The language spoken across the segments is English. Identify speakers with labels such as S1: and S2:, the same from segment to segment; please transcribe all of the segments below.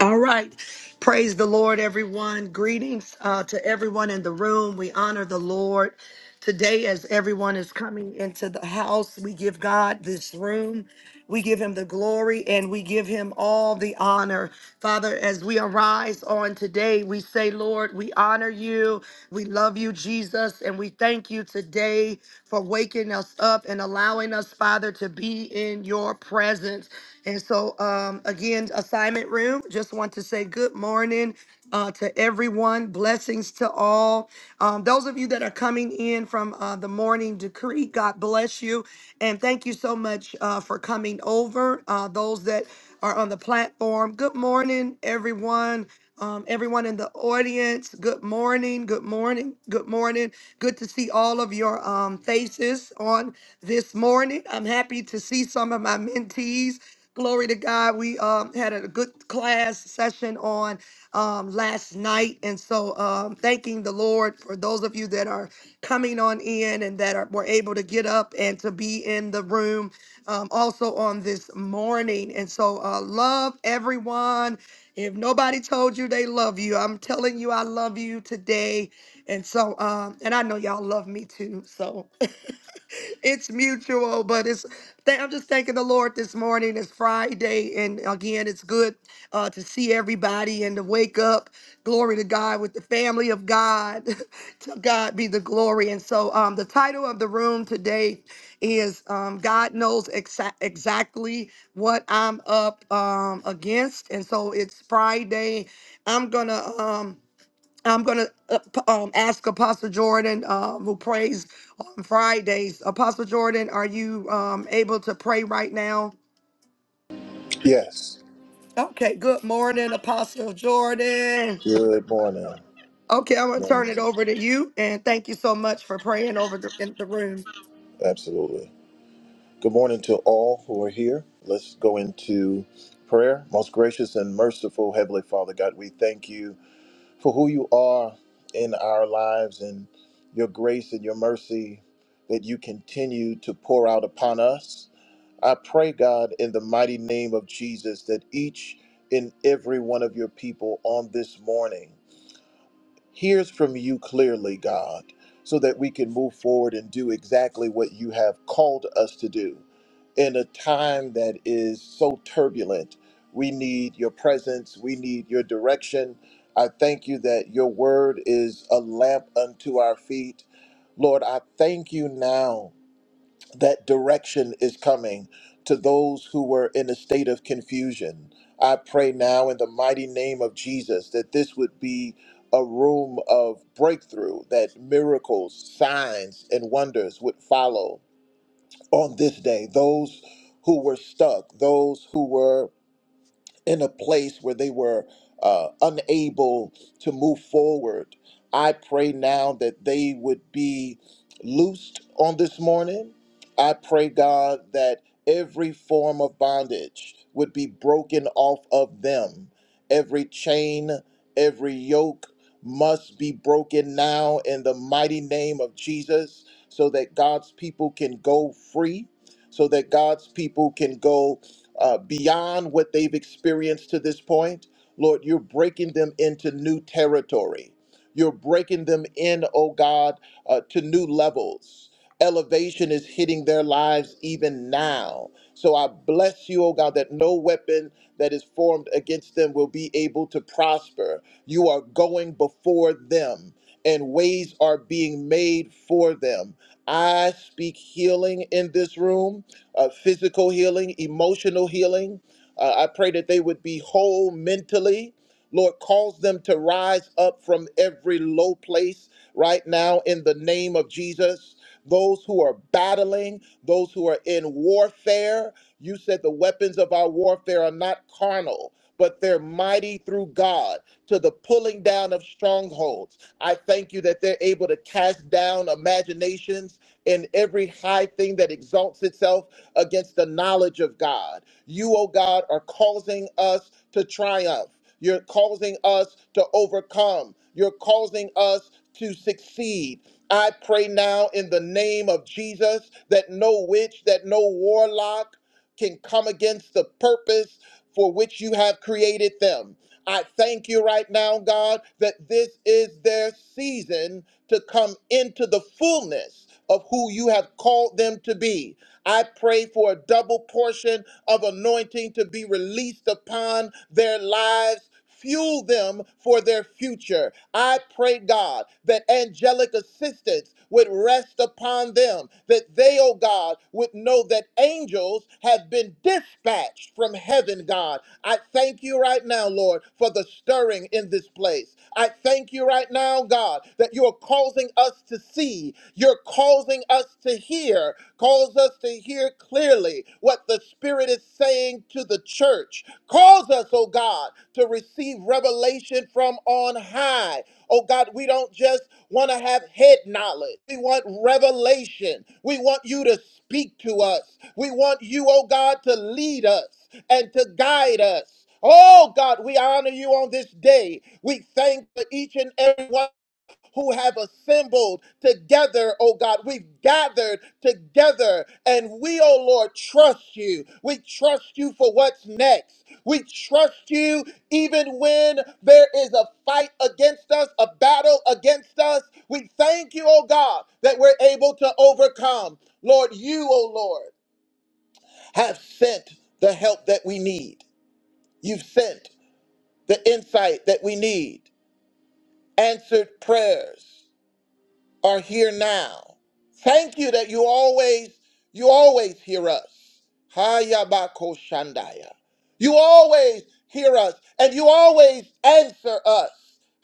S1: All right. Praise the Lord, everyone. Greetings uh, to everyone in the room. We honor the Lord. Today, as everyone is coming into the house, we give God this room. We give him the glory and we give him all the honor. Father, as we arise on today, we say, Lord, we honor you. We love you, Jesus, and we thank you today for waking us up and allowing us, Father, to be in your presence. And so, um, again, assignment room, just want to say good morning uh, to everyone. Blessings to all. Um, those of you that are coming in from uh, the morning decree, God bless you. And thank you so much uh, for coming over. Uh, those that are on the platform, good morning, everyone. Um, everyone in the audience, good morning, good morning, good morning. Good to see all of your um, faces on this morning. I'm happy to see some of my mentees. Glory to God. We um, had a good class session on um, last night. And so um, thanking the Lord for those of you that are coming on in and that are, were able to get up and to be in the room um, also on this morning. And so uh, love everyone. If nobody told you they love you, I'm telling you I love you today. And so, um, and I know y'all love me too. So it's mutual, but it's. Th- I'm just thanking the Lord this morning. It's Friday, and again, it's good uh, to see everybody and to wake up. Glory to God with the family of God. to God be the glory. And so, um, the title of the room today is um, "God Knows exa- Exactly What I'm Up um, Against," and so it's Friday. I'm gonna. Um, I'm going to um, ask Apostle Jordan, uh, who prays on Fridays. Apostle Jordan, are you um, able to pray right now?
S2: Yes.
S1: Okay, good morning, Apostle Jordan.
S2: Good morning.
S1: Okay, I'm going to
S2: morning.
S1: turn it over to you. And thank you so much for praying over the, in the room.
S2: Absolutely. Good morning to all who are here. Let's go into prayer. Most gracious and merciful Heavenly Father God, we thank you for who you are in our lives and your grace and your mercy that you continue to pour out upon us. I pray, God, in the mighty name of Jesus, that each and every one of your people on this morning hears from you clearly, God, so that we can move forward and do exactly what you have called us to do. In a time that is so turbulent, we need your presence, we need your direction. I thank you that your word is a lamp unto our feet. Lord, I thank you now that direction is coming to those who were in a state of confusion. I pray now in the mighty name of Jesus that this would be a room of breakthrough, that miracles, signs, and wonders would follow on this day. Those who were stuck, those who were in a place where they were uh, unable to move forward. I pray now that they would be loosed on this morning. I pray, God, that every form of bondage would be broken off of them. Every chain, every yoke must be broken now in the mighty name of Jesus so that God's people can go free, so that God's people can go uh, beyond what they've experienced to this point. Lord, you're breaking them into new territory. You're breaking them in, oh God, uh, to new levels. Elevation is hitting their lives even now. So I bless you, oh God, that no weapon that is formed against them will be able to prosper. You are going before them, and ways are being made for them. I speak healing in this room uh, physical healing, emotional healing. Uh, I pray that they would be whole mentally. Lord, cause them to rise up from every low place right now in the name of Jesus. Those who are battling, those who are in warfare, you said the weapons of our warfare are not carnal, but they're mighty through God to the pulling down of strongholds. I thank you that they're able to cast down imaginations and every high thing that exalts itself against the knowledge of God. You, O God, are causing us to triumph. You're causing us to overcome. You're causing us to succeed. I pray now in the name of Jesus that no witch, that no warlock can come against the purpose for which you have created them. I thank you right now, God, that this is their season to come into the fullness of who you have called them to be. I pray for a double portion of anointing to be released upon their lives Fuel them for their future. I pray, God, that angelic assistance would rest upon them, that they, oh God, would know that angels have been dispatched from heaven, God. I thank you right now, Lord, for the stirring in this place. I thank you right now, God, that you are causing us to see, you're causing us to hear, cause us to hear hear clearly what the Spirit is saying to the church. Cause us, oh God, to receive revelation from on high. Oh God, we don't just want to have head knowledge. We want revelation. We want you to speak to us. We want you, oh God, to lead us and to guide us. Oh God, we honor you on this day. We thank for each and every one who have assembled together, oh God. We've gathered together and we, oh Lord, trust you. We trust you for what's next. We trust you even when there is a fight against us, a battle against us. We thank you, oh God, that we're able to overcome. Lord, you, oh Lord, have sent the help that we need. You've sent the insight that we need, answered prayers. are here now. Thank you that you always, you always hear us. Hayabako Shandaya. You always hear us and you always answer us.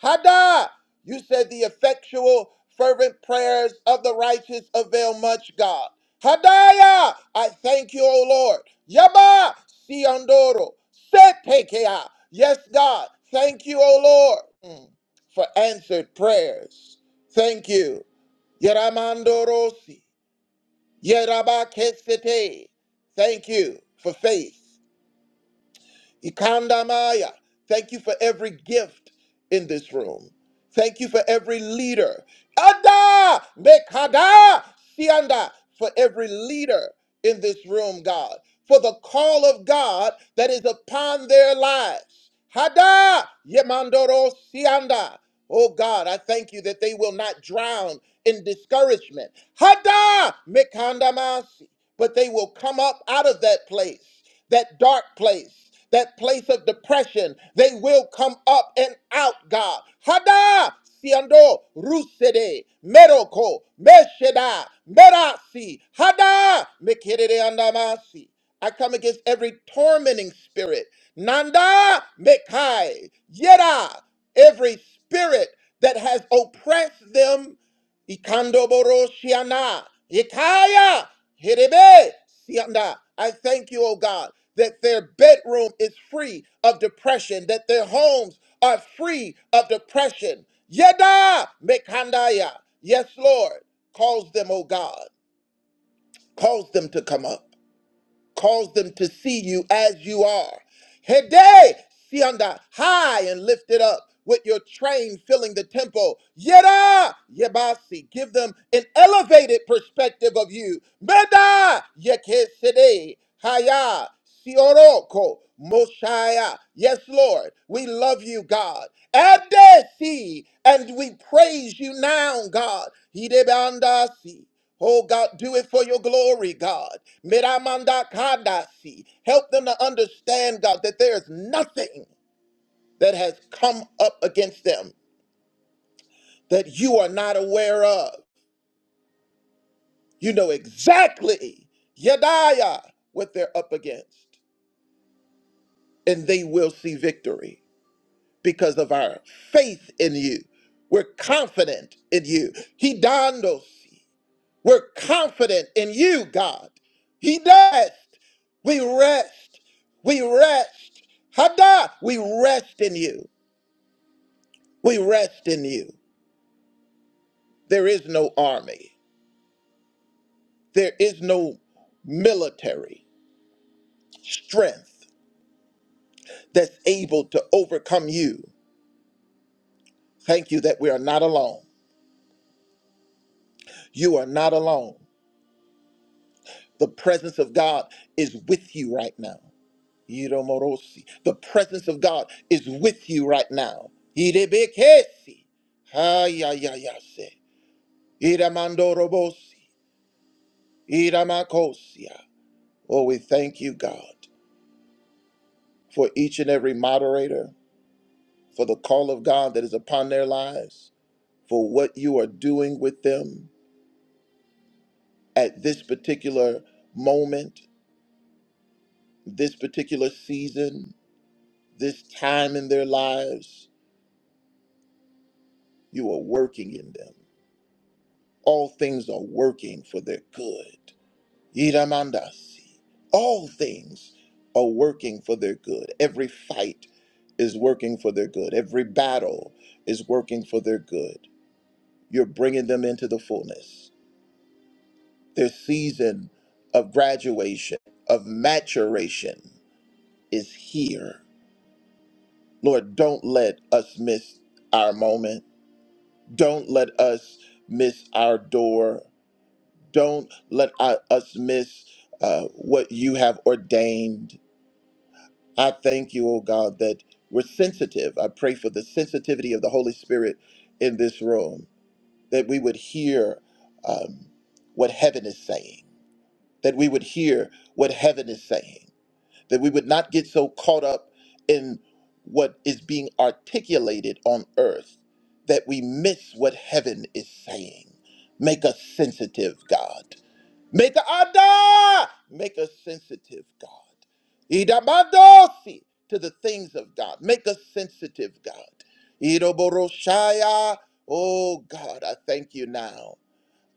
S2: Hada! You said the effectual, fervent prayers of the righteous avail much, God. Hadaya! I thank you, O Lord. Yaba! Siandoro. Setekea. Yes, God. Thank you, O Lord, mm, for answered prayers. Thank you. Yeramandorosi. Yerabakesete. Thank you for faith. Ikandamaya. Thank you for every gift in this room. Thank you for every leader. Ada Mekada Sianda for every leader in this room, God. For the call of God that is upon their lives. Hada Yemandoro Sianda. Oh God, I thank you that they will not drown in discouragement. Hada but they will come up out of that place, that dark place, that place of depression. They will come up and out, God. Hada! Siando Rusede Meroko Mesheda Merasi Hada Mekerere Andamasi. I come against every tormenting spirit. Nanda Mekai Yera every spirit that has oppressed them. Ikando Boroshiana. Ikaya Herebe, sianda. I thank you, oh God, that their bedroom is free of depression, that their homes are free of depression. Yeda Mekandaya. Yes, Lord. Cause them, oh God. Cause them to come up. Cause them to see you as you are. Hede, sianda, high and lifted up with your train filling the temple. Yeda, yebasi, give them an elevated perspective of you. Meda, yekesede, haya, sioroko, moshaya. Yes, Lord, we love you, God. Adesi, and we praise you now, God. Hidebandasi. Oh God, do it for your glory, God. Miramandakadasi. Help them to understand, God, that there is nothing that has come up against them that you are not aware of. You know exactly, Yadiah, what they're up against. And they will see victory because of our faith in you. We're confident in you. Hidandosi. We're confident in you, God. He does. We rest. We rest. Hada, we rest in you. We rest in you. There is no army. There is no military strength that's able to overcome you. Thank you that we are not alone. You are not alone. The presence of God is with you right now. Iromorosi. The presence of God is with you right now. Irebekesi. Hayayayase. Iramandorobosi. Iramakosia. Oh, we thank you, God, for each and every moderator, for the call of God that is upon their lives, for what you are doing with them at this particular moment, this particular season, this time in their lives. You are working in them. all things are working for their good. Iramandasi. All things are working for their good. Every fight is working for their good. Every battle is working for their good. You're bringing them into the fullness. Their season of graduation, of maturation is here. Lord, don't let us miss our moment. Don't let us miss our door. Don't let I, us miss uh, what you have ordained. I thank you, oh God, that we're sensitive. I pray for the sensitivity of the Holy Spirit in this room, that we would hear um, what heaven is saying, that we would hear what heaven is saying, that we would not get so caught up in what is being articulated on earth that we miss what heaven is saying. Make us sensitive, God. Make a ada, make us sensitive, God. Idabadosi to the things of God. Make us sensitive, God. Idoboroshaya. Oh God, I thank you now.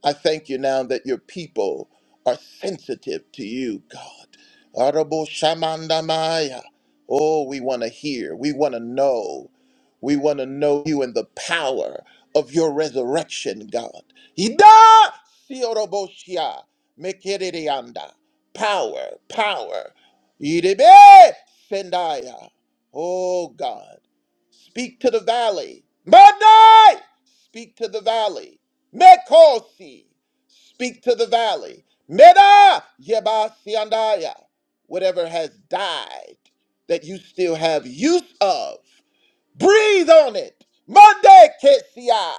S2: I thank you now that your people are sensitive to you, God. Arabo shamandamaya. Oh, we want to hear. We want to know. We want to know you and the power of your resurrection, God. Ida sioroboshia mekererianda. Power, power. Irebe sendaya. Oh, God. Speak to the valley. Monday! Speak to the valley. Mekosi, speak to the valley. Meda Yebasiandaya, whatever has died that you still have use of, breathe on it. Monday Kesia,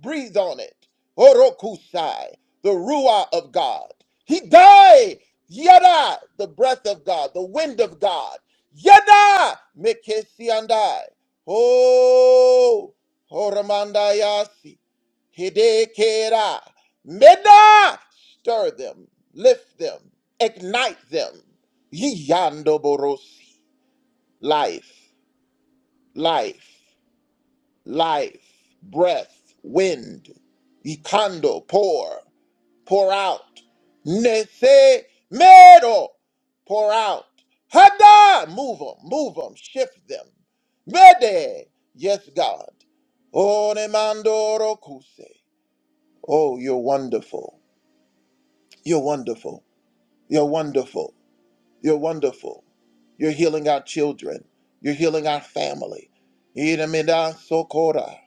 S2: breathe on it. Orokusai, the Ruah of God. He died. Yada, the breath of God, the wind of God. Yada Mekesiandai. Oh, Horamandayasi. Hidekera. Meda! Stir them, lift them, ignite them. Yiyando borosi. Life, life, life, breath, wind. Ikando, pour, pour out. Nese mero, pour out. Hada, move them, move them, shift them. Mede, yes, God. Onemando rokuse. Oh, you're wonderful. You're wonderful. You're wonderful. You're wonderful. You're healing our children. You're healing our family. Iremida sokora.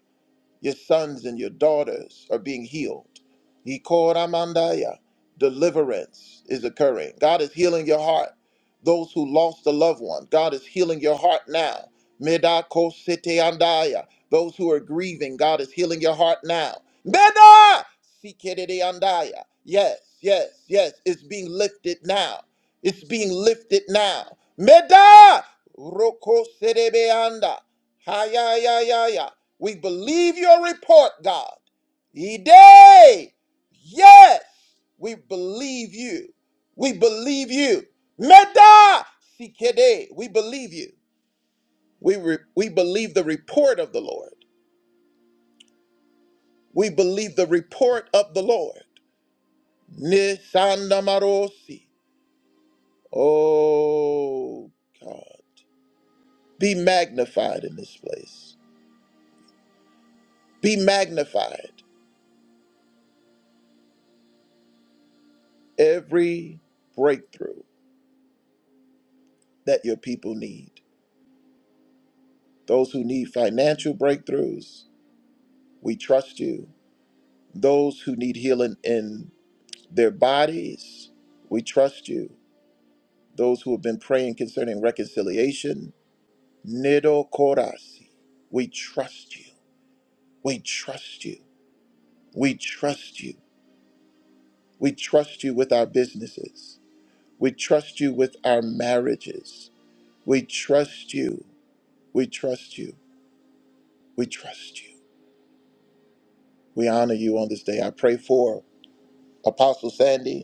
S2: Your sons and your daughters are being healed. Ikoramandaya. Deliverance is occurring. God is healing your heart. Those who lost a loved one, God is healing your heart now. Medakositeandaya. Those who are grieving, God is healing your heart now. Meda! Sikereandaya. Yes, yes, yes. It's being lifted now. It's being lifted now. Meda! Roko serebeanda. Hayaya. We believe your report, God. Yea, yes, we believe you. We believe you. Meda sikede, we believe you. We re- we believe the report of the Lord. We believe the report of the Lord. Nisandamarosi. Oh God, be magnified in this place. Be magnified every breakthrough that your people need. Those who need financial breakthroughs, we trust you. Those who need healing in their bodies, we trust you. Those who have been praying concerning reconciliation, Nido Korasi, we trust you. We trust you. We trust you. We trust you with our businesses. We trust you with our marriages. We trust you. We trust you. We trust you. We honor you on this day. I pray for Apostle Sandy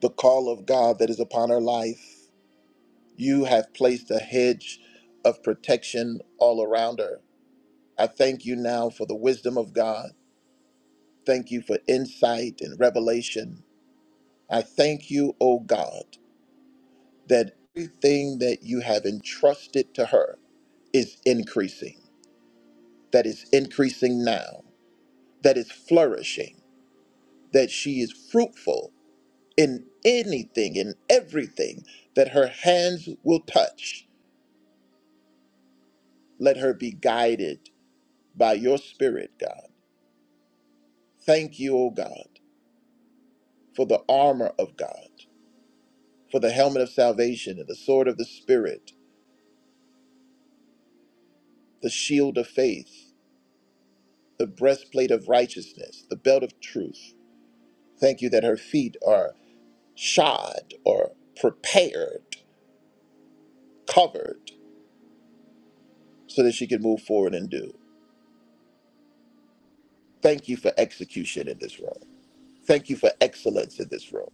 S2: the call of God that is upon her life. You have placed a hedge of protection all around her. I thank you now for the wisdom of God. Thank you for insight and revelation. I thank you, O God, that everything that you have entrusted to her is increasing, that is increasing now, that is flourishing, that she is fruitful in anything, in everything that her hands will touch Let her be guided by your spirit, God. Thank you, O God, for the armor of God, for the helmet of salvation and the sword of the spirit, the shield of faith, the breastplate of righteousness, the belt of truth. Thank you that her feet are shod or prepared, covered, so that she can move forward and do. Thank you for execution in this room. Thank you for excellence in this room.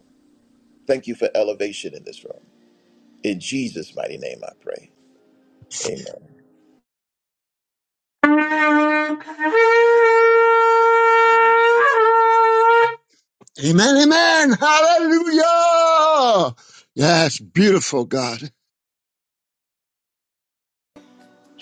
S2: Thank you for elevation in this room. In Jesus' mighty name, I pray. Amen.
S3: Amen, amen. Hallelujah. Yes, beautiful God.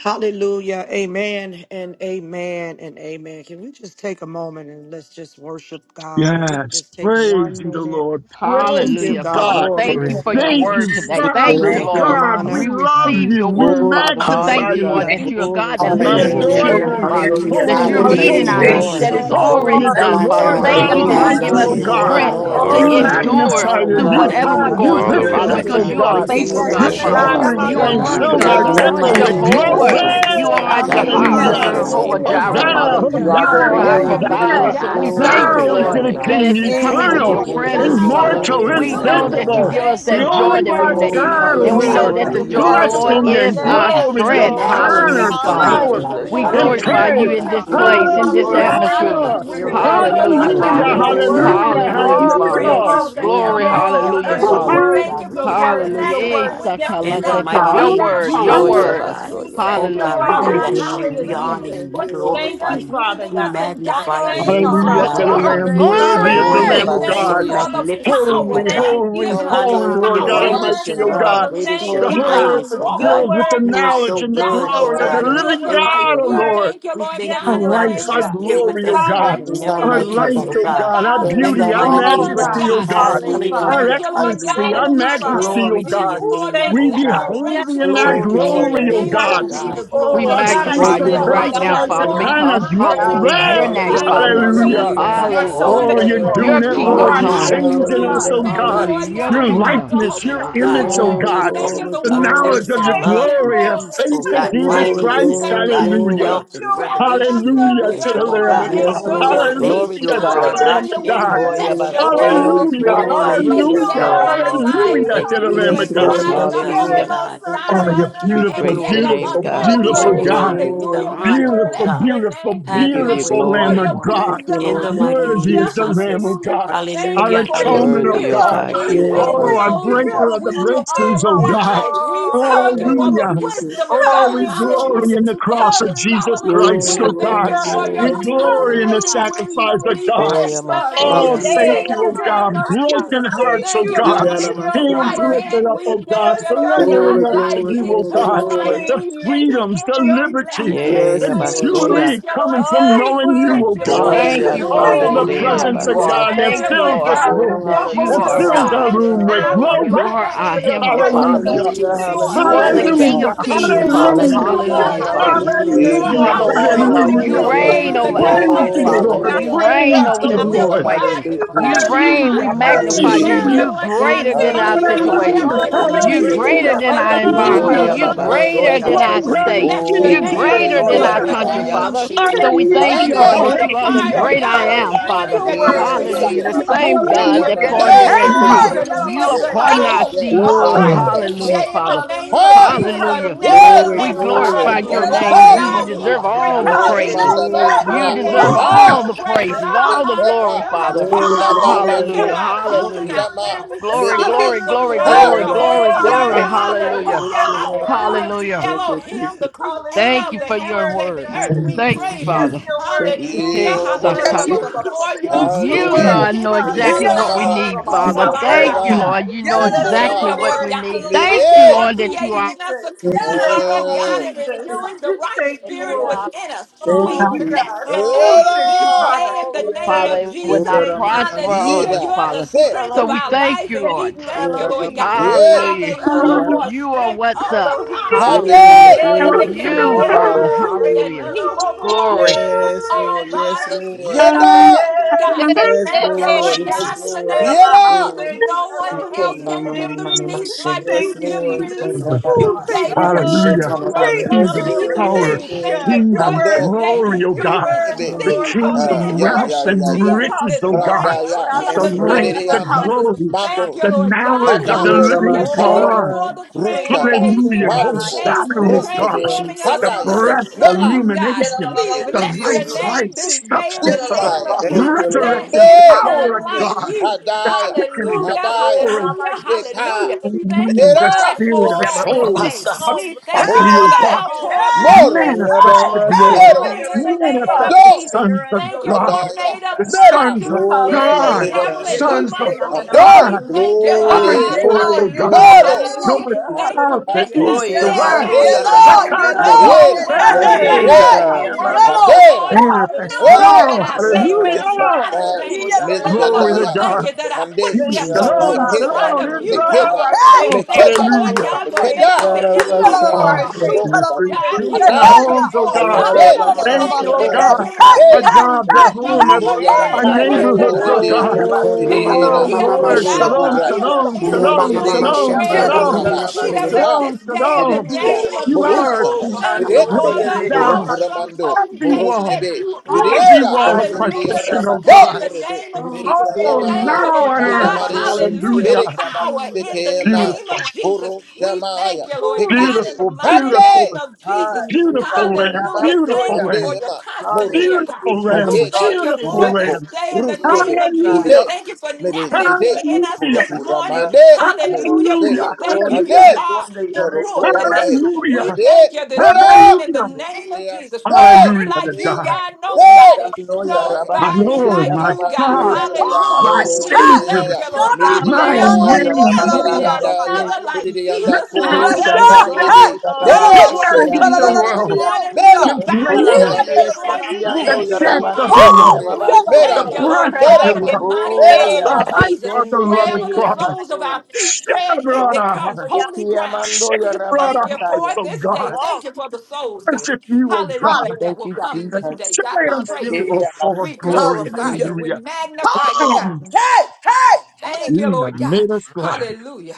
S1: Hallelujah. Amen and amen and amen. Can we just take a moment and let's just worship God? If we could
S3: Yes,
S1: just take
S3: praise
S1: one
S3: you, the
S1: minute,
S3: Lord.
S1: let's just
S3: Praise you,
S1: give
S4: Hallelujah,
S1: God
S4: Father.
S3: God.
S1: glory
S4: Thank you
S5: Glory.
S6: Hallelujah.
S1: this
S4: for your
S6: Thank you,
S3: Thank
S1: morning,
S4: word
S3: you,
S6: Jesus.
S4: today.
S7: Thank you,
S4: Thank
S3: Father
S4: you,
S7: Lord
S6: Thank you,
S5: Thank
S1: give
S4: Lord.
S5: you,
S7: Jesus.
S1: him
S3: God. We
S6: Father.
S5: Jesus.
S4: We
S1: honor.
S6: Thank
S3: love
S5: Hallelujah.
S4: receive
S3: you.
S4: your
S6: you,
S3: We
S6: Lord
S4: word,
S7: Glory to
S4: Father. We
S7: your
S3: magnify
S4: thank
S7: name,
S4: you,
S6: God.
S3: you.
S4: Lord,
S7: God.
S8: Hallelujah.
S9: Thank you.
S4: that
S6: Thank
S4: you're a
S6: you,
S7: Glory,
S4: God that
S5: Praise
S8: Thank you,
S3: We
S7: glory,
S4: loves your
S1: Thank you,
S5: Glory.
S3: adore
S10: Hallelujah.
S9: Lord.
S8: Jesus.
S11: Yeah,
S1: Lord.
S4: children,
S6: God.
S3: thee.
S6: We
S4: Father,
S10: Thank
S9: Yes,
S8: Lord,
S10: you,
S8: we
S11: hallelujah.
S9: yes.
S4: that
S6: magnify
S11: Great
S4: you're
S8: bless
S10: Father.
S3: Holy,
S11: is
S8: your
S12: Hallelujah,
S7: glory,
S11: your
S5: We
S4: meeting
S10: Thank you,
S8: name,
S7: glory,
S4: our
S12: Lord.
S9: Thank
S8: God.
S3: holy,
S4: needs,
S8: We
S9: you.
S11: faithfulness,
S10: Lord.
S5: worship
S4: that
S11: oh
S8: give
S4: it's
S8: you
S5: you,
S6: us,
S11: God.
S6: Father.
S5: Father.
S3: holy
S4: already
S8: glory.
S3: is
S6: You
S3: the
S6: are
S9: Bless
S4: done,
S11: Great
S10: My
S6: worthy.
S9: you.
S11: is your
S4: Father.
S8: We
S3: Lord
S10: God,
S5: With
S4: Thank
S3: God
S11: love.
S10: my
S8: thank
S4: you
S11: We
S8: you.
S12: Hallelujah.
S4: that
S7: glory,
S6: I
S8: We
S13: Hallelujah.
S4: you
S10: God,
S11: just
S9: Lord.
S10: my
S4: give
S8: love
S3: Almighty,
S11: thank
S5: Hands
S4: us
S11: you,
S3: O
S8: you
S6: honor
S7: glory,
S4: the
S8: for
S10: King,
S11: oh
S10: my
S5: lifted
S6: you,
S8: who
S3: God.
S9: Woo,
S7: glory,
S4: strength
S11: God,
S8: you
S9: thank
S11: for
S5: up.
S10: Lord,
S8: are,
S10: my
S4: to
S6: Heavenly
S7: glory.
S11: this
S13: Glory
S3: We
S8: oh
S11: day,
S12: Oh,
S13: to
S6: Father. You
S11: oh
S8: God.
S13: God.
S10: Savior.
S6: are
S12: shame.
S4: endure
S11: God.
S3: magnify
S6: so
S3: you.
S4: through
S6: good.
S8: Father,
S3: You
S5: My
S10: Hallelujah.
S8: we
S4: whatever
S11: Hallelujah.
S4: we're
S3: high,
S11: We
S8: thank
S5: God,
S8: you
S6: You
S7: Hallelujah,
S3: you
S4: going
S8: for
S5: my.
S11: thank
S6: are
S4: through,
S13: Father,
S8: your
S11: you, oh
S13: we
S9: you.
S3: lifted
S4: Father,
S6: so
S3: up,
S11: God,
S8: goodness,
S13: thank
S11: for
S7: hallelujah.
S3: O
S6: good,
S4: because
S13: you.
S11: your
S8: God,
S4: you
S8: for
S6: Lord.
S4: are
S8: your
S3: God.
S6: We,
S11: grace
S5: We
S11: and
S8: grace
S4: faithful,
S11: your
S8: and
S6: yes,
S8: your
S5: take
S3: Your
S4: God,
S10: Hallelujah.
S5: it.
S11: mercy
S8: mercy,
S5: back.
S4: Father.
S11: on
S6: God,
S12: Hallelujah,
S7: Bless
S11: this
S6: we
S3: glory
S8: Father,
S11: day,
S4: You
S11: oh
S4: are
S10: Hallelujah.
S3: flame
S7: the name
S6: glorify
S11: God.
S7: of
S4: loving
S8: for
S3: fills
S6: your
S5: Hallelujah.
S8: your
S10: You're
S4: God.
S3: our
S6: name.
S11: In
S4: You
S13: Ishetaramandabirikidavan.
S7: Jesus.
S8: loving
S11: the
S12: hallelujah.
S4: are
S10: worthy,
S11: mighty
S3: temple
S8: kindness
S3: with
S10: God.
S11: name
S8: towards
S10: You're
S11: of
S6: Yes,
S8: us,
S3: glory.
S4: Jehovah.
S5: Glory
S10: worthy.
S8: God.
S5: be
S10: You're
S11: Jesus,
S4: You
S11: oh
S6: Jesus.
S5: to
S4: are our
S11: God,
S10: worthy.
S9: Thank
S11: we
S7: Yes,
S10: You're
S8: God,
S9: you,
S5: God.
S9: Lord.
S8: we
S11: thank you,
S14: Hallelujah,
S11: oh
S8: bless
S3: Hallelujah.
S10: worthy,
S8: your
S7: Alabasha.
S11: God.
S12: Hallelujah,
S4: Jehovah
S10: Father.
S8: name.
S6: Hallelujah.
S14: hallelujah,
S8: There's
S11: We
S4: Jireh,
S5: Thank
S12: hallelujah.
S8: none
S11: cannot
S4: Father.
S6: Jesus.
S5: you.
S3: Hosanna,
S11: thank
S8: like
S11: you
S5: You
S14: hallelujah.
S8: you.
S5: are
S14: We
S4: You
S5: the
S11: enough,
S6: We
S4: are
S3: Hosanna,
S5: great
S11: oh
S4: our
S5: I
S14: bless
S7: Glory,
S14: your
S11: God,
S5: am.
S6: glorify
S11: for
S8: You
S6: your
S7: glory,
S11: your
S14: name,
S4: provider.
S8: are
S3: Hosanna.
S6: name.
S4: So
S8: the
S14: God,
S4: we
S14: and
S5: The
S11: peace
S8: Alpha
S11: on
S14: all
S7: glory,
S4: thank
S6: Thank
S11: this
S8: and
S14: the
S5: lifted
S4: you,
S3: Now
S12: Hallelujah,
S5: up
S8: the
S6: you,
S11: day,
S4: Lord
S12: Lord.
S3: unto
S11: oh
S14: earth.
S5: one.
S3: the
S6: Jesus.
S10: You're
S4: that
S8: Omega,
S11: God.
S3: King
S14: We
S4: as we
S6: You
S11: That
S6: are
S4: come
S5: King
S11: we
S14: thank
S8: the
S5: of
S14: you,
S4: into
S10: sensitive
S6: worthy.
S10: to
S3: eternal,
S11: walk
S7: glory,
S4: your
S14: Lord
S10: your
S11: in
S8: beginning
S5: glory.
S8: and
S4: presence,
S11: peace
S7: glory,
S10: presence,
S14: God.
S8: the
S11: and
S10: God.
S4: Father,
S8: end,
S11: love
S8: the
S6: Thank
S3: immortal,
S7: glory.
S10: You're
S6: you,
S11: on
S4: we
S5: You
S8: first
S11: this
S6: Father
S11: day,
S8: and
S5: are
S8: the
S14: Hallelujah.
S4: know
S10: sensitive
S6: God.
S5: our
S11: oh
S4: that you
S10: to
S5: Lord
S3: invisible,
S8: last.
S4: give
S11: God.
S5: and
S4: us
S14: Thank
S3: the
S14: you,
S4: that
S6: Glory
S5: Savior.
S6: to
S4: joy
S3: only
S10: your
S14: Lord.
S4: that
S14: You
S6: your
S4: we
S14: have
S3: wise
S11: Hallelujah.
S6: name.
S10: voice,
S7: Oh,
S4: need.
S14: taken
S11: Great
S10: God.
S8: Ah,
S3: God, O
S6: Glory
S11: is
S4: And
S5: We
S8: yes,
S4: we
S14: evil
S3: Lord
S11: your
S14: out
S4: know
S5: say
S4: that
S7: hallelujah.
S14: from
S5: thank
S4: the
S10: Hallelujah.
S14: the
S8: Sunday,
S5: you.
S4: joy
S8: yere,
S11: your
S4: of the
S14: midst
S6: Glory,
S12: Yes,
S14: of
S11: your
S8: eh,
S4: Lord
S12: Lord.
S14: us.
S3: blessing
S6: glory,
S11: your
S14: We
S3: and
S4: is
S11: your
S5: Thank
S6: glory
S4: our
S8: abaso.
S5: you
S12: Yes,
S14: bless
S5: this
S3: glory
S6: to your
S14: your
S7: Yeah,
S3: and
S4: strength.
S5: morning.
S6: name.
S14: name. You
S12: Lord.
S3: honor,
S14: have
S4: Hallelujah,
S9: Glory.
S12: Hallelujah.
S11: majesty, oh
S8: Eh,
S5: Thank
S4: Father.
S7: Alabashanda.
S8: We
S14: commanded
S3: power
S5: you.
S10: Thank
S14: the
S10: you,
S11: God.
S8: bless
S4: We
S8: your
S10: Lord.
S3: and
S6: Hallelujah
S14: morning,
S9: Thank
S8: name,
S6: to
S5: Thank
S4: glorify
S11: Hallelujah,
S5: you.
S8: God.
S6: your
S9: you,
S11: oh
S3: praise.
S4: you
S8: We
S14: and
S6: name,
S9: Lord.
S14: you
S4: in
S8: give
S11: God.
S14: have
S4: this
S8: you
S6: God.
S10: Thank
S8: glory.
S10: you, Lord. Thank you,
S7: Glory to
S14: taken
S4: place,
S11: Your
S4: in
S10: Lord.
S4: this
S3: Hallelujah!
S7: your
S14: evil
S9: Glory.
S5: Thank-
S11: presence, oh
S14: out of
S6: Hallelujah
S7: name.
S4: atmosphere.
S14: it.
S6: to
S11: God.
S10: Thank you,
S6: your
S14: We
S11: Fill
S9: Yes,
S6: name,
S10: Lord.
S11: the
S6: oh
S14: thank
S6: God.
S11: earth,
S9: yes.
S14: you,
S8: Ondia
S9: Ah,
S11: oh
S4: Hallelujah,
S14: Lord
S11: God.
S9: ah.
S3: Hallelujah!
S6: You
S14: God,
S10: Thank
S4: Father.
S14: for
S11: Fill
S8: sotaya
S5: Hallelujah.
S6: are
S10: you,
S11: this
S9: Woo,
S14: being
S7: Glory to
S5: Thank
S8: base.
S11: room,
S3: Hallelujah!
S11: oh
S7: your
S6: worthy
S5: you.
S14: Elohim,
S11: God.
S6: to be
S4: Hallelujah,
S7: name.
S14: the
S10: Lord.
S7: Jesus.
S12: Glory,
S4: Father.
S11: Fill
S10: Hallelujah.
S14: creator
S3: Hallelujah!
S6: praised.
S11: this
S14: of
S12: glory,
S14: the
S11: room, oh
S4: Glory,
S14: heavens
S5: Thank
S6: Yes,
S11: God.
S14: and the
S11: Fill
S6: Father,
S4: hallelujah,
S12: glory.
S14: earth.
S9: Jesus.
S11: this
S7: Oh,
S5: you.
S6: you're
S4: Father.
S11: room, oh
S14: Thank
S6: worthy.
S11: God,
S14: you for
S11: with
S6: You're
S11: your
S6: worthy.
S4: Hallelujah.
S11: presence,
S6: You're
S10: Thank
S11: oh
S4: Eh,
S10: you,
S14: tabernacling
S11: God.
S6: worthy.
S14: with
S6: Yes,
S10: Jesus.
S14: us.
S6: you
S11: In the
S6: are
S14: Thank you,
S4: sakalatata.
S11: mighty
S6: God.
S4: Your
S14: Lord
S11: name of
S14: God,
S4: word,
S6: You
S14: for
S4: your
S6: are
S11: Jesus,
S14: keeping
S8: Oya
S11: oh
S4: word.
S6: worthy
S14: us.
S11: God.
S6: to
S14: We
S6: be
S10: Jesus.
S8: basoya.
S11: Oh
S14: thank you,
S6: praised.
S11: God,
S4: Hallelujah.
S11: we
S14: Lord God,
S11: bless you.
S6: Hallelujah,
S11: We
S14: hallelujah,
S11: honor
S6: Jesus.
S11: you. We
S10: Thank
S14: for
S10: you, Lord.
S14: teaching
S6: Thank
S11: glorify
S14: us,
S6: you,
S11: you.
S6: Father
S14: leading
S11: We
S14: us,
S6: God.
S14: and guiding
S11: magnify
S10: Thank you,
S14: us
S12: Glory,
S11: your
S14: into
S6: Thank you,
S11: name,
S12: glory,
S10: Jesus.
S11: oh
S3: Hallelujah
S6: Father
S14: all
S3: to
S11: God.
S3: the
S6: God.
S14: ways
S4: Glory.
S14: of
S3: Lamb,
S14: the
S11: You are
S12: glory.
S14: truth.
S11: so
S3: worthy
S10: Glory,
S3: of the
S8: Hoya
S10: glory,
S14: We
S3: Lamb
S6: Hallelujah.
S4: Glory.
S3: of
S11: wonderful,
S14: thank you
S6: Thank
S11: so
S3: God.
S6: you,
S10: glory,
S14: for
S8: basoya.
S14: the
S6: Jesus.
S11: magnificent,
S3: Holy,
S14: power
S11: oh
S14: that
S11: God.
S6: Thank
S14: you've
S6: you,
S3: holy,
S14: given
S10: glory,
S14: us, the
S6: Jesus.
S3: holy,
S10: glory,
S12: Father,
S11: Hallelujah.
S3: Lord God
S14: power
S11: Great
S14: of
S10: glory,
S14: the
S11: is
S3: Almighty,
S6: Yes,
S11: your
S12: thank
S3: O
S14: Spirit
S12: you,
S14: of
S12: Lord.
S11: love.
S3: God.
S6: Lord.
S14: the
S11: Great is
S14: living
S6: Thank
S11: your
S3: The
S6: you,
S10: glory,
S3: whole
S14: God
S6: God.
S14: to
S3: earth
S11: kindness,
S3: is
S11: oh
S14: walk
S10: glory.
S6: You're
S14: the
S11: God.
S3: filled with the
S14: walk,
S6: worthy.
S11: You are
S14: talk
S11: so
S3: knowledge
S14: the
S3: and the
S6: Yes,
S14: talk,
S11: good,
S6: you're
S11: oh
S3: glory of
S14: and
S11: God,
S6: worthy.
S12: Thank
S11: and
S3: the
S11: we
S10: Hallelujah.
S6: You're
S14: live
S3: living
S14: the
S12: you,
S11: thank
S6: worthy.
S11: you,
S14: life.
S3: God,
S11: oh
S6: You're
S3: O
S14: We
S11: God.
S3: Lord.
S6: worthy.
S14: thank you,
S11: We
S14: Lord
S11: thank
S6: Yes,
S11: you,
S3: our
S14: God,
S11: oh
S14: in
S6: you're
S14: the
S11: God,
S10: Thank
S3: life,
S11: that
S10: you,
S6: worthy,
S14: name
S3: our
S11: you're
S14: of
S6: God.
S11: here
S10: Jesus.
S14: Jesus,
S11: with
S3: glory, O
S11: us
S14: the
S11: and you
S3: God,
S14: life
S11: will
S14: we
S10: There's
S11: never
S10: none
S3: our
S14: now
S6: Hallelujah,
S10: like
S11: leave
S10: you,
S14: live,
S11: us,
S14: we
S3: light,
S6: Jesus.
S11: oh
S10: God.
S3: O
S14: live
S11: God.
S14: by
S3: God, our
S14: the
S10: There
S11: In
S10: is
S11: the
S14: faith
S3: beauty,
S10: none
S14: in
S3: our
S11: mighty
S14: the
S12: Lord.
S10: like you,
S6: Hallelujah,
S11: name
S14: Son
S12: Glory.
S11: of
S14: of
S3: majesty,
S6: God.
S10: God.
S3: O
S14: God.
S6: Thank
S3: God,
S11: Jesus.
S12: Hallelujah.
S6: you,
S14: We
S10: Hallelujah.
S3: our
S6: Father.
S14: thank
S11: Hallelujah.
S14: you, Lord
S3: excellency,
S14: God, in
S11: Hallelujah.
S3: our
S10: Thank
S6: Thank
S12: Worship
S14: the
S10: you,
S6: you,
S12: you,
S14: mighty
S10: Jesus.
S14: name
S6: Father.
S3: majesty, O
S11: Glory
S14: of
S12: Lord.
S11: to your
S3: God.
S14: Jesus
S6: Oh,
S14: for
S11: name,
S14: your
S6: thank
S3: We
S6: you,
S11: oh
S6: God.
S11: God.
S12: Worship,
S3: behold
S6: Yes,
S3: thee in
S14: saturation
S6: you're
S3: thy
S14: this
S7: thank
S6: worthy,
S11: Glory
S7: you,
S14: day
S11: to
S7: Lord.
S14: in
S11: your
S6: Jesus.
S14: the
S3: glory,
S12: worship
S3: O
S7: Thank
S12: you,
S7: you,
S11: name,
S14: name
S10: Thank
S3: God.
S11: oh
S6: God, I
S14: of
S12: Lord.
S10: you,
S6: give you
S11: God.
S14: Jesus
S6: the
S7: Jesus.
S6: glory.
S4: We
S11: We
S3: Oh,
S14: to
S3: our
S6: God,
S11: thank
S6: I
S10: Jesus.
S14: bring
S3: face
S11: you, oh
S4: magnify
S7: Thank
S6: give
S3: to
S6: you
S14: you
S7: you,
S12: Hallelujah,
S14: the
S6: the
S4: you
S11: God. We
S7: Lord.
S4: right
S3: face,
S7: Thank
S4: now,
S11: thank
S6: honor.
S14: utmost
S3: God,
S7: you,
S11: you,
S12: hallelujah.
S3: the
S4: Father,
S11: oh
S6: I
S7: Lord.
S14: glory,
S11: God.
S3: kind
S6: give you
S4: because
S3: of
S10: Thank
S14: honor,
S6: the
S4: hallowed
S14: and
S4: will
S11: Oh
S6: praise,
S4: be
S10: you,
S11: God,
S3: glory.
S4: your
S11: we
S6: Lord.
S14: praise.
S4: name,
S11: can't
S6: Thank
S7: Hallelujah,
S11: thank
S4: Father.
S6: you,
S11: you
S14: Hallelujah.
S11: enough,
S3: Hallelujah.
S14: We
S11: oh
S6: Jesus.
S7: hallelujah,
S11: God,
S6: You're
S11: for
S14: bless
S6: so
S11: all
S14: your
S3: Oh,
S11: that
S4: Hallelujah.
S3: you're
S11: you're
S14: name.
S6: faithful.
S4: Your
S11: doing
S3: doing
S11: and
S3: it,
S14: You
S11: all
S6: You
S4: kingdom
S3: Lord.
S14: are
S11: that
S6: are
S11: you're
S3: You're
S6: a
S14: our
S4: come.
S7: hallelujah,
S11: going to
S6: faithful
S14: keeper.
S3: changing
S11: do,
S3: us,
S14: We
S3: O
S7: hallelujah.
S6: Father.
S14: thank
S11: the
S14: you,
S3: God.
S4: Hallelujah.
S14: Lord
S6: You
S11: increase,
S4: Your
S11: the
S14: God.
S6: are
S3: Your
S6: a
S14: You are
S4: kingdom.
S3: likeness,
S6: faithful
S14: Jehovah
S11: multiplication,
S3: your
S11: oh
S6: Father.
S14: Makia.
S11: God,
S3: image, O
S4: Mm.
S6: Thank
S7: Glory,
S14: We
S11: of,
S3: God.
S6: you,
S11: of
S14: thank you,
S7: glory,
S14: the
S3: The
S6: Jesus.
S11: of
S14: one that
S3: knowledge
S7: glory,
S11: grace
S3: of your
S11: and
S6: Thank
S14: molds
S6: you,
S11: love
S14: and
S11: and
S3: glory, a
S14: makes
S6: Lord.
S11: peace,
S14: and
S11: oh
S3: faith in
S11: God,
S14: shapes
S3: Jesus
S14: us.
S6: Thank
S7: glory,
S6: you,
S14: We
S3: Christ.
S11: finances, oh
S14: thank
S7: glory,
S14: you
S11: God,
S10: Jesus.
S6: Jesus.
S14: this
S11: and
S14: day
S7: glory.
S3: Hallelujah.
S11: wealth and
S6: You're
S10: Thank
S14: crafting us
S6: worthy,
S11: revelation and
S14: into
S3: Hallelujah
S6: God.
S3: to
S8: Thank
S14: your
S8: you,
S3: the
S11: wisdom,
S10: you,
S6: You're
S11: oh
S3: Lamb
S14: image
S3: of
S8: Jesus.
S11: God.
S10: Lord
S6: worthy.
S14: and
S7: Yes,
S3: God.
S6: You're
S11: We
S14: your
S11: just
S7: Lord.
S14: likeness.
S6: worthy.
S11: thank
S8: Glory
S11: you,
S8: to
S11: oh
S3: Hallelujah to
S6: You're
S8: God.
S11: God.
S3: the Lamb
S14: Hallelujah.
S3: of
S6: worthy.
S14: We
S3: God.
S11: Rashendo
S6: Yes,
S8: Hoya
S14: bless your
S6: you're
S11: Roshite.
S8: basoya.
S14: name
S6: worthy.
S7: Glory,
S14: this
S12: Glory,
S3: Hallelujah.
S11: Oh
S14: morning.
S11: God,
S14: We
S7: glory.
S11: we
S12: glory, glory.
S14: lay
S11: just
S8: Yes,
S6: You're
S3: Hallelujah.
S14: down
S11: love
S8: Lord.
S11: you
S14: our
S11: on
S6: worthy, God.
S14: lives
S11: today
S3: Hallelujah
S14: that
S3: to
S8: Thank you,
S3: the
S11: because
S14: you
S3: Lamb
S11: you
S14: may
S3: of
S7: Yes,
S6: Hallelujah.
S8: Jesus.
S3: God.
S7: Lord,
S11: first
S14: rise
S11: loved
S7: yes,
S14: up
S11: us,
S14: on
S11: oh
S14: the
S8: Hallelujah.
S7: Lord.
S11: God.
S14: inside
S3: Oh,
S14: of
S11: So we
S3: you
S6: Yeremasakaya
S14: us
S11: give
S8: We
S11: you the
S14: and
S3: beautiful,
S8: praise
S14: get
S8: your
S11: glory,
S14: the
S6: nanamansi.
S11: we
S8: name,
S3: beautiful,
S11: give you the
S8: God.
S14: utmost
S6: You're
S8: We
S3: beautiful
S14: glory.
S7: Glory,
S11: praise,
S8: adore
S3: God.
S6: worthy
S11: we give
S8: you.
S11: you the
S14: Hallelujah.
S7: glory.
S14: We
S6: so
S11: honor, oh
S3: Beautiful,
S14: bless
S6: worthy.
S11: God.
S14: your
S3: beautiful,
S14: name
S8: We
S11: Have
S8: give
S11: your
S8: you
S14: Thank
S11: way,
S3: beautiful
S14: you for
S3: Lamb
S11: Almighty
S8: glory.
S6: Thank
S14: your
S3: of
S6: you,
S11: One,
S7: Thank
S3: God.
S7: you,
S6: Jesus.
S14: wisdom.
S11: in the
S7: Lord. Thank
S11: mighty
S7: you,
S3: Worthy
S11: name of
S3: is
S14: Hallelujah.
S3: the
S7: Jesus.
S3: Lamb
S6: Thank
S11: Jesus.
S3: of
S14: Hallelujah.
S6: you,
S3: God,
S6: God.
S14: Thank
S3: our
S14: you
S11: Hallelujah,
S14: for your
S6: Thank
S3: atonement,
S6: you,
S11: hallelujah.
S3: oh
S8: Worthy, O
S14: spirit.
S3: God.
S8: God.
S6: Father.
S14: We
S8: You are
S7: Yeah,
S14: win
S3: Oh, our
S6: Thank
S8: worthy,
S7: Basha.
S14: souls
S6: you, God.
S14: for
S3: breaker of
S8: Jesus.
S3: the
S14: we
S12: Glory,
S3: breakthroughs,
S14: are
S6: Thank
S3: oh
S6: you,
S12: glory,
S3: God.
S14: wise. We
S6: Jesus.
S14: thank you
S12: glory.
S7: Thank
S14: for
S7: you,
S6: Hallelujah.
S14: the
S3: Hallelujah.
S7: Jesus.
S14: wisdom of
S3: Oh,
S14: God.
S3: we
S6: Hallelujah.
S3: glory
S14: Hallelujah.
S3: in the
S14: You gave it
S3: cross of
S14: to
S3: Jesus
S14: Solomon.
S6: Hallelujah.
S3: Christ,
S7: Glory,
S14: We
S3: oh
S6: Thank
S12: God,
S6: you,
S14: thank
S3: God.
S7: glory,
S14: you
S6: God.
S14: for your
S3: We
S7: glory.
S12: God,
S14: Diaries,
S3: glory in the
S14: Lady
S12: God.
S6: Hallelujah,
S14: Wisdom,
S3: sacrifice of
S6: Jesus.
S14: we
S3: God.
S6: Thank you,
S8: Oya
S14: bless
S12: Glory.
S14: your
S6: Father.
S14: name
S3: Oh,
S8: masoya.
S14: this
S12: Yende
S3: thank
S14: day
S7: Hallelujah.
S6: Thank
S14: in
S3: you,
S12: la
S14: the
S3: oh
S6: you, God.
S14: name
S3: God.
S14: of
S12: Messiah.
S14: Jesus.
S3: Broken
S6: Thank
S3: hearts, oh
S14: Thank you.
S6: you,
S12: Hallelujah.
S3: God.
S6: Lord.
S14: What's
S7: Yeah,
S14: in your
S6: You're
S3: Hands
S14: right
S7: Lamashana.
S6: worthy.
S3: lifted
S14: hand?
S3: up,
S14: We
S3: oh God.
S14: thank
S6: Yes,
S14: you, Lord
S6: God, you're
S3: Surrendering
S14: God.
S7: Glory,
S14: Life,
S3: unto
S6: worthy.
S7: glory,
S3: you, oh
S7: glory,
S3: God.
S14: eternal life.
S7: glory.
S3: The
S6: Thank
S14: We
S6: you.
S14: thank you
S3: freedoms,
S14: in
S3: the
S6: Thank
S14: your
S6: you,
S14: left
S3: liberty
S14: hand.
S6: Jesus.
S7: Yes,
S8: Yeya
S3: the
S6: Thank
S7: Lord.
S14: We
S6: you.
S8: basoya.
S14: thank
S3: jubilee
S10: Jesus.
S14: you,
S3: coming
S14: Lord
S3: from
S14: God.
S12: Oh, we
S6: Thank
S3: knowing
S6: you, God.
S3: you, oh
S12: worship,
S14: Riches,
S10: In
S3: God.
S10: the
S7: Glory
S14: yea,
S7: to
S4: Thank
S8: Ondia
S7: your
S12: worship,
S4: you,
S7: name,
S8: sonde
S6: Thank
S4: Father,
S3: Oh,
S4: for
S7: Jesus.
S3: the
S14: durable
S12: worship,
S6: you,
S4: being
S8: yerehia
S4: who
S14: riches.
S6: Father.
S3: presence
S4: you
S3: of
S14: We
S4: are.
S8: baso.
S3: God that
S14: thank you,
S4: Thank
S6: Thank
S12: Lord.
S4: you,
S6: you,
S3: fills
S14: Lord
S3: this
S4: Lord,
S14: God.
S6: Father.
S14: You're
S7: Oh,
S3: room,
S4: that
S6: Thank
S4: you
S6: you,
S3: that
S12: Oh,
S14: Jehovah
S7: hallelujah,
S4: are
S10: Jesus,
S6: Lord.
S3: fills
S12: Father,
S3: our
S6: Thank
S4: God.
S14: Jireh,
S7: hallelujah,
S3: room
S6: you,
S3: with
S14: our
S6: Lord.
S7: hallelujah.
S3: glory.
S4: You are
S14: provider,
S12: with
S4: our
S14: and
S6: Thank
S12: your
S14: your
S6: you,
S4: Heavenly
S12: heart,
S14: grace
S2: Oh
S6: Lord.
S14: is
S12: with
S4: Father.
S12: the
S3: Hallelujah.
S7: Hallelujah,
S14: sufficient
S6: Thank
S14: for
S10: Jesus,
S14: us.
S4: You
S6: you.
S4: are
S2: God,
S4: the
S14: We
S7: hallelujah.
S12: praise.
S10: Jesus,
S4: King
S3: Hallelujah.
S4: of
S14: receive,
S12: We
S2: it'll
S4: Kings,
S2: be
S6: Thank
S12: come to
S2: on
S4: Father.
S10: Jesus.
S6: you.
S2: the
S12: the
S3: Hallelujah.
S14: hallelujah,
S7: Hallelujah,
S12: blood,
S4: Hallelujah,
S12: we
S2: fire.
S6: Thank
S12: come
S4: Father.
S12: to the
S10: Thank you,
S6: you.
S14: hallelujah,
S7: hallelujah.
S10: Lord.
S6: Thank
S14: your
S2: Yeah,
S4: You
S2: yeah,
S4: are
S12: blood,
S3: Hallelujah.
S6: you.
S4: the
S12: we
S2: yeah,
S4: Lord
S2: yeah,
S4: of
S14: outpour
S12: come to
S4: Lords.
S12: the
S2: yeah,
S6: Thank
S4: You
S2: yeah,
S12: blood.
S7: Glory,
S14: this
S3: Hallelujah.
S2: yeah.
S8: Thank
S14: day
S8: you,
S4: reign
S7: glory,
S14: in the
S4: over our
S6: you.
S7: glory.
S14: name
S8: Jesus.
S14: of
S3: Praise
S4: life,
S3: you,
S2: Oh,
S10: Thank
S14: Jesus.
S10: you,
S4: Father.
S3: Lord.
S2: oh
S14: We
S6: Thank
S12: Hallelujah.
S10: Lord.
S4: You
S14: say,
S2: God.
S6: you,
S4: reign
S14: let
S3: Praise
S6: God.
S4: over
S3: you,
S14: the
S4: the
S14: will
S3: Lord.
S14: of
S2: Mighty
S14: God
S6: Thank
S4: situation.
S2: be
S14: be
S6: you,
S2: cool.
S4: You
S14: done
S6: Father.
S14: in our
S4: reign. We
S3: Hallelujah.
S14: lives.
S2: Mighty
S6: Thank
S14: We
S4: magnify
S7: Yes,
S6: you,
S4: you.
S14: thank
S7: Lord.
S6: God.
S14: you,
S3: Hallelujah.
S4: You
S2: yeah.
S14: Lord God,
S4: greater
S2: Ah,
S4: than
S6: Thank
S2: yeah,
S10: Thank
S4: our
S14: submitting
S6: you,
S2: yeah, yeah.
S4: situation.
S2: Move
S6: Father.
S3: Hallelujah.
S14: ourselves
S2: by
S14: to
S10: you,
S2: your
S14: you
S4: You are
S14: and
S12: Glory,
S10: Lord.
S2: spirit,
S12: glory,
S2: oh
S4: greater
S3: Hallelujah.
S2: God.
S4: than
S14: resisting
S6: Thank
S4: our
S14: the
S10: Thank
S2: We
S6: you,
S10: you, Jesus.
S2: get
S14: devil,
S2: it
S4: environment.
S3: Hallelujah.
S14: and
S8: Oya
S2: on
S6: Father.
S4: You
S2: the
S14: he
S4: are
S2: honor now,
S14: must
S4: greater
S8: babasoya.
S14: flee.
S4: than
S10: Thank
S4: our
S2: sometime.
S14: We
S3: Glory
S10: you,
S3: to
S4: state.
S14: bless your
S4: You're
S10: Jesus.
S3: Jesus.
S2: Oh,
S14: name
S2: be
S6: Thank
S14: this
S4: greater
S8: Ekiando
S4: than
S6: you,
S8: ya
S14: day
S4: our
S14: in
S6: God.
S14: the
S7: Hallelujah.
S4: country,
S8: randi
S14: name
S2: magnified,
S14: of
S2: oh
S4: Father.
S8: asote
S2: God.
S14: Jesus.
S4: So
S6: Thank
S4: we
S6: you,
S4: thank you,
S14: Thank
S6: Jesus.
S3: Hallelujah.
S2: Hade!
S14: you
S4: Lord,
S14: for
S4: that
S14: the
S4: you are the
S2: Sibi
S14: fire
S3: Hallelujah.
S14: of
S6: Thank
S4: great I
S6: you.
S14: God this
S4: am,
S8: Ushataya
S4: Father.
S14: morning
S6: You're
S8: no
S14: that
S8: ya
S15: Hey!
S2: Me,
S14: you're
S2: yeah,
S6: worthy.
S2: yeah,
S8: rebe
S4: Hallelujah.
S8: ya
S2: yeah.
S4: The
S14: releasing. We
S4: same
S2: Me,
S6: You're
S3: Hallelujah.
S14: thank
S4: God
S14: you
S4: that
S6: worthy,
S14: for it
S4: parted the
S2: Ramande!
S14: this
S4: Red
S6: Lord.
S4: Sea.
S14: morning
S10: Thank
S14: to
S10: you,
S6: Hallelujah.
S4: You
S14: live
S4: are
S10: Jesus.
S2: yes,
S14: the
S15: Yarabase.
S4: pardoning
S2: yes,
S4: our
S14: life
S15: Help!
S2: yes,
S4: seas,
S14: of
S6: Hallelujah.
S2: yes,
S4: Father.
S15: Help!
S7: Glory,
S10: Thank
S3: Ah,
S14: Christ
S2: yes,
S10: you,
S14: this
S4: Hallelujah,
S2: yes.
S14: day in
S4: Father.
S14: the name
S6: Hallelujah,
S14: of
S2: Ha!
S14: Jesus, a
S4: Hallelujah.
S15: Yellow, Yarababababasiya. Yarababababasiyosha.
S2: Yes!
S6: hallelujah,
S7: glory,
S4: We
S14: nevertheless
S7: glory.
S2: Yalla,
S4: glorify your
S14: life.
S6: hallelujah,
S8: Glory to
S14: Oh
S4: name.
S8: your
S4: You
S8: name,
S14: God,
S2: Makoro,
S6: hallelujah,
S14: we
S4: deserve
S8: Father.
S4: all
S15: Hey! Hey!
S4: the
S14: praise you.
S2: Ore
S14: You
S8: Yabase.
S4: praises.
S2: Mandaba,
S6: hallelujah,
S7: Glory,
S15: Hey!
S14: deserve
S4: You
S14: all
S2: Ha!
S12: glory.
S4: deserve
S3: thank
S7: glory.
S14: glory,
S6: hallelujah,
S3: you,
S15: Help!
S4: all
S14: all
S3: God.
S2: Ha!
S4: the
S14: praise,
S4: praises,
S15: Shabasiya.
S14: all
S4: all the
S14: honor.
S4: glory,
S2: Sikeba,
S6: hallelujah,
S14: You have
S4: Father.
S14: kept
S7: Glory,
S14: us.
S6: hallelujah,
S2: Mama
S15: Help!
S14: You have
S6: yes,
S7: glory.
S14: kept
S4: Hallelujah.
S2: Mako,
S6: God,
S14: our children,
S4: Hallelujah.
S14: our
S6: hallelujah,
S2: Rushama,
S14: family.
S10: Jesus.
S4: Glory,
S14: You have
S2: Merebe,
S4: glory, glory,
S6: hallelujah,
S12: Oh,
S14: supplied
S2: Ha!
S4: glory, glory,
S14: Jehovah
S12: yeah, la
S7: Yayalabasana.
S4: glory.
S14: Jireh.
S12: baba,
S2: Bekosha,
S6: hallelujah,
S12: ya
S4: Hallelujah.
S10: Thank
S14: Hallelujah.
S10: you,
S6: yes,
S15: Help!
S10: Lord.
S6: Lord,
S12: mahaya.
S14: Hallelujah.
S4: Hallelujah.
S7: Thank you,
S6: hallelujah,
S14: Elohim,
S7: Jesus.
S14: the creator
S4: Thank you
S14: of the
S6: hallelujah,
S4: for
S6: you're
S4: your
S14: heavens
S6: worthy,
S14: and the
S4: word.
S6: God,
S14: earth.
S3: Thank you,
S14: We
S3: God.
S4: Thank you,
S14: praise
S3: Thank
S14: you.
S6: yes,
S3: you, God.
S4: Father.
S6: you're
S7: Thank
S6: worthy,
S7: you.
S14: Hallelujah,
S4: Hey,
S6: you're
S4: Satan.
S2: Iroboros,
S6: worthy,
S14: hallelujah, for
S3: Thank you,
S14: your
S3: God.
S6: you're
S7: glory,
S4: You,
S15: Shabababababasakaya.
S3: Thank
S2: Harebea,
S4: God,
S6: worthy,
S4: know
S14: creativity,
S7: Thank you,
S14: our
S6: Father,
S4: exactly what
S14: Lord.
S4: we
S2: Orama,
S4: need,
S14: Amando
S3: you,
S6: you
S4: Father.
S6: are
S3: God.
S15: Yarababababasakaya.
S4: Thank
S6: worthy,
S4: you,
S14: Rabasata.
S3: Thank
S2: Mokora,
S6: God.
S4: Lord. You
S15: Yarababababasiyosha.
S4: know
S3: you,
S6: Yes, you
S14: Thank
S4: exactly
S2: Mokora,
S14: you,
S6: are
S4: what
S15: Yarababababasakaya.
S14: Lord
S4: we
S6: worthy.
S14: God.
S4: need. Thank
S14: Thank you
S4: you,
S2: Mire,
S14: for
S6: Thank
S4: Lord,
S6: you,
S4: that you
S14: creating
S4: are.
S14: in us a
S6: Jesus.
S7: Jesus. Thank
S14: clean
S7: you, Jesus.
S6: Thank
S14: heart,
S12: Yeah,
S6: you,
S14: oh God,
S2: Eh,
S14: and
S6: Jesus.
S15: Yarababababasakaya.
S14: renewing the right
S6: Thank you,
S14: spirit
S6: Lord.
S14: within us.
S7: Thank
S14: We
S6: Thank you,
S3: God. Thank
S12: glory,
S7: you,
S14: bless
S6: God.
S14: your
S6: Oh,
S12: glory,
S14: name
S6: thank you,
S14: this
S2: Era,
S6: Father.
S14: day in the name
S6: Thank
S14: of
S12: glory.
S4: Father, it
S6: you,
S4: would
S14: Jesus.
S4: not
S6: thank you,
S4: prosper
S7: Jesus. Lord,
S4: over
S14: Hallelujah.
S4: us,
S2: Yira,
S14: You're the
S4: Father.
S6: Thank you,
S2: se.
S14: strength
S4: So
S14: of
S4: we
S14: our
S6: Elohim.
S4: thank
S14: life,
S4: you,
S14: and
S6: Thank
S14: we
S4: Lord.
S6: you,
S14: thank you,
S7: Glory,
S14: Lord God.
S6: Elohim.
S2: Ye
S6: Thank you,
S4: Hallelujah.
S14: Hallelujah.
S6: Elohim.
S14: For a
S7: glory,
S4: You are
S6: Thank
S14: strength
S6: you,
S4: what's
S14: of the
S4: up.
S6: Elohim.
S14: ox, we
S6: Thank
S14: thank
S4: Hallelujah.
S6: you,
S2: Hade,
S14: you
S12: Yeah,
S14: that we can
S6: Elohim.
S4: You,
S14: run
S7: glory.
S4: Father.
S14: through
S6: Yes,
S14: troops
S6: thank you,
S14: and
S4: Hallelujah.
S14: leap over
S6: Elohim.
S14: walls.
S4: Glory.
S6: Thank you,
S14: It's
S7: Yes,
S6: thank
S7: Lord.
S14: all
S6: you,
S7: Yes,
S14: by the
S6: Elohim.
S7: Lord.
S14: Spirit of the
S2: Yeda,
S14: living
S6: Yes,
S14: God.
S12: yeah,
S6: thank you,
S7: Yes,
S12: yeah,
S14: Thank you,
S12: yeah,
S14: Lord
S7: Lord.
S6: Elohim.
S7: Yes,
S14: God, in the
S10: Jesus.
S7: Lord.
S12: la
S14: name
S7: Yes,
S6: Thank
S14: of
S6: you,
S2: Yeda,
S12: mahaya.
S14: Jesus.
S7: Lord.
S6: thank you,
S14: No one
S10: We call
S14: else
S10: you,
S6: Elohim.
S14: can
S10: Mama, Mama,
S14: give
S6: Thank
S14: the
S10: Mama, Mama,
S6: you.
S14: release
S10: Shay.
S14: like
S6: Thank
S7: Yes,
S14: you
S6: you,
S14: give the
S10: We
S7: Lord.
S10: call you,
S6: Jesus.
S3: you,
S14: release.
S3: God.
S10: Baba,
S6: Oh,
S10: Baba,
S14: You
S10: Baba,
S6: thank
S14: gave the
S6: you, God.
S10: Baba,
S14: release
S10: Shay,
S3: Hallelujah.
S12: Glory,
S14: through your
S12: glory,
S10: Talabani.
S6: Thank you,
S14: Son,
S7: Yes,
S3: Kingdom
S7: Lord.
S6: God.
S14: Jesus,
S7: Yes,
S14: and
S12: glory.
S3: power,
S14: we
S6: Thank you,
S14: thank
S7: Lord.
S6: God.
S14: you for
S6: You're
S3: kingdom
S14: this
S6: worthy.
S2: Pando,
S14: day.
S3: glory, oh
S14: We
S6: You're
S3: God.
S6: worthy,
S10: Oh,
S2: Ebe,
S3: The
S6: Lord.
S10: Mama,
S14: receive
S10: Mama,
S14: the
S3: kingdom
S2: Ah,
S14: finished
S6: Hallelujah.
S2: ya,
S10: Mama,
S3: wealth
S14: works
S2: ya,
S10: Shay.
S3: and
S14: of
S2: ya, ya,
S14: Jesus
S3: riches,
S14: this
S3: oh God.
S14: morning
S2: Randa,
S6: Hallelujah.
S2: ya,
S12: Oraba,
S14: in
S3: The
S10: We
S14: the
S7: Yes,
S10: call you,
S3: light,
S12: shanda,
S14: name
S7: Lord.
S12: la
S10: Mama,
S3: the
S14: of
S10: Mama,
S2: Merianda,
S10: Mama,
S12: mahaya.
S14: Jesus.
S3: glory,
S6: Hallelujah.
S10: Shay.
S14: Thank you,
S3: the
S2: Madosi,
S14: Lord God.
S6: Oh
S3: knowledge of
S10: Thank
S3: the
S10: you,
S7: Ora,
S6: God,
S2: Hadasi,
S3: living
S6: thank
S14: Hallelujah.
S6: you,
S14: Thank
S12: Oh,
S2: Hadok,
S14: you
S3: God.
S14: for
S7: Uralamashana.
S14: the
S6: thank
S2: Rushaba,
S6: you,
S12: yeah,
S14: transformation
S12: la
S3: Hallelujah.
S14: this
S12: mahaya.
S2: Madobo,
S14: day,
S6: Oh,
S10: Jesus.
S3: Hosanna,
S6: thank
S3: oh
S7: Yes,
S3: God.
S2: Rusebe,
S6: you,
S7: Lord.
S14: transforming us
S10: Jesus.
S3: the
S14: into
S2: Hadaya,
S14: the
S3: breath, the
S14: sons
S6: thank
S14: of
S2: Meras,
S6: you,
S14: God.
S3: illumination,
S14: We
S3: the
S2: Nikiria,
S14: bless
S3: light,
S14: your
S6: Oh,
S15: Yarababababasiyosha.
S3: life,
S14: name this
S6: thank you,
S14: day in
S6: God.
S3: substance
S14: the
S3: of the
S14: name
S2: Rushaya,
S14: of
S7: Thank
S6: Oh,
S14: Jesus.
S7: you,
S15: Yadadadadabasataya.
S14: There
S6: Thank
S7: Lord.
S3: resurrection
S6: you,
S14: is
S2: me
S14: none
S3: power,
S14: like
S6: thank you,
S15: Yadadadadabasataya.
S14: you.
S3: the
S2: Hadaya,
S3: quickening,
S6: Oh,
S3: the
S14: Hallelujah.
S12: Oh,
S2: Hadaya,
S3: power of
S12: rabba,
S14: Hallelujah.
S2: Deka,
S14: Hallelujah.
S12: shanda,
S6: thank
S3: the
S6: you,
S14: Thank you
S3: mind,
S14: for
S3: the
S12: God,
S2: Mera,
S14: fresh
S3: spirit,
S6: Oh,
S12: glory,
S3: our
S14: all
S6: thank
S14: this
S6: you,
S12: glory,
S3: soul,
S14: day.
S15: Yabababasa.
S3: our
S10: Jesus.
S12: glory,
S14: We thank you
S3: body,
S14: for
S3: O
S14: the
S12: glory,
S15: Hey!
S2: Okuda,
S3: God,
S6: God.
S14: outpour
S12: glory.
S14: of your
S15: Hey!
S2: Moro,
S14: fresh
S3: manifest
S15: Hey!
S3: the
S14: all
S12: You,
S14: this
S15: Hey!
S12: Holy
S3: glory,
S2: Mero,
S7: Yabamashana.
S14: morning
S6: Thank
S14: in
S12: Spirit,
S6: you,
S14: the
S12: thank you,
S14: name
S12: Holy
S3: manifest
S14: of
S3: the
S6: Father.
S2: Hadok,
S14: Jesus.
S3: sons
S12: Spirit.
S3: of
S15: Yadadabasataya.
S14: Thank you
S6: Your
S14: for
S6: word
S3: God,
S15: Yadadabasataya.
S14: a
S2: Hadaya,
S6: is
S14: made up
S3: the
S6: God.
S2: Mera
S14: mind
S3: sons
S14: to
S3: of
S7: Glory
S14: resist
S7: to
S6: Hallelujah,
S12: Yeah,
S7: your
S14: the
S7: name,
S15: Yega,
S14: devil and
S7: God.
S15: yega,
S14: he
S2: Mirakishi.
S3: God,
S14: must
S15: yega.
S6: hallelujah,
S14: flee.
S12: yeah,
S2: Ando,
S14: We
S6: hallelujah,
S14: thank you,
S15: Yega,
S14: Lord
S7: Glory,
S3: coming
S6: hallelujah,
S14: God.
S2: Meridia,
S15: yega,
S3: forth, O
S7: glory,
S15: yega.
S3: God,
S14: Hallelujah.
S7: glory.
S2: Maro,
S15: Yellow.
S14: Hallelujah.
S3: north, the
S14: Thanks for
S3: south,
S6: hallelujah,
S3: the
S2: Anema,
S14: making
S8: Oh,
S14: us
S7: Yes,
S3: east, the
S7: Lord.
S15: Yellow.
S7: Bless your
S3: west,
S8: Yamando
S14: steadfast,
S2: Adera,
S15: Yellow.
S7: people.
S14: unmovable,
S6: hallelujah,
S3: Shekinah
S15: Yellow.
S8: Yarabasataya.
S15: Ye- Hey!
S2: Mirera,
S14: always
S15: Hey!
S7: Bless your
S3: glory,
S15: Hey!
S7: people,
S14: abounding
S15: Hey!
S6: hallelujah,
S8: Yega,
S6: hallelujah,
S14: in
S2: Mirea,
S7: God.
S14: the work
S6: hallelujah,
S14: of
S8: Yamando
S15: Yellow.
S14: the Lord,
S8: Yarebe
S2: Adera,
S15: Hey!
S3: manifest
S14: knowing
S8: Yabasoya.
S2: Oro,
S3: now.
S6: Hallelujah.
S14: that our
S6: Thank
S14: labor
S6: you,
S8: Oh,
S15: Shababababasataya.
S14: is
S7: Yarabasha,
S3: Hallelujah.
S14: not in
S8: Sataya,
S6: Father.
S2: Mikosaya,
S14: vain.
S6: Yes,
S8: Yarebe
S14: Father,
S3: Glory
S6: yes,
S3: to
S14: we
S2: Mishandaya,
S8: Yabase.
S14: thank
S6: yes.
S3: God.
S15: Yadadadadabasataya.
S14: you that our
S6: Thank
S2: Andeki,
S3: Peace.
S14: footsteps are
S6: you,
S8: Yega,
S10: Jesus.
S3: Shalom.
S14: ordered
S2: Mekeda,
S14: right
S3: Shalom,
S6: Father.
S14: of
S8: Yamando
S7: Yarabasaya,
S14: you,
S8: Yaraba.
S6: You
S14: God.
S2: Mekeda,
S6: are
S15: Hey!
S14: We
S3: Israel.
S15: la
S6: faithful.
S14: thank
S15: la
S2: Mekeda,
S14: you,
S15: la la
S6: You
S15: la
S14: Lord
S3: Hallelujah.
S8: Oh,
S6: are
S14: God, for
S15: la
S8: yes,
S2: Mekeda,
S14: making
S15: la
S14: the
S6: faithful.
S8: Yando
S2: Miris,
S6: You
S14: impossible
S3: Oh,
S6: are
S7: Yarabasaya,
S8: Yarabase.
S3: peace in
S14: possible.
S3: the
S15: Yalalalabasultalalalabasehaya.
S6: faithful.
S2: Korosama,
S3: streets.
S14: God,
S6: Thank
S3: Peace
S14: we
S6: you,
S3: in the
S14: thank
S2: Adaya.
S6: Lord.
S14: you
S3: homes, oh
S14: for
S8: Yababasoya,
S14: it.
S3: God.
S6: Thank
S2: Adayera,
S6: you,
S14: Hallelujah.
S3: Thank
S6: God.
S8: Yamando
S14: Thank
S3: you,
S14: you
S7: Yarabasate,
S3: oh
S15: Yalalalalabasehe.
S14: that you're
S2: Mikora
S15: Hey!
S3: God.
S14: giving
S8: Yarabasa.
S14: us
S7: Yarabasaya.
S3: Our
S2: Maske,
S15: Hey!
S14: healing
S6: Oh,
S3: jobs,
S15: Hey!
S3: our
S6: thank
S14: with
S6: you,
S3: home,
S14: those
S15: Hey!
S3: our,
S14: 39
S15: Ho!
S6: Jesus.
S12: yeah,
S3: our
S2: Mesianda,
S6: Yes,
S8: Oshataya
S12: yeah,
S14: stripes
S7: Oh,
S6: thank
S12: yeah,
S8: Loya
S3: neighborhoods,
S2: Mikore
S12: my
S15: la
S3: oh
S6: you,
S14: across
S3: God.
S2: Behi,
S8: Regia
S6: God.
S10: we call
S14: Jesus'
S10: her
S8: Basoya.
S14: back.
S10: Mama
S7: glory,
S3: Oh
S2: Merida,
S10: Mama
S6: Woo.
S14: Healing
S10: Mama
S14: is
S3: Lord,
S10: She.
S14: ours.
S3: shalom,
S2: Murokurama,
S14: Healing
S8: Aya
S3: shalom,
S15: Yalalalalabasultalalalabasaya.
S14: is
S10: Yeah,
S8: Sende
S14: the
S3: shalom,
S8: ya
S14: children's
S2: Muroseveda,
S10: Ukoramamanamanamashe.
S8: Regia
S10: Iyamamamamashe,
S3: shalom,
S7: glory,
S14: bread.
S8: Mandoya
S14: We
S3: shalom,
S2: Mukoraba,
S14: eat
S10: terabanamashe,
S14: of
S15: Yalalalabasoya.
S8: Rabasi.
S14: it
S10: te-
S2: Meredas,
S3: shalom,
S14: this day in the
S3: shalom.
S6: Oh,
S2: Merekida,
S7: glory,
S14: name
S8: Oh,
S3: You
S14: of
S8: yes.
S3: are
S14: Jesus.
S3: our
S2: Morosanda,
S7: glory.
S3: peace.
S14: Thank you
S8: Ando
S14: for
S8: te
S6: thank
S2: Merekida,
S8: ya
S14: the
S15: Yalalalabasoya.
S3: Broken
S8: Regia
S10: Hallelujah.
S3: down
S14: awesome
S6: you.
S8: Basoya.
S2: Morokuramando,
S3: every
S6: Thank
S14: potentate that
S3: wall,
S2: Morosebe,
S14: you are.
S6: you.
S3: every
S2: Mereda,
S3: wall of
S10: Thank
S8: Oshataya
S10: you,
S8: Loya
S14: Hallelujah.
S3: partition,
S2: Meridianda,
S10: Jesus.
S14: This
S3: oh
S14: day in the
S8: Rabasi.
S2: Bokorebe,
S14: name of
S10: Thank you,
S6: Oh,
S14: Jesus.
S10: Jesus.
S2: Meridianda
S8: Oh,
S3: Oh, now
S14: Thank
S8: yes.
S14: you,
S2: Maro,
S3: on
S14: Lord
S2: Manda
S3: earth,
S14: God.
S10: Thank you,
S2: Maresi,
S8: Yamandoya
S14: Hallelujah.
S10: Jesus.
S3: Hallelujah.
S8: Regia
S2: Mereki,
S14: Power
S6: mm.
S8: Basoya.
S14: in the name
S2: Seteanaya,
S3: Beautiful,
S14: of Jesus. We
S2: Poroshamaya,
S14: thank you, Lord
S6: Woo.
S2: Pekede,
S14: God, in the
S3: beautiful,
S14: mighty
S3: beautiful,
S14: name of Jesus.
S8: Hi,
S2: Hade,
S8: Rega
S3: beautiful lamb,
S2: Morosa,
S14: Hallelujah.
S3: beautiful
S14: Thank
S8: Yamasoya.
S14: you for
S3: lamb,
S14: your
S2: Mandema,
S14: constant
S2: Moros,
S14: care, God.
S8: Hallelujah,
S3: beautiful
S8: Jesus.
S10: Thank
S14: We
S3: lamb,
S6: Woo.
S10: you, Jesus.
S2: Hadeko,
S14: thank you
S6: Thank
S14: for
S3: beautiful
S8: Hallelujah.
S6: you.
S2: Ruko,
S14: this
S3: lamb.
S14: day in the
S8: Glory
S6: Thank
S2: Rusebe,
S14: name of
S8: to
S6: you.
S8: God.
S14: Jesus.
S3: Hallelujah.
S14: Thank
S2: Videse,
S14: you for
S6: Thank you,
S14: manifesting
S2: Meresede,
S6: God.
S14: in
S7: Yes,
S14: us
S7: Lord.
S3: Hallelujah.
S8: Thank
S14: this
S8: you,
S2: Morokura
S14: morning.
S8: sir.
S2: Mande,
S14: Hallelujah.
S3: Hallelujah.
S14: We
S2: Morosebe,
S14: thank
S8: Oh,
S14: you. You
S8: yes.
S2: Hades,
S3: Hallelujah.
S14: are
S8: Donde
S14: the Ruach
S8: Regia
S2: Morokore Me,
S14: Kadesh.
S8: Basoya.
S14: We
S3: Hallelujah.
S2: Mede,
S14: thank you this
S2: Mera,
S14: morning
S6: Woo.
S14: in the
S3: Hallelujah.
S14: name of
S2: Sera,
S14: Jesus.
S2: De,
S14: Nobody
S3: Hallelujah to
S14: like you,
S3: God.
S2: Sera,
S14: God.
S2: De,
S14: Nobody,
S8: Ondandoya
S2: Yandaya,
S3: My
S7: Thank
S14: nobody
S8: rabasete
S3: Lord,
S14: like
S3: my
S14: you, God.
S3: God,
S8: yababasoya
S2: Merendianda
S15: Ho!
S14: Hallelujah.
S3: my
S8: liyabase.
S2: Moro
S14: We
S15: Hey!
S7: you,
S14: thank
S3: Savior,
S2: seya,
S14: you,
S15: la la
S14: Lord
S15: la la
S14: God.
S2: miridi
S8: Iki
S3: my
S14: There
S15: Yande
S14: will
S8: yandoya
S2: andaya,
S14: never
S2: miridi
S14: be
S8: rabasandi
S12: yeah,
S3: Emmanuel.
S8: yase.
S7: thank
S2: andaya,
S14: another
S15: kondalalabasataya.
S14: like
S2: miridi
S3: Man,
S14: Jesus,
S15: We
S2: andako,
S3: if he
S14: our
S15: bless ya.
S3: doesn't
S12: Glory,
S14: elder
S8: Hoshaka
S2: ruske
S14: brother.
S12: glory,
S15: Hey,
S2: midi,
S3: think,
S8: yandoya
S7: you, thank you,
S14: We
S3: he
S2: mede,
S8: rabasete
S3: gotta
S12: glory.
S3: get
S15: yarabasuta
S14: worship
S2: miridi
S3: in
S15: la
S3: the
S15: la
S14: you
S15: la la
S14: this
S3: world.
S2: andasi,
S8: yaliyasoya.
S14: morning. We
S15: diosha.
S3: your
S2: mera,
S7: thank you.
S14: bow
S12: Salam,
S15: We
S2: miridi
S3: greatness,
S14: down
S15: and la
S8: Holy
S15: la la
S2: andoko,
S12: yeah,
S14: before
S15: la la
S8: esiti
S14: you,
S12: my
S3: the
S14: pay
S8: yandoya
S2: ruske
S15: diosha.
S12: shame,
S3: depth
S14: you
S12: yeah,
S3: of
S12: yeah.
S3: your
S14: homage.
S8: rabasete
S7: Glory,
S15: Oh,
S3: love,
S2: mokore,
S14: We
S15: yada
S7: glory.
S15: la
S3: the
S14: thank
S15: la
S8: yababasonde.
S2: merama,
S15: la
S14: you,
S12: Oh,
S3: breadth
S14: Lord
S3: of
S14: God,
S3: your
S14: in
S2: merama,
S14: the
S12: yeah,
S3: love,
S14: mighty
S8: Oh
S2: merama.
S15: la
S12: yeah,
S14: name
S15: la
S14: of
S3: the
S15: la la.
S14: Jesus.
S3: height of
S8: yababasende
S3: the love of
S14: Wherever
S8: yerehi
S12: yeah,
S14: the
S3: God.
S14: soles of
S12: yeah.
S8: yabaso.
S14: our feet
S3: Shine
S14: tread, it
S3: abroad
S12: Oh,
S3: our
S14: becomes
S3: hearts.
S12: yeah,
S8: Iki
S14: holy ground.
S8: yamandoya
S14: We
S3: Shine abroad
S14: thank
S3: our
S14: you for
S3: hearts,
S8: rabasataya.
S14: it
S3: oh
S14: this day.
S3: God.
S14: Thank
S12: glory.
S14: you for the souls, God.
S3: Worship you, oh
S14: Hallelujah,
S3: God.
S14: that
S8: Thank
S14: will
S12: Hallelujah.
S8: you,
S14: come
S3: The
S14: this day.
S8: Jesus.
S14: God,
S3: giant
S14: we praise you.
S8: Eh,
S3: unspeakable full
S14: We
S3: of
S8: yabasoya.
S3: glory.
S14: glorify you. We
S3: Hallelujah.
S14: magnify you,
S15: Oh,
S14: God.
S3: Praise.
S15: hey, hey,
S14: Thank you,
S15: hallelujah.
S3: You have
S14: Lord God.
S3: made us glad.
S14: Hallelujah.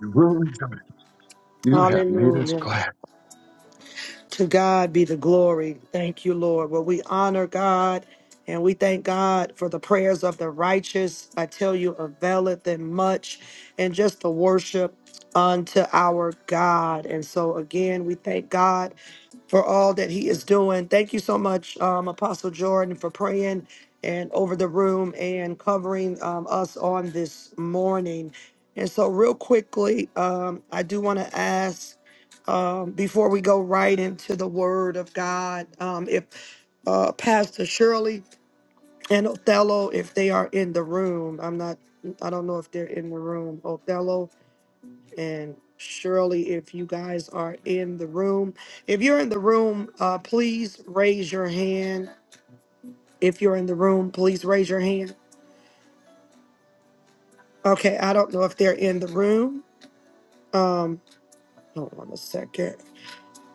S3: You will rejoice. You have made us
S1: Hallelujah.
S3: glad.
S1: To God be the glory. Thank you, Lord. Well, we honor God and we thank God for the prayers of the righteous. I tell you, availeth them much, and just the worship unto our God. And so, again, we thank God for all that He is doing. Thank you so much, um, Apostle Jordan, for praying and over the room and covering um, us on this morning. And so, real quickly, um, I do want to ask um, before we go right into the Word of God, um, if uh, Pastor Shirley and Othello, if they are in the room, I'm not, I don't know if they're in the room. Othello and Shirley, if you guys are in the room, if you're in the room, uh, please raise your hand. If you're in the room, please raise your hand. Okay, I don't know if they're in the room. Um, hold on a second.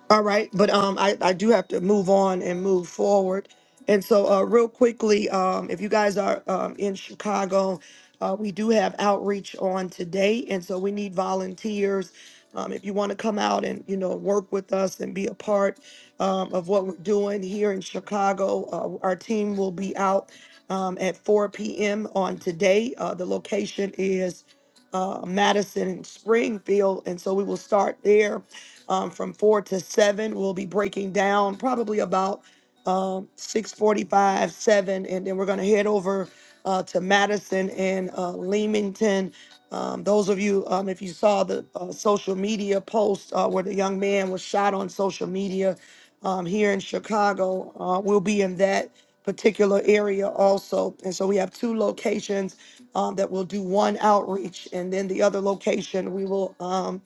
S1: All right, but um, I, I do have to move on and move forward. And so, uh, real quickly, um, if you guys are um, in Chicago, uh, we do have outreach on today, and so we need volunteers. Um, if you want to come out and you know work with us and be a part um, of what we're doing here in Chicago, uh, our team will be out um, at 4 p.m. on today. Uh, the location is uh, Madison and Springfield, and so we will start there um, from four to seven. We'll be breaking down probably about um, six forty-five, seven, and then we're gonna head over uh, to Madison and uh, Leamington. Um, those of you, um, if you saw the uh, social media post uh, where the young man was shot on social media um, here in Chicago, uh, we'll be in that particular area also. And so we have two locations um, that will do one outreach, and then the other location we will. um,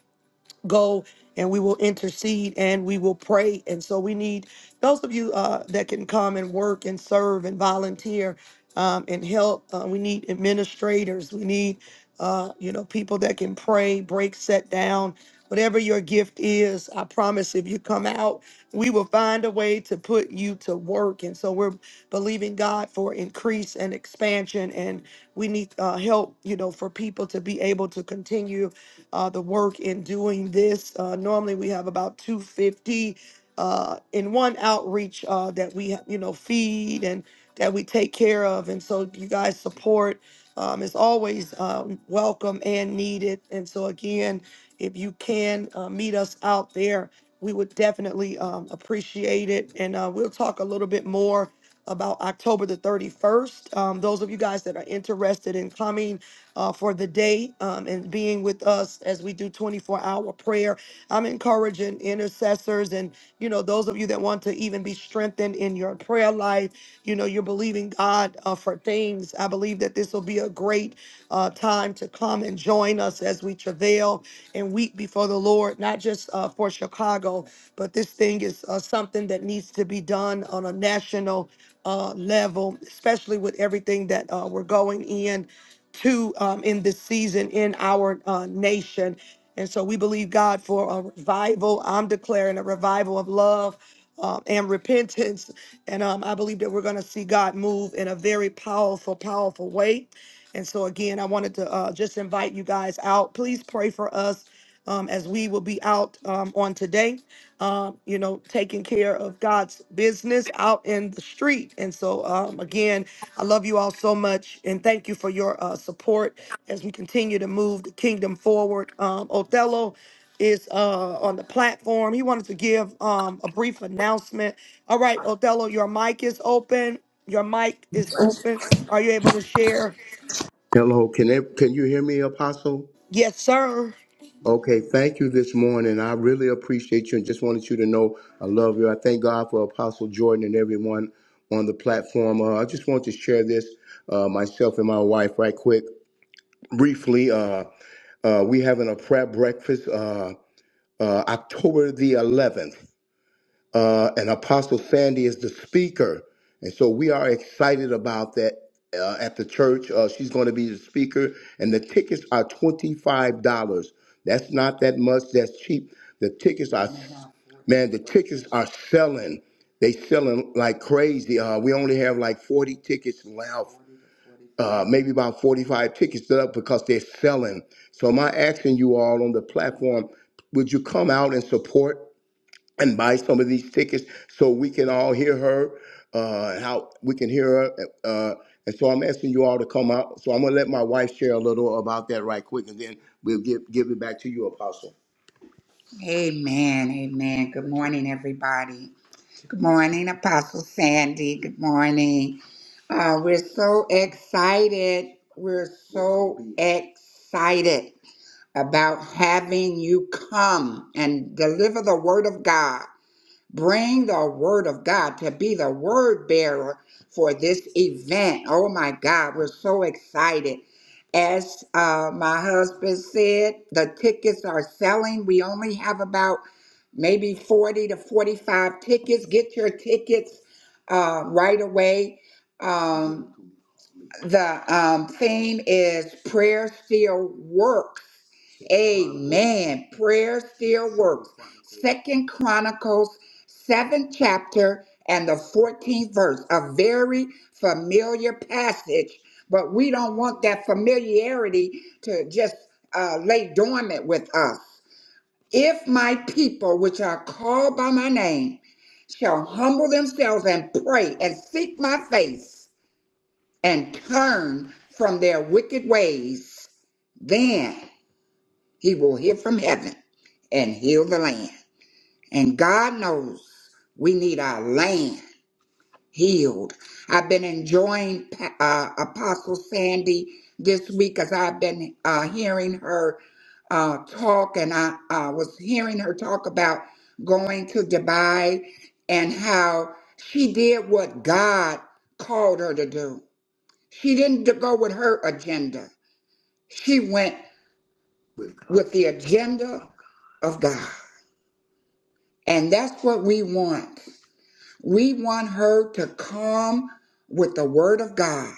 S1: go and we will intercede and we will pray. And so we need those of you uh, that can come and work and serve and volunteer um, and help. Uh, we need administrators. We need, uh, you know, people that can pray, break, set down. Whatever your gift is, I promise if you come out, we will find a way to put you to work. And so we're believing God for increase and expansion. And we need uh, help, you know, for people to be able to continue uh, the work in doing this. Uh, normally, we have about 250 uh, in one outreach uh, that we, you know, feed and that we take care of. And so, you guys' support um, is always um, welcome and needed. And so, again, if you can uh, meet us out there, we would definitely um, appreciate it. And uh, we'll talk a little bit more about October the 31st. Um, those of you guys that are interested in coming, uh, for the day um, and being with us as we do 24 hour prayer. I'm encouraging intercessors and, you know, those of you that want to even be strengthened in your prayer life. You know, you're believing God uh, for things. I believe that this will be a great uh, time to come and join us as we travail and weep before the Lord, not just uh, for Chicago, but this thing is uh, something that needs to be done on a national uh, level, especially with everything that uh, we're going in to um, in this season in our uh, nation. And so we believe God for a revival. I'm declaring a revival of love um, and repentance. And um, I believe that we're going to see God move in a very powerful, powerful way. And so, again, I wanted to uh, just invite you guys out. Please pray for us um, as we will be out um, on today, um, you know, taking care of God's business out in the street. And so, um, again, I love you all so much and thank you for your uh, support as we continue to move the kingdom forward. Um, Othello is uh, on the platform. He wanted to give um, a brief announcement. All right, Othello, your mic is open. Your mic is open. Are you able to share?
S16: Hello, can it, can you hear me, Apostle?
S1: Yes, sir.
S16: Okay, thank you this morning. I really appreciate you and just wanted you to know I love you. I thank God for Apostle Jordan and everyone on the platform. Uh, I just want to share this uh, myself and my wife right quick, briefly. Uh, uh, we having a prep breakfast uh, uh, October the 11th. uh, and Apostle Sandy is the speaker. And so we are excited about that uh, at the church. Uh, she's going to be the speaker, and the tickets are $25. That's not that much, that's cheap. The tickets are, man, the tickets are selling. They selling like crazy. Uh, we only have like 40 tickets left, uh, maybe about 45 tickets left because they're selling. So my asking you all on the platform, would you come out and support? and buy some of these tickets so we can all hear her, uh, how we can hear her. Uh, and so I'm asking you all to come out. So I'm gonna let my wife share a little about that right quick, and then we'll give give it back to you, Apostle. Amen. Amen. Good morning, everybody. Good morning, Apostle Sandy. Good morning. Uh, we're so excited. We're so excited about having you come and deliver the word of God. Bring the word of God to be the word bearer for this event. Oh my God, we're so excited. As uh, my husband said, the tickets are selling. We only have about maybe 40 to 45 tickets. Get your tickets uh, right away. Um, the um, theme is Prayer Still Works Amen. Prayer still works. Second Chronicles, seventh chapter, and the 14th verse. A very familiar passage, but we don't want that familiarity to just uh, lay dormant with us. If my people, which are called by my name, shall humble themselves and pray and seek my face and turn from their wicked ways, then. He will hear from heaven and heal the land. And God knows we need our land healed. I've been enjoying Pa- uh, Apostle Sandy this week as I've been uh, hearing her uh, talk, and I uh, was hearing her talk about going to Dubai and how she did what God called her to do. She didn't go with her agenda, she went with the agenda of God. And that's what we want. We want her to come with the word of God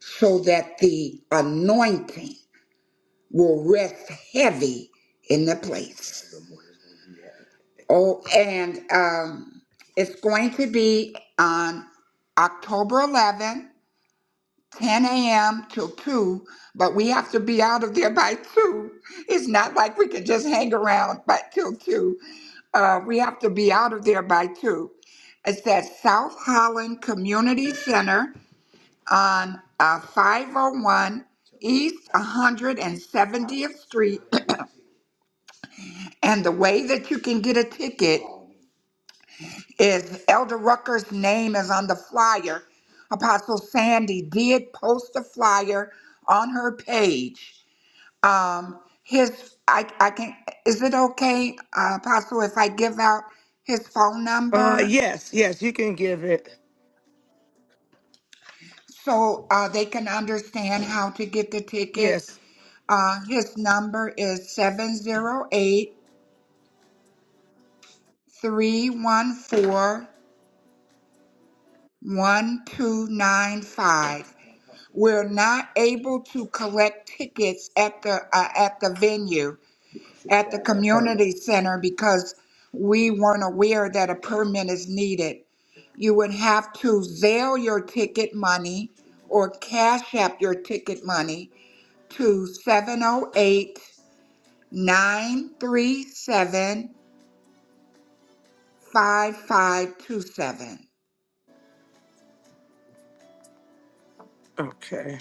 S16: so that the anointing will rest heavy in the place. Oh, and um, it's going to be on October 11th 10 a.m. till 2, but we have to be out of there by 2. It's not like we can just hang around but till 2. Uh, we have to be out of there by 2. It's at South Holland Community Center on uh, 501 East 170th Street. and the way that you can get a ticket is Elder Rucker's name is on the flyer. Apostle Sandy did post a flyer on her page. um his I I can is it okay, uh, Apostle, if I give out his phone
S1: Uh,
S16: number
S1: yes, yes, you can give it.
S16: so uh, they can understand how to get the tickets?
S1: Yes.
S16: Uh, his number is seven zero eight three one four one two nine five. We're not able to collect tickets at the uh, at the venue. at the community center because we weren't aware that a permit is needed. You would have to Zelle your ticket money or Cash App your ticket money to 708 937 5527.
S1: Okay.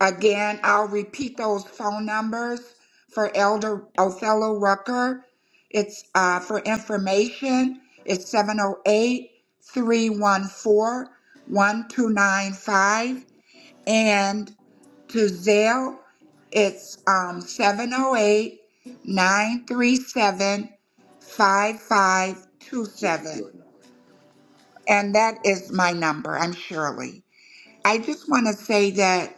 S16: Again, I'll repeat those phone numbers for Elder Othello Rucker. It's uh, for information. It's 708 314 1295. And to Zelle, it's um, 708 And that is my number. I'm Shirley. I just want to say that.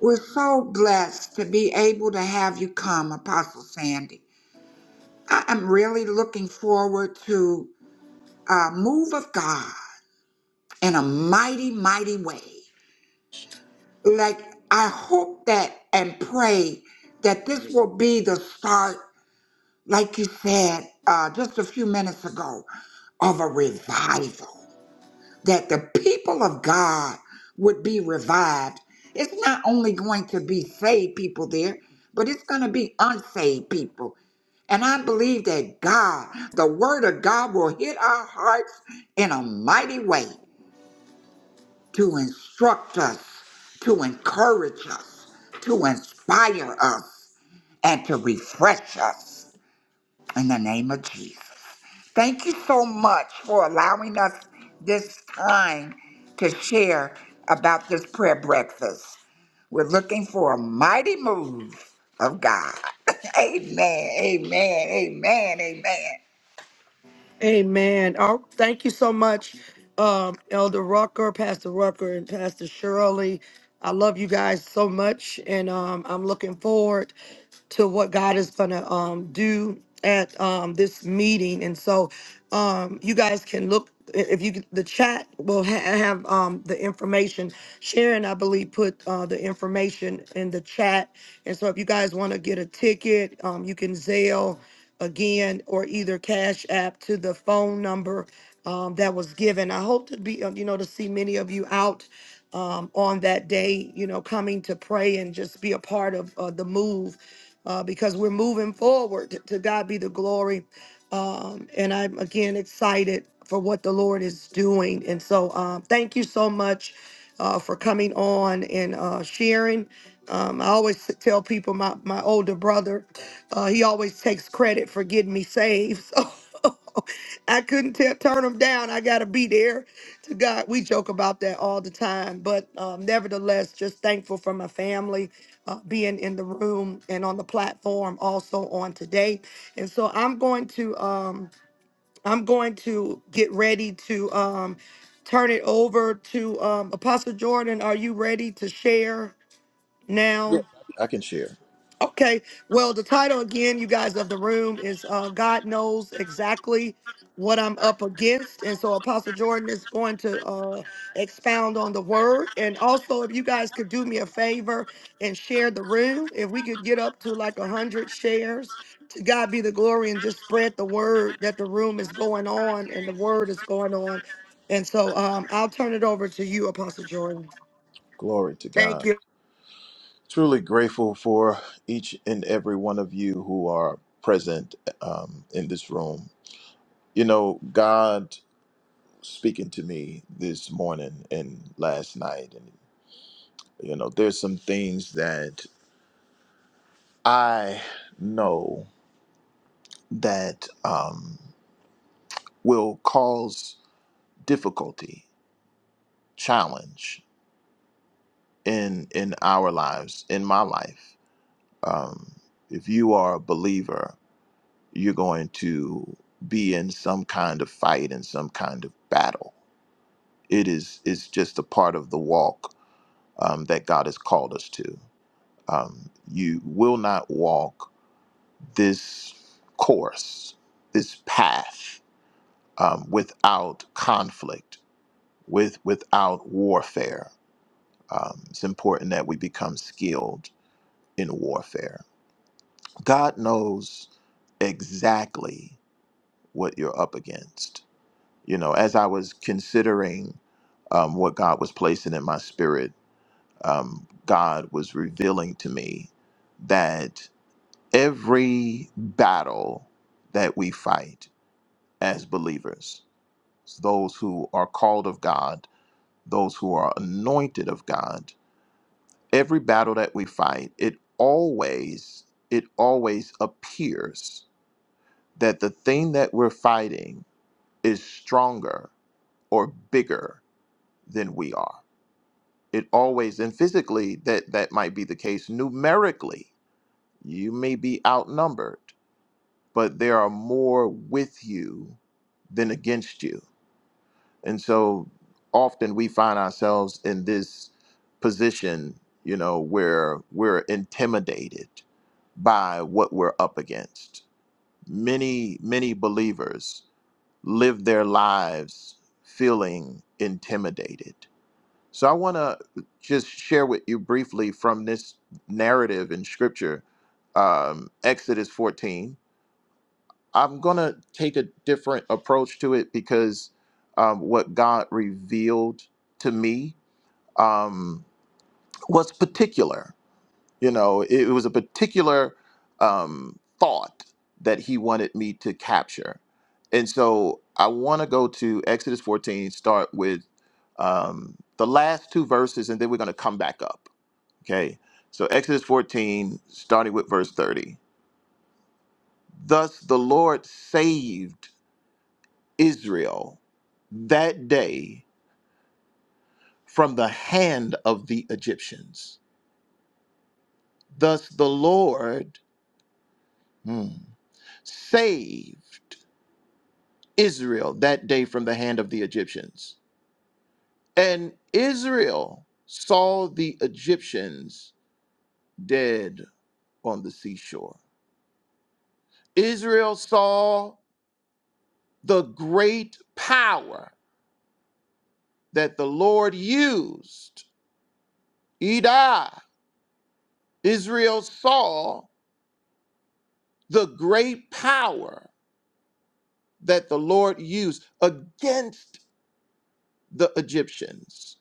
S16: We're so blessed to be able to have you come, Apostle Sandy. I am really looking forward to a move of God in a mighty, mighty way. Like, I hope that and pray that this will be the start, like you said uh, just a few minutes ago, of a revival. that the people of God would be revived. It's not only going to be saved people there, but it's going to be unsaved people. And I believe that God, the word of God, will hit our hearts in a mighty way to instruct us, to encourage us, to inspire us, and to refresh us in the name of Jesus. Thank you so much for allowing us this time to share about this prayer breakfast. We're looking for a mighty move of God. amen, amen, amen, amen.
S1: Amen. Oh, thank you so much, um, Elder Rucker, Pastor Rucker, and Pastor Shirley. I love you guys so much, and um, I'm looking forward to what God is going to um, do at um, this meeting. And so, um, you guys can look i- if you could- the chat will ha- have um, the information. Sharon, I believe, put uh, the information in the chat. And so, if you guys want to get a ticket, um, you can Zelle again, or either Cash App to the phone number um, that was given. I hope to be, uh, you know, to see many of you out um, on that day, you know, coming to pray and just be a part of uh, the move uh, because we're moving forward. To, to God be the glory. Um, and I'm again excited for what the Lord is doing. And so um, thank you so much uh, for coming on and uh, sharing. Um, I always tell people my, my older brother, uh, he always takes credit for getting me saved. So I couldn't te- turn them down. I got to be there. To God, we joke about that all the time. But um, nevertheless, just thankful for my family uh, being in the room and on the platform also on today. And so I'm going to um, I'm going to get ready to um, turn it over to um, Apostle Jordan. Are you ready to share
S2: Yes,
S1: now?
S2: I can share.
S1: Okay. Well, the title again, you guys of the room is uh, God knows exactly what I'm up against, and so Apostle Jordan is going to uh, expound on the word. And also, if you guys could do me a favor and share the room, if we could get up to like a hundred shares, to God be the glory, and just spread the word that the room is going on and the word is going on. And so, um, I'll turn it over to you, Apostle Jordan.
S2: Glory to
S1: Thank
S2: God.
S1: you.
S2: Truly grateful for each and every one of you who are present um, in this room. You know, God speaking to me this morning and last night You know, there's some things that I know that um, will cause difficulty, challenge in in our lives, in my life. Um, if you are a believer, you're going to be in some kind of fight and some kind of battle. It is it's just a part of the walk um, that God has called us to. Um, you will not walk this course, this path, um, without conflict, with without warfare. Um, it's important that we become skilled in warfare. God knows exactly what you're up against. You know, as I was considering um, what God was placing in my spirit, um, God was revealing to me that every battle that we fight as believers, those who are called of God, those who are anointed of God. Every battle that we fight, it always it always appears that the thing that we're fighting is stronger or bigger than we are. It always and physically that that might be the case numerically. You may be outnumbered, but there are more with you than against you And so often we find ourselves in this position, you know, where we're intimidated by what we're up against. Many, many believers live their lives feeling intimidated. So I want to just share with you briefly from this narrative in scripture, um, Exodus 14. I'm gonna take a different approach to it because um, what God revealed to me um, was particular. You know, it, it was a particular um, thought that He wanted me to capture, and so I want to go to Exodus 14, start with um, the last two verses, and then we're gonna come back up. Okay, so Exodus 14, starting with verse 30. Thus the Lord saved. Israel that day from the hand of the Egyptians. Thus the Lord hmm, saved Israel that day from the hand of the Egyptians. And Israel saw the Egyptians dead on the seashore. Israel saw the great power that the Lord used. Edah. Israel saw the great power that the Lord used against the Egyptians.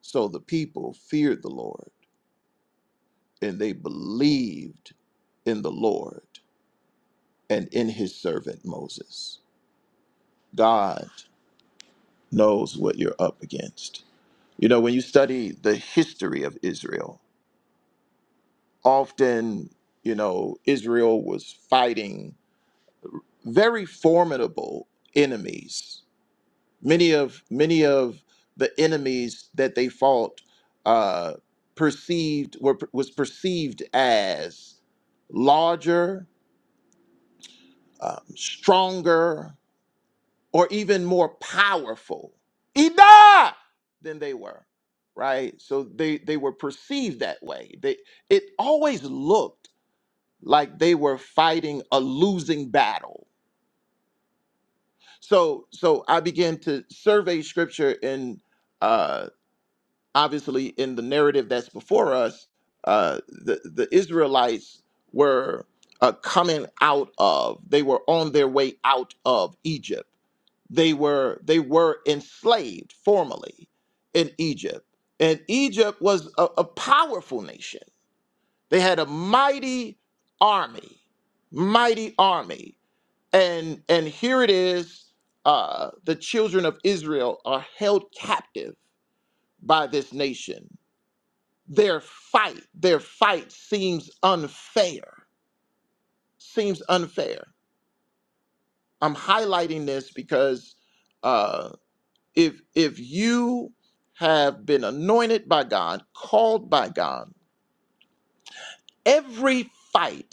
S2: So the people feared the Lord and they believed in the Lord and in his servant Moses. God knows what you're up against. You know, when you study the history of Israel, often, you know, Israel was fighting very formidable enemies many of many of the enemies that they fought uh, perceived were was perceived as larger, um, stronger, or even more powerful Ida! than they were. Right, so they they were perceived that way. They it always looked like they were fighting a losing battle. So so I began to survey scripture in uh, obviously in the narrative that's before us, uh, the the Israelites were uh, coming out of. They were on their way out of Egypt. They were they were enslaved formerly in Egypt, and Egypt was a, a powerful nation. They had a mighty army, mighty army, and and here it is. Uh, the children of Israel are held captive by this nation their fight, their fight seems unfair. Seems unfair. I'm highlighting this because uh, if if you have been anointed by God, called by God, every fight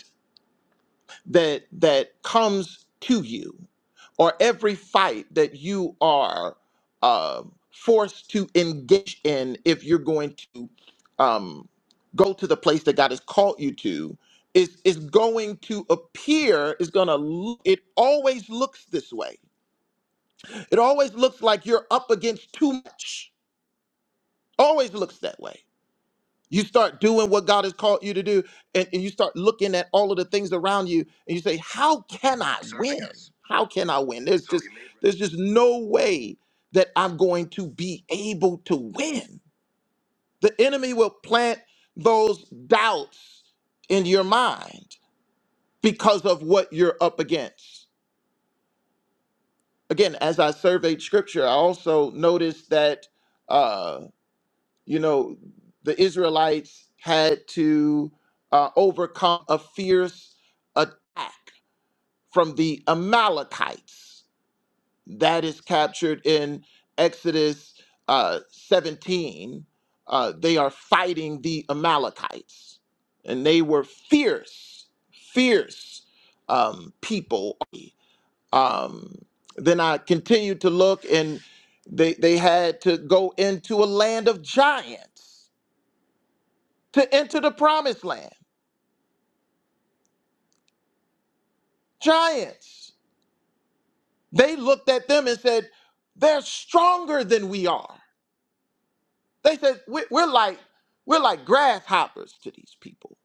S2: that that comes to you or every fight that you are um forced to engage in if you're going to um, go to the place that God has called you to is is going to appear is going to look it always looks this way it always looks like you're up against too much always looks that way you start doing what God has called you to do, and, and you start looking at all of the things around you, and you say, "How can I win? How can I win?" There's just there's just no way that I'm going to be able to win. The enemy will plant those doubts in your mind because of what you're up against. Again, as I surveyed Scripture, I also noticed that. uh, you know, the Israelites had to uh, overcome a fierce attack from the Amalekites. That is captured in Exodus uh, 17. Uh, they are fighting the Amalekites, and they were fierce, fierce um, people. Um, then I continued to look, and they, they had to go into a land of giants to enter the promised land. Giants. They looked at them and said, they're stronger than we are. They said, "We- we're like, we're like grasshoppers to these people.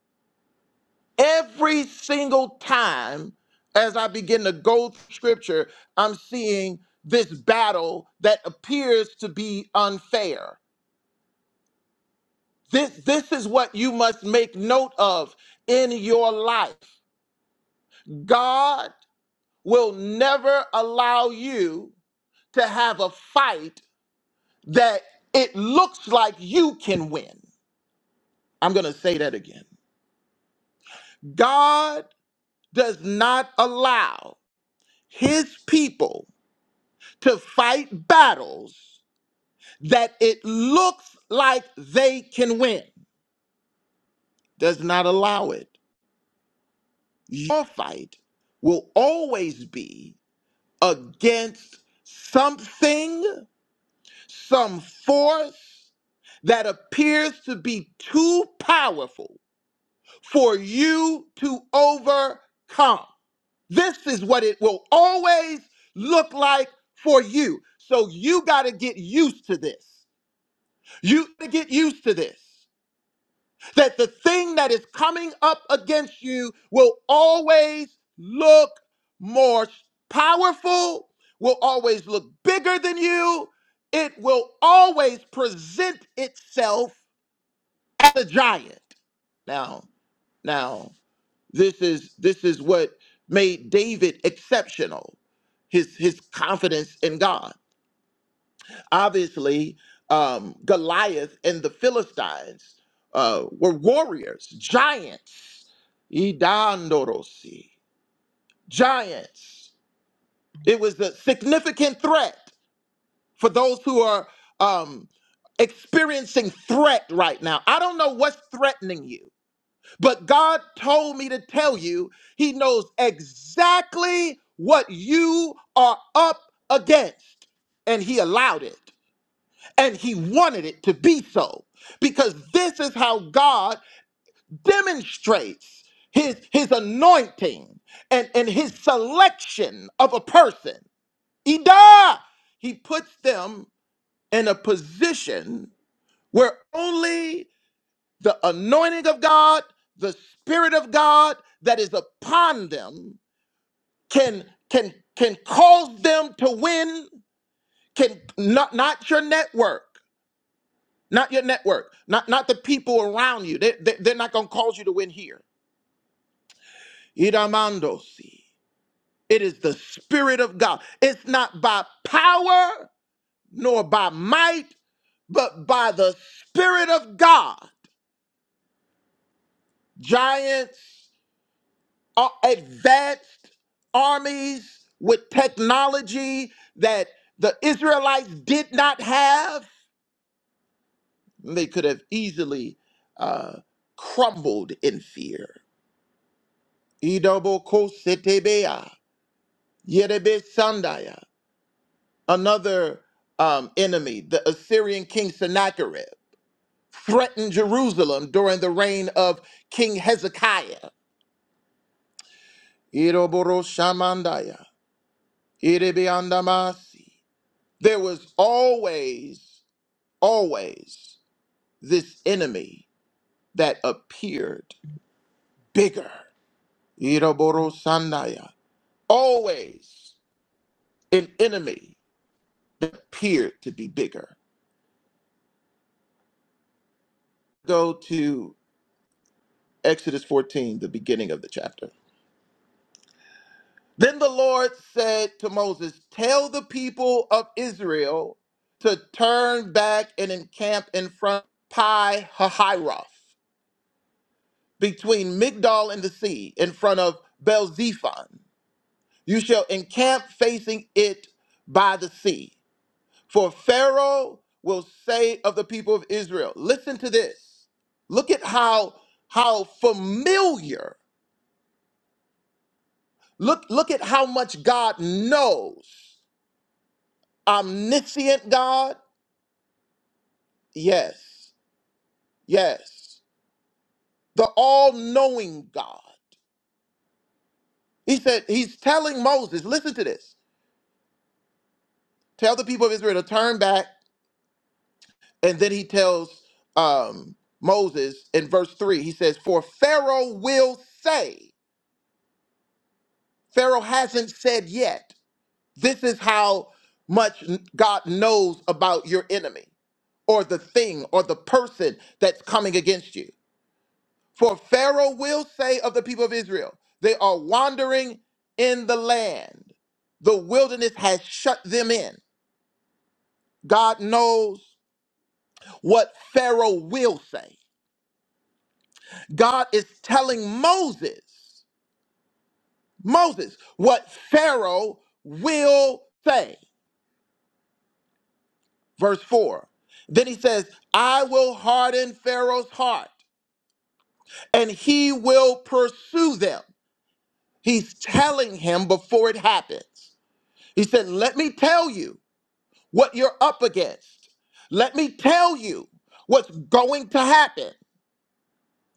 S2: Every single time as I begin to go through scripture, I'm seeing this battle that appears to be unfair. This, this is what you must make note of in your life. God will never allow you to have a fight that it looks like you can win. I'm going to say that again. God does not allow his people to fight battles that it looks like they can win. Does not allow it. Your fight will always be against something, some force that appears to be too powerful for you to overcome. This is what it will always look like for you. So you got to get used to this. You got to get used to this. That the thing that is coming up against you will always look more powerful, will always look bigger than you. It will always present itself as a giant. Now, now. This is this is what made David exceptional. His his confidence in God. Obviously, um, Goliath and the Philistines uh, were warriors, giants. Idandorosi, giants. It was a significant threat for those who are um, experiencing threat right now. I don't know what's threatening you. But God told me to tell you, He knows exactly what you are up against. And He allowed it. And He wanted it to be so. Because this is how God demonstrates His, his anointing and, and His selection of a person. Ida! He puts them in a position where only the anointing of God, the spirit of God that is upon them can can can cause them to win can not not your network not your network not not the people around you they, they, they're not going to cause you to win here Iramandosi. it is the spirit of god it's not by power nor by might but by the spirit of god giants uh, advanced armies with technology that the Israelites did not have, they could have easily uh, crumbled in fear. Idobokositebea, yerebesandaya. Another um, enemy, the Assyrian king Sennacherib, threatened Jerusalem during the reign of King Hezekiah. Iroboroshamandaya, irebeandamasi. There was always, always this enemy that appeared bigger. Iroboro Sandaya. Always an enemy that appeared to be bigger. Go to Exodus 14, the beginning of the chapter. Then the Lord said to Moses, Tell the people of Israel to turn back and encamp in front of Pi Hahiroth. between Migdol and the sea in front of Belzephon. You shall encamp facing it by the sea. For Pharaoh will say of the people of Israel, listen to this. Look at how how familiar. Look look at how much God knows. Omniscient God? Yes. Yes. The all-knowing God. He said he's telling Moses, listen to this. Tell the people of Israel to turn back And then he tells um, Moses in verse 3, he says, For Pharaoh will say, Pharaoh hasn't said yet, this is how much n- God knows about your enemy or the thing or the person that's coming against you. For Pharaoh will say of the people of Israel, they are wandering in the land. The wilderness has shut them in. God knows what Pharaoh will say. God is telling Moses Moses what Pharaoh will say. Verse 4. Then he says, I will harden Pharaoh's heart and he will pursue them. He's telling him before it happens. He said, Let me tell you what you're up against. Let me tell you what's going to happen.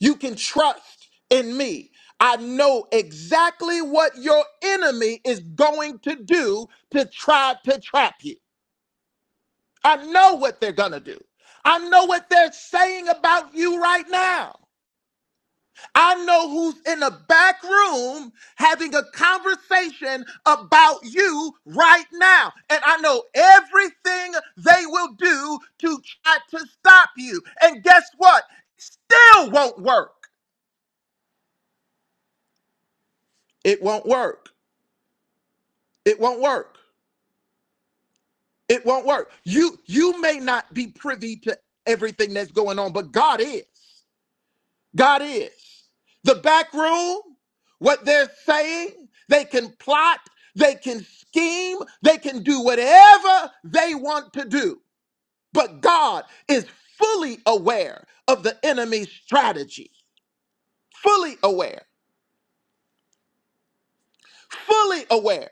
S2: You can trust in me. I know exactly what your enemy is going to do to try to trap you. I know what they're going to do. I know what they're saying about you right now. I know who's in the back room having a conversation about you right now. And I know everything they will do to try to stop you. And guess what? Still won't work. It won't work. It won't work. It won't work. You you may not be privy to everything that's going on, but God is. God is. The back room, what they're saying, they can plot, they can scheme, they can do whatever they want to do. But God is fully aware of the enemy's strategy, fully aware, fully aware.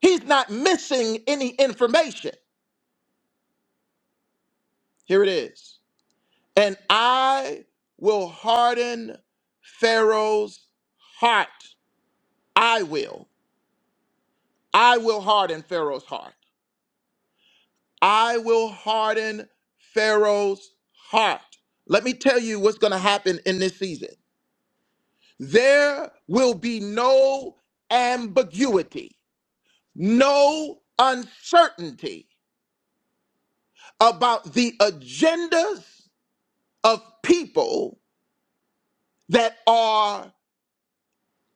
S2: He's not missing any information. Here it is. And I will harden Pharaoh's heart. I will. I will harden Pharaoh's heart I will harden Pharaoh's heart. Let me tell you what's going to happen in this season. There will be no ambiguity, no uncertainty about the agendas of people that are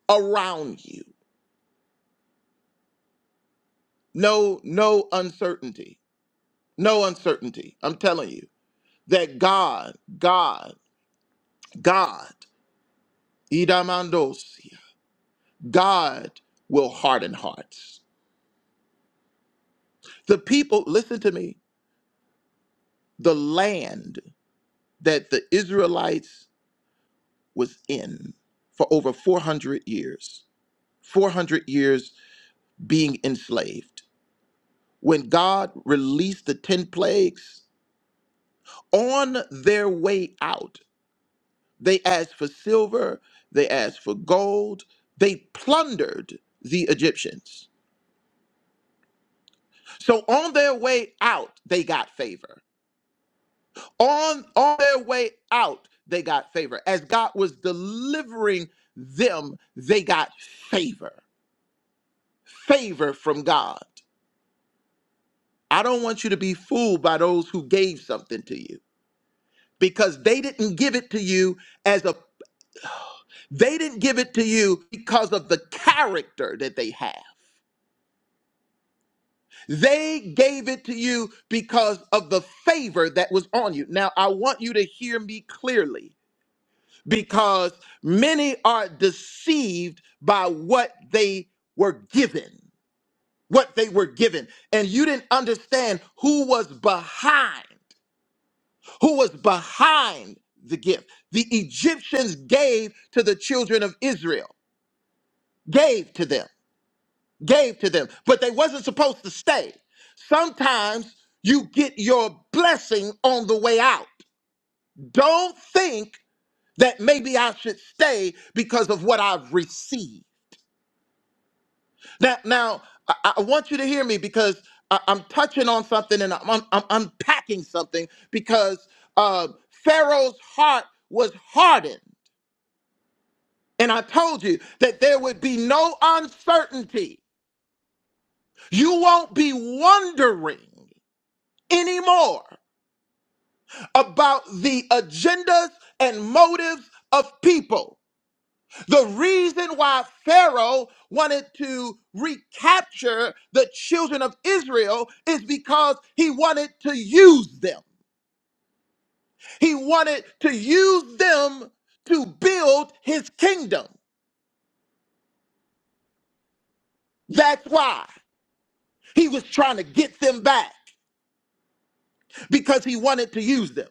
S2: around you. No, no uncertainty. No uncertainty. I'm telling you that God, God, God, Idamandos. God will harden hearts. The people, listen to me, the land that the Israelites was in for over 400 years, 400 years being enslaved. When God released the 10 plagues, on their way out, they asked for silver, they asked for gold, they plundered the Egyptians. So on their way out, they got favor on on their way out they got favor as god was delivering them they got favor favor from god i don't want you to be fooled by those who gave something to you because they didn't give it to you as a they didn't give it to you because of the character that they have they gave it to you because of the favor that was on you now i want you to hear me clearly because many are deceived by what they were given. What they were given. And you didn't understand who was behind, who was behind the gift. The Egyptians gave to the children of Israel, gave to them, gave to them, but they wasn't supposed to stay. Sometimes you get your blessing on the way out. Don't think that maybe I should stay because of what I've received. Now, now I, I want you to hear me because I, am touching on something and I'm, I'm unpacking something because uh, Pharaoh's heart was hardened. And I told you that there would be no uncertainty. You won't be wondering anymore about the agendas and motives of people. The reason why Pharaoh wanted to recapture the children of Israel is because he wanted to use them. He wanted to use them to build his kingdom. That's why he was trying to get them back because he wanted to use them.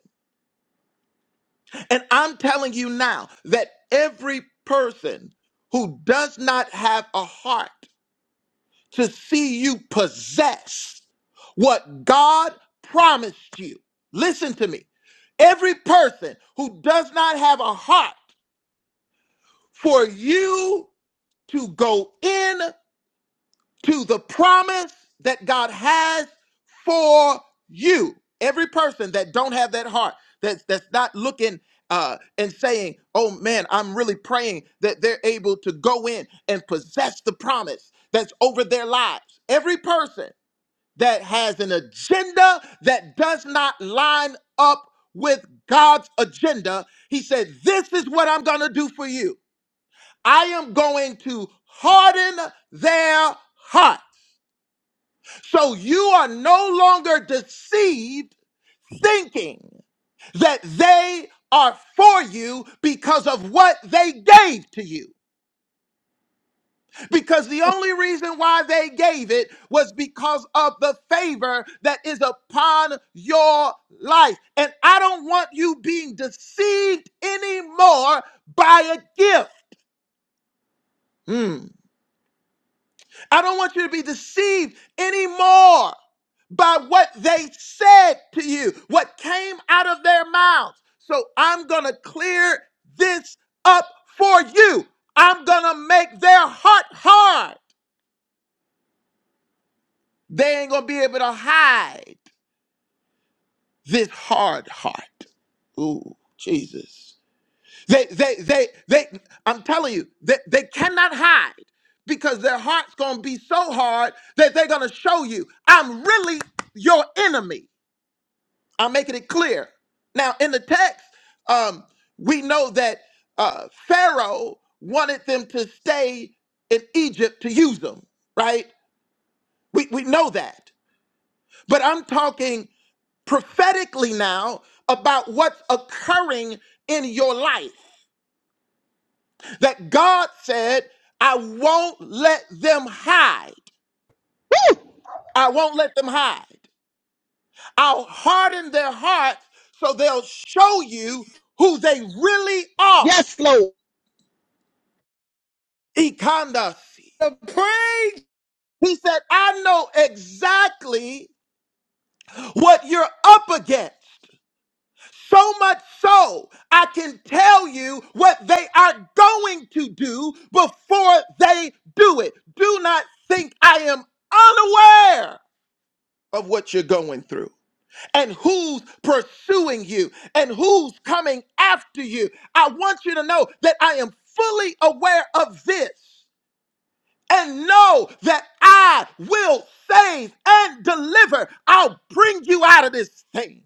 S2: And I'm telling you now that every person who does not have a heart to see you possess what God promised you. Listen to me. Every person who does not have a heart for you to go in to the promise that God has for you, every person that don't have that heart, that's that's not looking uh, and saying, "Oh man, I'm really praying that they're able to go in and possess the promise that's over their lives." Every person that has an agenda that does not line up with God's agenda, he said, This is what I'm going to do for you. I am going to harden their heart. So you are no longer deceived thinking that they are for you because of what they gave to you. because the only reason why they gave it was because of the favor that is upon your life. And I don't want you being deceived anymore by a gift. Mm. I don't want you to be deceived anymore by what they said to you, what came out of their mouths. So I'm going to clear this up for you. I'm going to make their heart hard. They ain't going to be able to hide this hard heart. Ooh, Jesus. They, they, they, they, I'm telling you, they, they cannot hide because their heart's going to be so hard that they're going to show you, I'm really your enemy. I'm making it clear. Now, in the text, um, we know that uh, Pharaoh wanted them to stay in Egypt to use them, right? We, we know that. But I'm talking prophetically now about what's occurring in your life. That God said, I won't let them hide. I won't let them hide. I'll harden their hearts so they'll show you who they really are.
S17: Yes, Lord.
S2: Ikandasi.
S15: The Praise.
S2: He said, I know exactly what you're up against. So much so, I can tell you what they are going to do before they do it. Do not think I am unaware of what you're going through and who's pursuing you and who's coming after you. I want you to know that I am fully aware of this and know that I will save and deliver. I'll bring you out of this thing.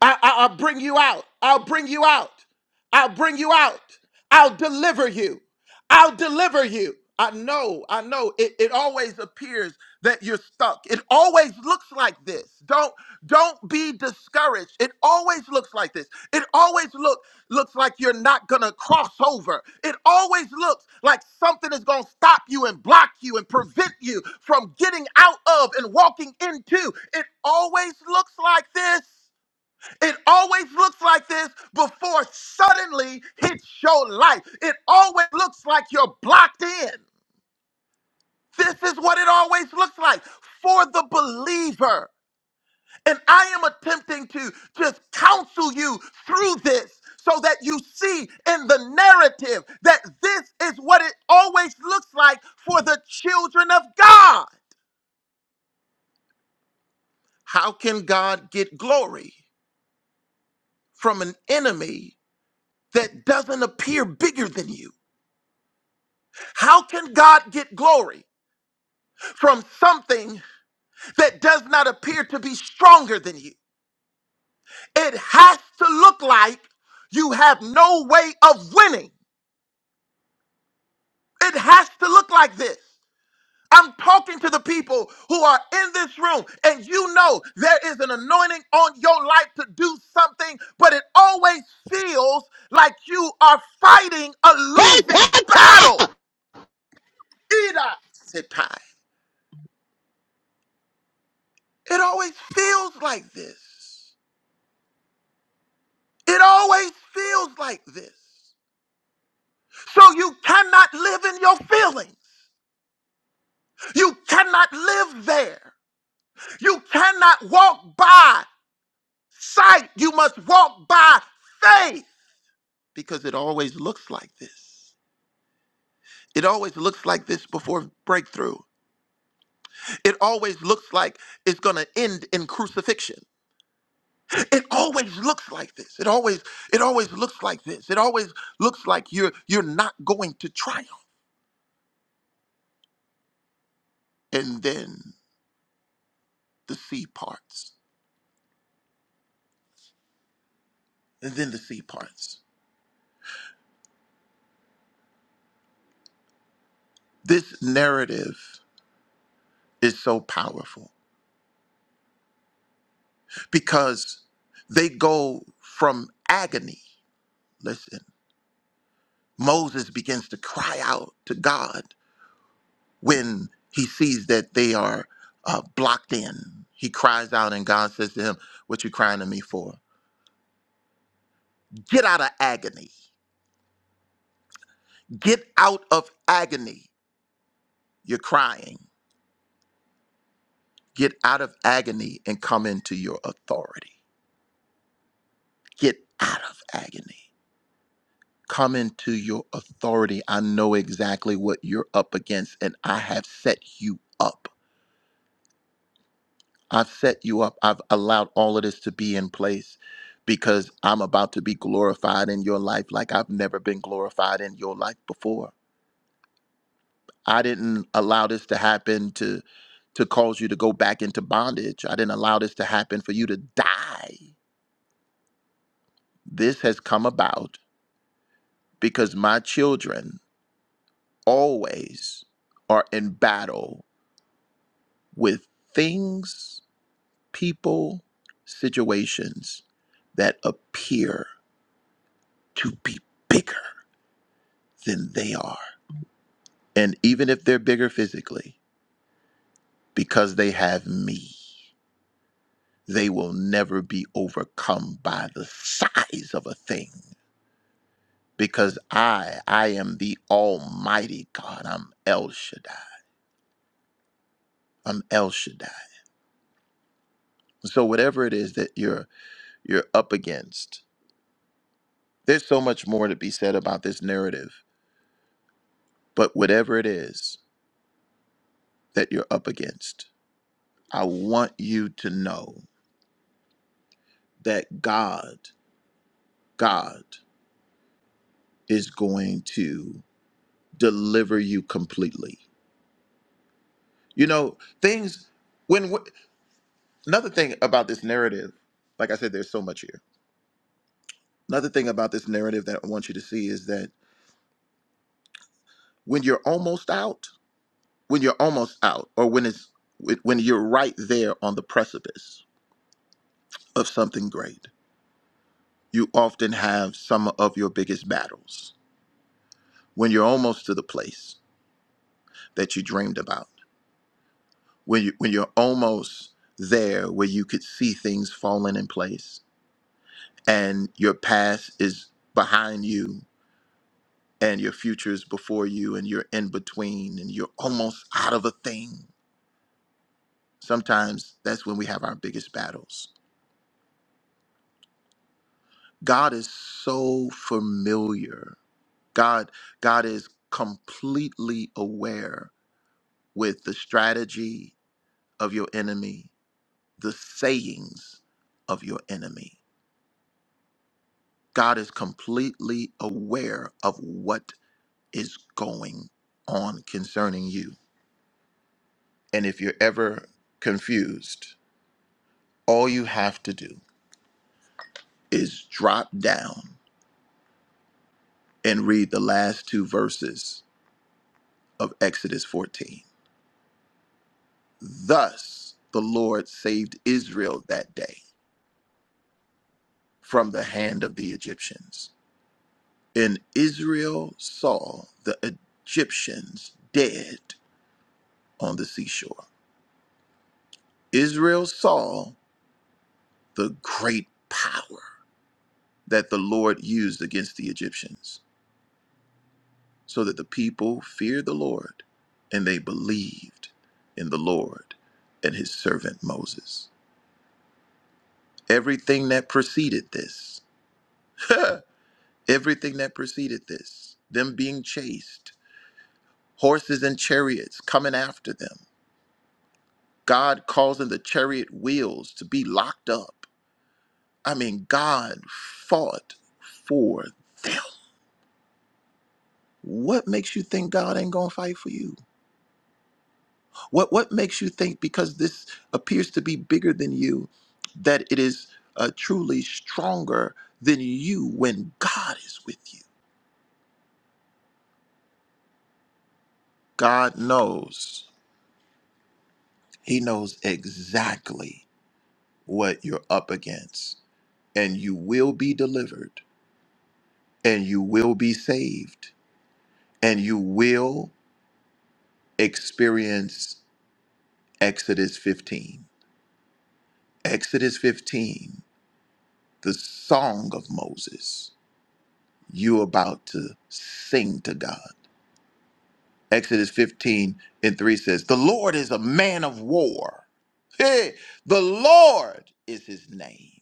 S2: I, I, I'll bring you out. I'll bring you out. I'll bring you out. I'll deliver you. I'll deliver you. I know, I know. It, it always appears that you're stuck. It always looks like this. Don't don't be discouraged. It always looks like this. It always look looks like you're not gonna cross over. It always looks like something is gonna stop you and block you and prevent you from getting out of and walking into. It always looks like this. It always looks like this before suddenly hits your life. It always looks like you're blocked in. This is what it always looks like for the believer. And I am attempting to just counsel you through this so that you see in the narrative that this is what it always looks like for the children of God. How can God get glory from an enemy that doesn't appear bigger than you? How can God get glory from something that does not appear to be stronger than you? It has to look like you have no way of winning. It has to look like this. I'm talking to the people who are in this room, and you know there is an anointing on your life to do something, but it always feels like you are fighting a
S17: Hey,
S2: losing
S17: Kata!
S2: battle. Ida Sitai. It always feels like this. It always feels like this. So you cannot live in your feelings. You cannot live there. You cannot walk by sight. You must walk by faith because it always looks like this. It always looks like this before breakthrough. It always looks like it's going to end in crucifixion. It always looks like this. It always it always looks like this. It always looks like you're you're not going to triumph. And then the C parts, and then the C parts. This narrative is so powerful because they go from agony. Listen, Moses begins to cry out to God when he sees that they are uh, blocked in. He cries out, and God says to him, What you crying to me for? Get out of agony. Get out of agony. You're crying. Get out of agony and come into your authority. Get out of agony. come into your authority. I know exactly what you're up against, and I have set you up. I've set you up. I've allowed all of this to be in place because I'm about to be glorified in your life like I've never been glorified in your life before. I didn't allow this to happen to to cause you to go back into bondage. I didn't allow this to happen for you to die. This has come about because my children always are in battle with things, people, situations that appear to be bigger than they are. And even if they're bigger physically, because they have me, they will never be overcome by the size of a thing. Because I, I am the Almighty God. I'm El Shaddai. I'm El Shaddai. So whatever it is that you're you're up against, there's so much more to be said about this narrative. But whatever it is, that you're up against. I want you to know that God, God is going to deliver you completely. You know, things when wh- another thing about this narrative, like I said there's so much here. Another thing about this narrative that I want you to see is that when you're almost out, when you're almost out or when it's when you're right there on the precipice of something great, you often have some of your biggest battles when you're almost to the place that you dreamed about, when, you, when you're almost there where you could see things falling in place and your past is behind you and your future is before you and you're in between and you're almost out of a thing. Sometimes that's when we have our biggest battles. God is so familiar God God is completely aware with the strategy of your enemy, the sayings of your enemy. God is completely aware of what is going on concerning you. And if you're ever confused, all you have to do is drop down and read the last two verses of Exodus 14. Thus the Lord saved Israel that day from the hand of the Egyptians. And Israel saw the Egyptians dead on the seashore. Israel saw the great power that the Lord used against the Egyptians, so that the people feared the Lord and they believed in the Lord and his servant Moses. Everything that preceded this, everything that preceded this, them being chased, horses and chariots coming after them, God causing the chariot wheels to be locked up. I mean, God fought for them. What makes you think God ain't gonna fight for you? What what makes you think because this appears to be bigger than you that it is uh, truly stronger than you when God is with you? God knows. He knows exactly what you're up against and you will be delivered and you will be saved and you will experience Exodus 15. Exodus 15, the song of Moses. you about to sing to God. Exodus 15 and 3 says, The Lord is a man of war. Hey, the Lord is his name.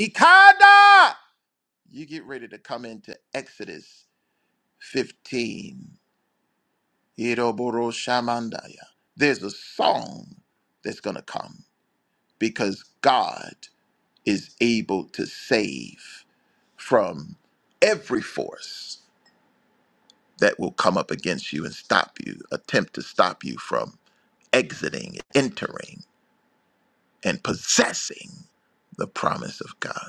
S2: Ikada! You get ready to come into Exodus 15. Iroboroshamandaya. There's a song that's going to come because God is able to save from every force. that will come up against you and stop you, attempt to stop you from exiting, entering, and possessing the promise of God.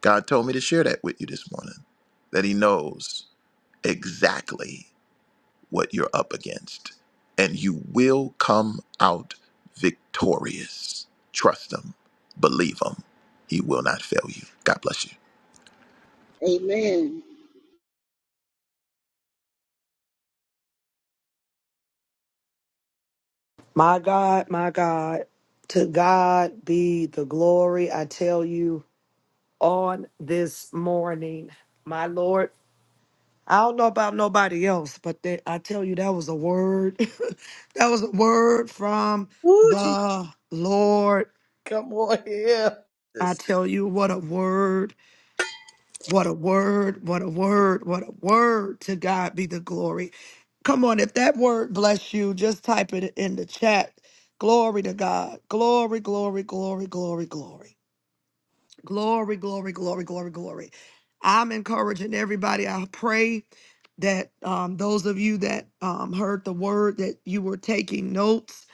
S2: God told me to share that with you this morning, that He knows exactly what you're up against, and you will come out victorious. Trust Him, believe Him. He will not fail you. God bless you.
S17: Amen.
S1: My God, my God, to God be the glory. I tell you on this morning, my Lord. I don't know about nobody else, but that, I tell you, that was a word. that was a word from
S9: Woo,
S1: the Lord.
S15: Come on here.
S1: I
S9: Jesus.
S1: tell you, what a word. What a word, what a word, what a word. To God be the glory. Come on, if that word bless you, just type it in the chat. Glory to God. Glory, glory, glory, glory, glory. Glory, glory, glory, glory, glory. I'm encouraging everybody. I pray that um, those of you that um, heard the word that you were taking notes.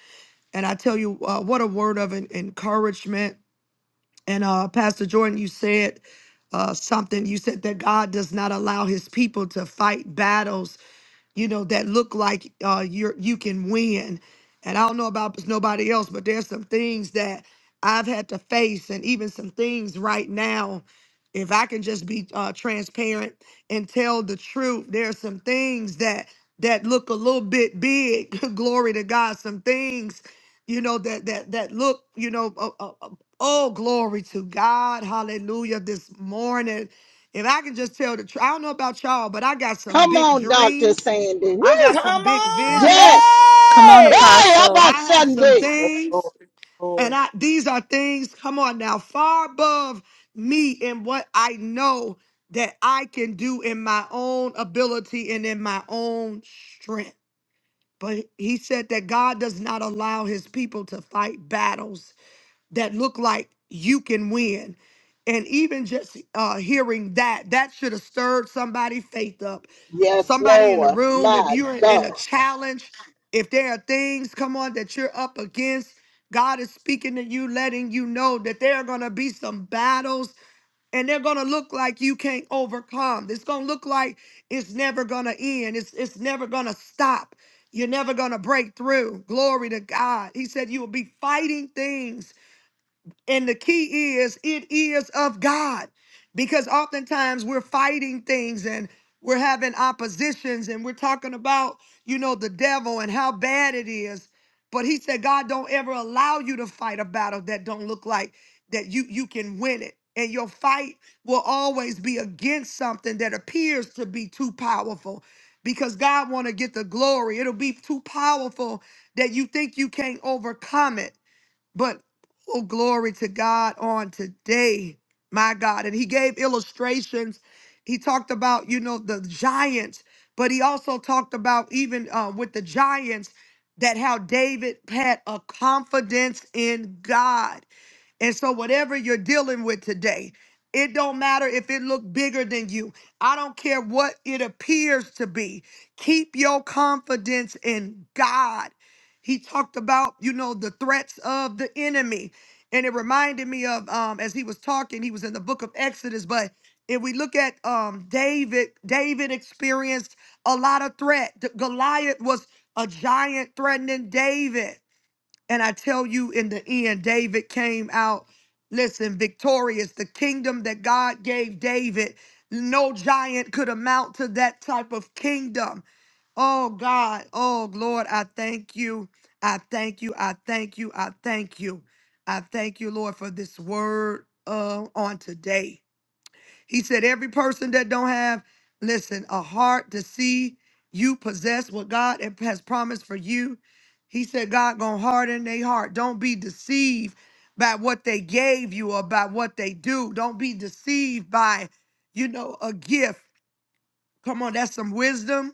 S1: And I tell you, uh, what a word of en- encouragement and uh, Pastor Jordan, you said uh, something. You said that God does not allow his people to fight battles you know, that look like uh, you're you can win. And I don't know about nobody else, but there's some things that I've had to face, and even some things right now. If I can just be uh, transparent and tell the truth, there are some things that that look a little bit big. glory to God. Some things, you know, that that that look, you know, uh, uh, uh, oh glory to God, Hallelujah. This morning, if I can just tell the truth, I don't know about y'all, but I got some
S17: Come
S1: big
S17: on, Dr.
S1: dreams.
S17: Sandy.
S1: I
S17: Woo!
S1: got some
S15: Come
S1: big
S15: on,
S1: visions.
S17: Yes.
S6: Come on,
S17: Hey,
S15: hey.
S17: how
S6: Apostle.
S17: about
S1: I have some
S17: Sunday?
S7: Yes, Lord.
S1: things, and
S7: Lord.
S1: I these are things, come on now, far above me and what I know that I can do in my own ability and in my own strength. But he said that God does not allow his people to fight battles that look like you can win. And even just uh, hearing that, that should have stirred somebody' faith up.
S17: Yes,
S1: Somebody in the
S17: Lord.
S1: room, if
S17: My
S1: you're in
S17: God.
S1: a challenge, if there are things, come on, that you're up against, God is speaking to you, letting you know that there are going to be some battles and they're going to look like you can't overcome. It's going to look like it's never going to end, it's, it's never going to stop. You're never going to break through. Glory to God. He said you will be fighting things and the key is it is of God. Because oftentimes we're fighting things and we're having oppositions and we're talking about, you know, the devil and how bad it is. But he said, God don't ever allow you to fight a battle that don't look like that you you can win it. And your fight will always be against something that appears to be too powerful because God want to get the glory. It'll be too powerful that you think you can't overcome it. But oh, glory to God on today, my God. And he gave illustrations. He talked about, you know, the giants, but he also talked about even uh, with the giants that how David had a confidence in God. And so whatever you're dealing with today, it don't matter if it look bigger than you. I don't care what it appears to be. Keep your confidence in God. He talked about, you know, the threats of the enemy. And it reminded me of um as he was talking, he was in the book of Exodus, but if we look at um David, David experienced a lot of threat. The- Goliath was a giant threatening David. And I tell you, in the end, David came out, listen, victorious. The kingdom that God gave David, no giant could amount to that type of kingdom. Oh, God. Oh, Lord, I thank you. I thank you. I thank you. I thank you. I thank you, Lord, for this word uh, on today. He said, every person that don't have, listen, a heart to see you possess what God has promised for you. He said, God gonna harden their heart. Don't be deceived by what they gave you or by what they do. Don't be deceived by, you know, a gift. Come on, that's some wisdom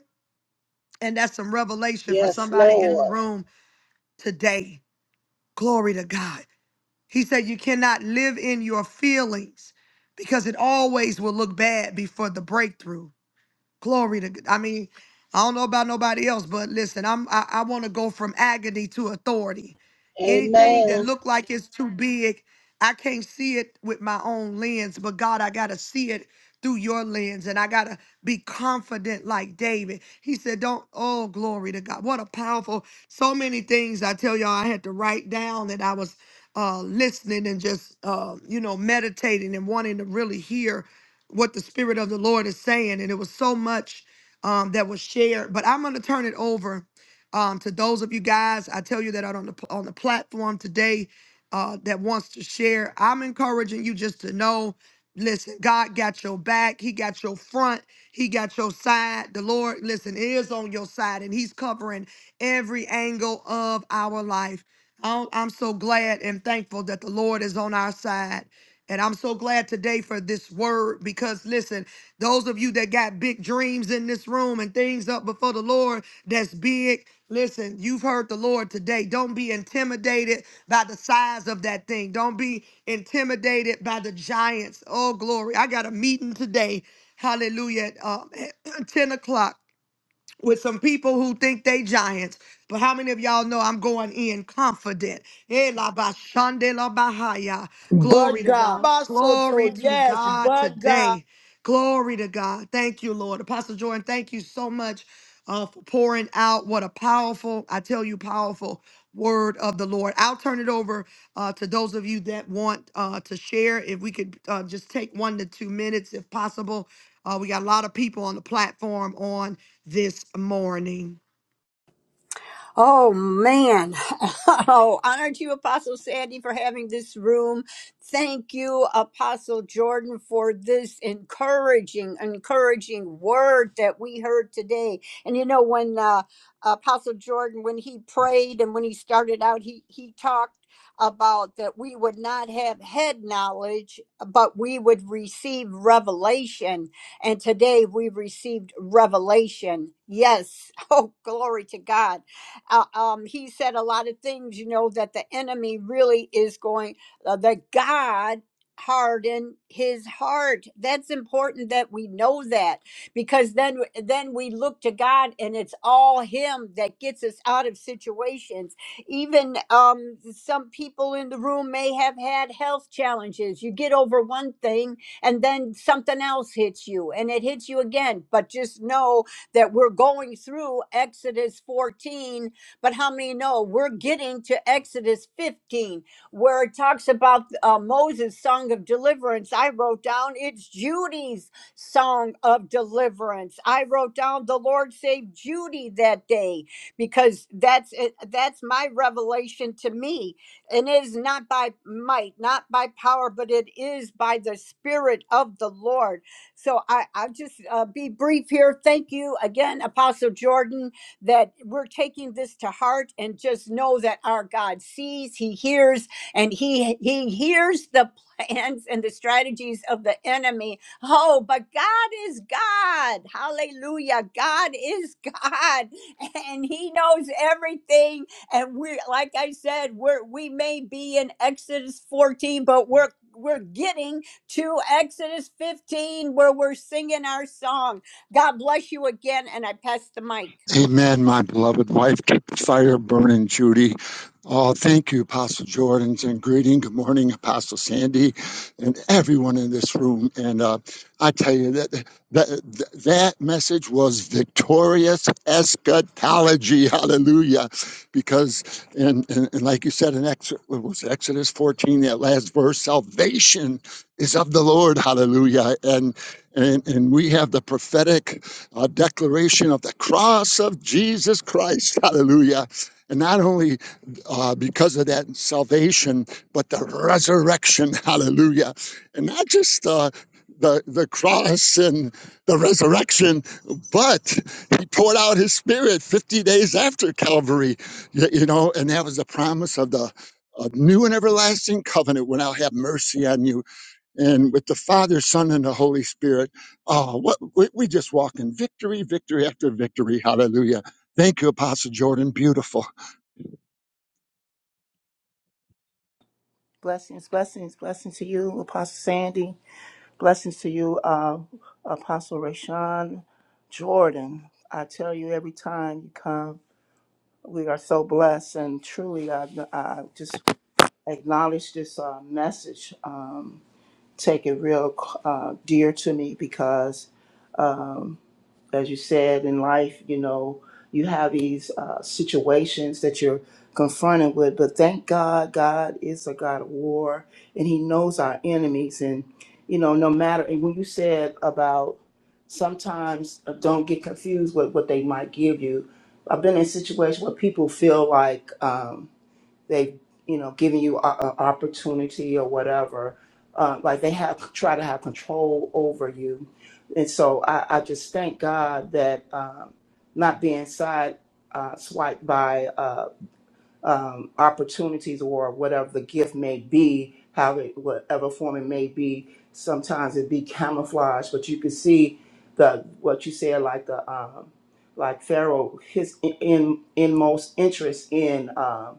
S1: and that's some revelation for
S17: Yes,
S1: somebody in the
S17: Lord.
S1: room today. Glory to God. He said, you cannot live in your feelings because it always will look bad before the breakthrough. Glory to. I mean, I don't know about nobody else, but listen, I'm I, I want to go from agony to authority. Anything that
S17: Amen.
S1: look like it's too big, I can't see it with my own lens, but God, I gotta see it through your lens, and I gotta be confident like David. He said, "Don't." Oh, glory to God! What a powerful. So many things I tell y'all I had to write down that I was uh listening and just uh you know meditating and wanting to really hear what the spirit of the Lord is saying, and it was so much um, that was shared. But I'm going to turn it over um, to those of you guys. I tell you that are on the on the platform today uh, that wants to share. I'm encouraging you just to know. Listen, God got your back. He got your front. He got your side. The Lord, listen, is on your side, and He's covering every angle of our life. I'm I'm so glad and thankful that the Lord is on our side. And I'm so glad today for this word word because listen, those of you that got big dreams in this room and things up before the Lord that's big, listen, you've heard the Lord today. Don't be intimidated by the size of that thing. Don't be intimidated by the giants. Oh, glory. I got a meeting today. Hallelujah. At, um, at 10 o'clock with some people who think they giants. But how many of y'all know I'm going in confident? Eh, la ba shande la ba haya.
S15: But
S1: Glory to
S15: God.
S1: God.
S15: Basoto,
S1: Glory to
S15: yes,
S1: God
S15: but God.
S1: today. Glory to God. Thank you, Lord. Apostle Jordan, thank you so much uh, for pouring out what a powerful, I tell you, powerful word of the Lord. I'll turn it over uh, to those of you that want uh, to share. If we could uh, just take one to two minutes, if possible. Uh, we got a lot of people on the platform on this morning.
S12: Oh man. Oh, honored you, Apostle Sandy, for having this room. Thank you, Apostle Jordan, for this encouraging, encouraging word that we heard today. And you know, when uh, Apostle Jordan, when he prayed and when he started out, he he talked about that we would not have head knowledge, but we would receive revelation. And today we received revelation. Yes. Oh, glory to God. Uh, um, he said a lot of things, you know, that the enemy really is going, uh, that God hardened his heart. That's important that we know that because then then we look to God and it's all him that gets us out of situations. Even um some people in the room may have had health challenges. You get over one thing and then something else hits you and it hits you again, but just know that we're going through Exodus 14 but how many know we're getting to Exodus 15, where it talks about uh, Moses' song of deliverance? I wrote down it's Judy's song of deliverance. I wrote down the Lord saved Judy that day because that's it, that's my revelation to me. And it is not by might, not by power, but it is by the Spirit of the Lord. So I, I'll just uh, be brief here. Thank you again, Apostle Jordan that we're taking this to heart and just know that our God sees, He hears, and He He hears the plans and the strategies of the enemy. Oh, but God is God. Hallelujah. God is God. And He knows everything. And we like I said, we're we may be in Exodus 14, but we're we're getting to Exodus 15 where we're singing our song. God bless you again. And I pass the mic.
S3: Amen, my beloved wife, keep the fire burning, Judy. Oh, thank you, Apostle Jordans, and greeting. Good morning, Apostle Sandy, and everyone in this room. And uh, I tell you that that that message was victorious eschatology. Hallelujah! Because and, and, and like you said in Exodus, was Exodus fourteen, that last verse, salvation is of the Lord. Hallelujah. And and, and we have the prophetic uh, declaration of the cross of Jesus Christ. Hallelujah. And not only uh, because of that salvation, but the resurrection. Hallelujah. And not just uh, the, the cross and the resurrection, but he poured out his spirit 50 days after Calvary, you, you know, and that was the promise of the a new and everlasting covenant when I'll have mercy on you and with the Father, Son, and the Holy Spirit. Oh, what we, we just walk in victory, victory after victory. Hallelujah. Thank you, Apostle Jordan. Beautiful.
S7: Blessings, blessings, blessings to you, Apostle Sandy. Blessings to you, uh, Apostle Rashawn Jordan. I tell you every time you come. We are so blessed, and truly, I, I just acknowledge this uh, message. Um, take it real uh, dear to me because um, as you said in life, you know, you have these uh, situations that you're confronted with. But thank God, God is a God of war, and He knows our enemies. And you know, no matter. And when you said about sometimes uh, don't get confused with what they might give you. I've been in situations where people feel like. Um, they you know giving you a, a opportunity or whatever uh, like they have try to have control over you and so i, I just thank god that um, not being side uh, swiped by Uh, um, opportunities or whatever the gift may be, how it, whatever form it may be. Sometimes it be camouflage, but you can see the what you said, like the um, like Pharaoh, his in, in inmost interest in um,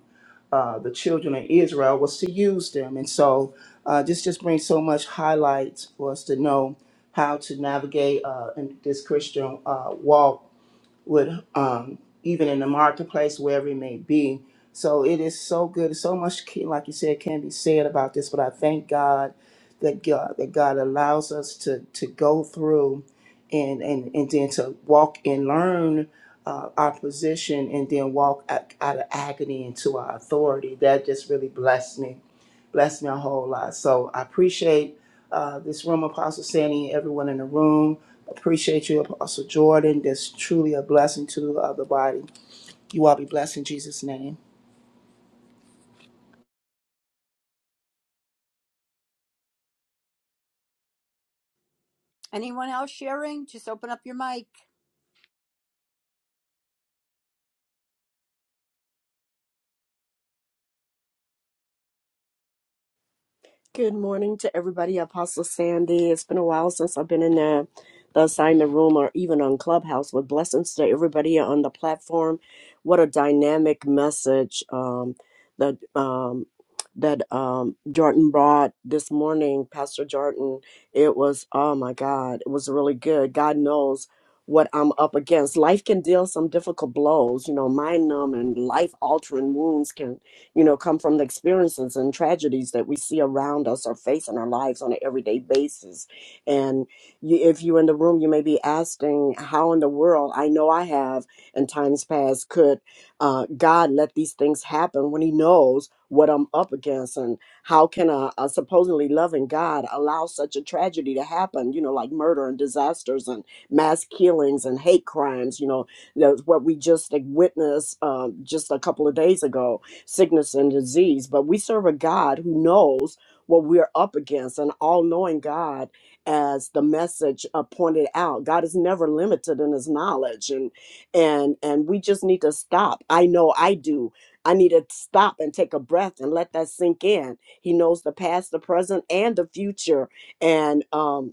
S7: uh, the children of Israel was to use them, and so uh, this just brings so much highlight for us to know how to navigate uh, in this Christian uh, walk would um, even in the marketplace wherever it may be so it is so good so much ca- like you said can be said about this but i thank god that god that god allows us to to go through and and and then to walk and learn uh, our position and then walk out, out of agony into our authority that just really blessed me blessed me a whole lot so i appreciate uh, this room, Apostle Sandy, everyone in the room. Appreciate you, Apostle Jordan. That's truly a blessing to uh, the body. You all be blessed in Jesus' name.
S12: Anyone else sharing? Just open up your mic.
S18: Good morning to everybody, Apostle Sandy. It's been a while since I've been in the, the assignment room or even on Clubhouse. With blessings to everybody on the platform. What a dynamic message um, that um, that um, Jordan brought this morning, Pastor Jordan. It was oh my God, it was really good. God knows what I'm up against. Life can deal some difficult blows, you know, mind numbing, life altering wounds can you know, come from the experiences and tragedies that we see around us or face in our lives on an everyday basis. And you, if you're in the room, you may be asking, how in the world, I know I have in times past, could uh, God let these things happen when He knows what I'm up against? And how can a, a supposedly loving God allow such a tragedy to happen, you know, like murder and disasters and mass killings and hate crimes, you know, that's what we just like, witnessed um, just a couple of days ago sickness and disease. But we serve a God who knows what we're up against, an all knowing God, as the message uh, pointed out. God is never limited in his knowledge. And, and, and we just need to stop. I know I do. I need to stop and take a breath and let that sink in. He knows the past, the present, and the future. And um,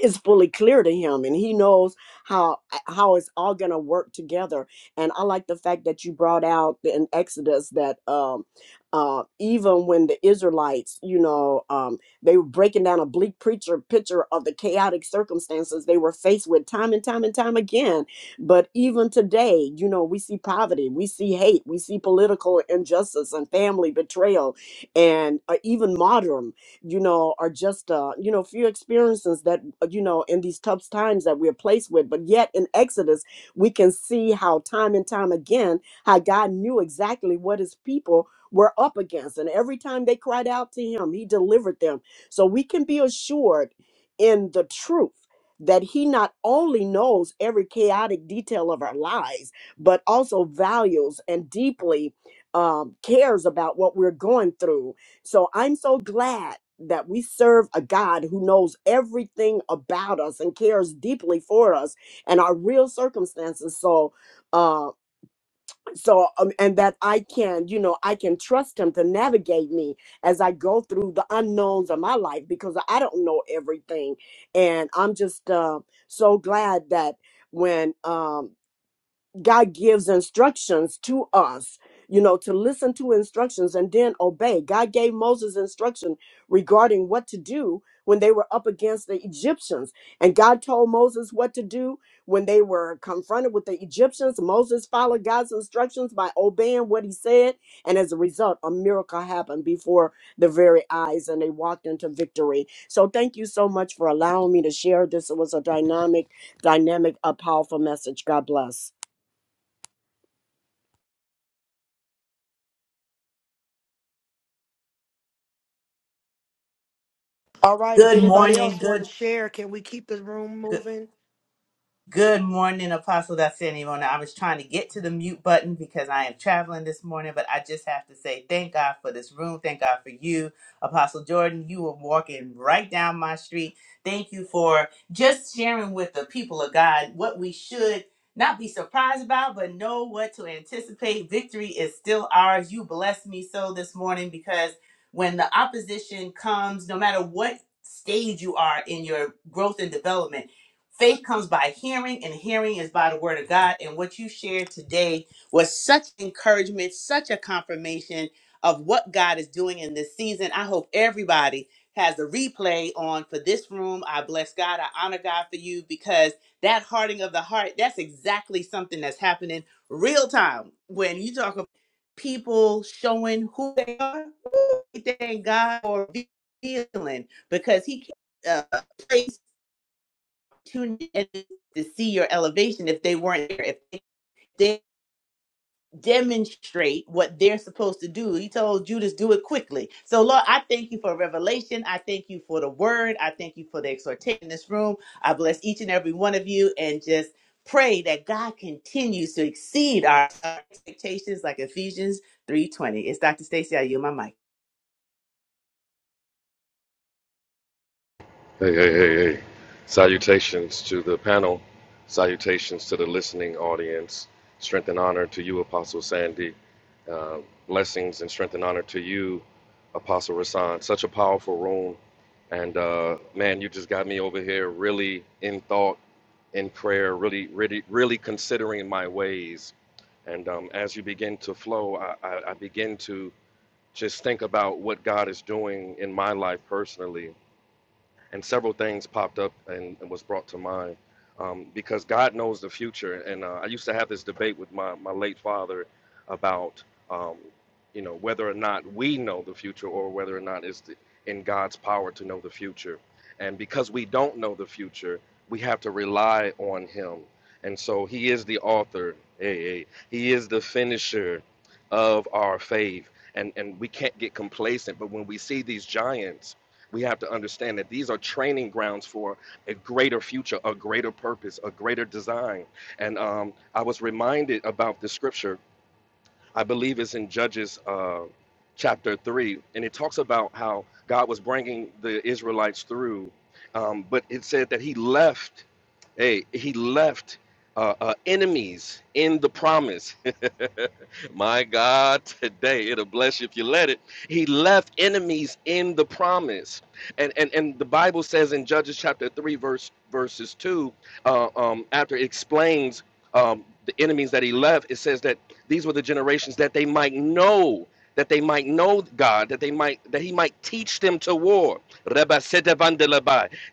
S18: is fully clear to him and he knows how how it's all going to work together and i like the fact that you brought out in exodus that um uh, even when the israelites you know um, they were breaking down a bleak preacher picture of the chaotic circumstances they were faced with time and time and time again but even today you know we see poverty we see hate we see political injustice and family betrayal and uh, even martyrdom you know, are just, uh, you know, few experiences that, uh, you know, in these tough times that we're placed with. But yet in Exodus, we can see how time and time again, how God knew exactly what his people were up against. And every time they cried out to him, he delivered them. So we can be assured in the truth that he not only knows every chaotic detail of our lives, but also values and deeply um, cares about what we're going through so I'm so glad that we serve a God who knows everything about us and cares deeply for us and our real circumstances. So, uh, so um, and that I can, you know, I can trust Him to navigate me as I go through the unknowns of my life because I don't know everything, and I'm just uh, so glad that when um God gives instructions to us, you know, to listen to instructions and then obey. God gave Moses instruction regarding what to do when they were up against the Egyptians. And God told Moses what to do when they were confronted with the Egyptians. Moses followed God's instructions by obeying what he said. And as a result, a miracle happened before their very eyes and they walked into victory. So thank you so much for allowing me to share this. It was a dynamic, dynamic, a powerful message. God bless.
S1: All right, if
S9: Good
S1: anybody
S9: morning.
S1: else want to
S9: Good.
S1: share, can we keep the room moving?
S9: Good morning, Apostle Dacianimona. I was trying to get to the mute button because I am traveling this morning, but I just have to say thank God for this room. Thank God for you, Apostle Jordan. You were walking right down my street. Thank you for just sharing with the people of God what we should not be surprised about, but know what to anticipate. Victory is still ours. You blessed me so this morning because when the opposition comes, no matter what stage you are in your growth and development, Faith comes by hearing, and hearing is by the word of God. And what you shared today was such encouragement, such a confirmation of what God is doing in this season. I hope everybody has the replay on for this room. I bless God. I honor God for you because that hardening of the heart, that's exactly something that's happening real time. When you talk about people showing who they are, woo, thank God for revealing because He can uh, tuned in to see your elevation if they weren't there. If they did demonstrate what they're supposed to do. He told Judas, do it quickly. So Lord, I thank you for revelation. I thank you for the word. I thank you for the exhortation in this room. I bless each and every one of you and just pray that God continues to exceed our expectations like Ephesians 3.20. It's Dr. Stacy. I yield my mic.
S13: Hey, hey, hey, hey. Salutations to the panel. Salutations to the listening audience. Strength and honor to you, Apostle Sandy. Uh, blessings and strength and honor to you, Apostle Rasan. Such a powerful room. And uh, man, you just got me over here really in thought, in prayer, really, really, really considering my ways. And um, as you begin to flow, I, I, I begin to just think about what God is doing in my life personally and several things popped up and, and was brought to mind um, because God knows the future. And uh, I used to have this debate with my, my late father about, um, you know, whether or not we know the future or whether or not it's in God's power to know the future. And because we don't know the future, we have to rely on Him. And so He is the author, hey, hey, He is the finisher of our faith. And, and we can't get complacent, but when we see these giants, we have to understand that these are training grounds for a greater future, a greater purpose, a greater design. And um, I was reminded about the scripture I believe it's in Judges uh, chapter 3, and it talks about how God was bringing the Israelites through. Um, but it said that he left, hey, he left uh, uh, enemies in the promise. My God, today it'll bless you if you let it. He left enemies in the promise. And, and, and the Bible says in Judges chapter 3, verse verses 2, uh, um, after it explains um, the enemies that he left, it says that these were the generations that they might know, that they might know God, that they might that He might teach them to war.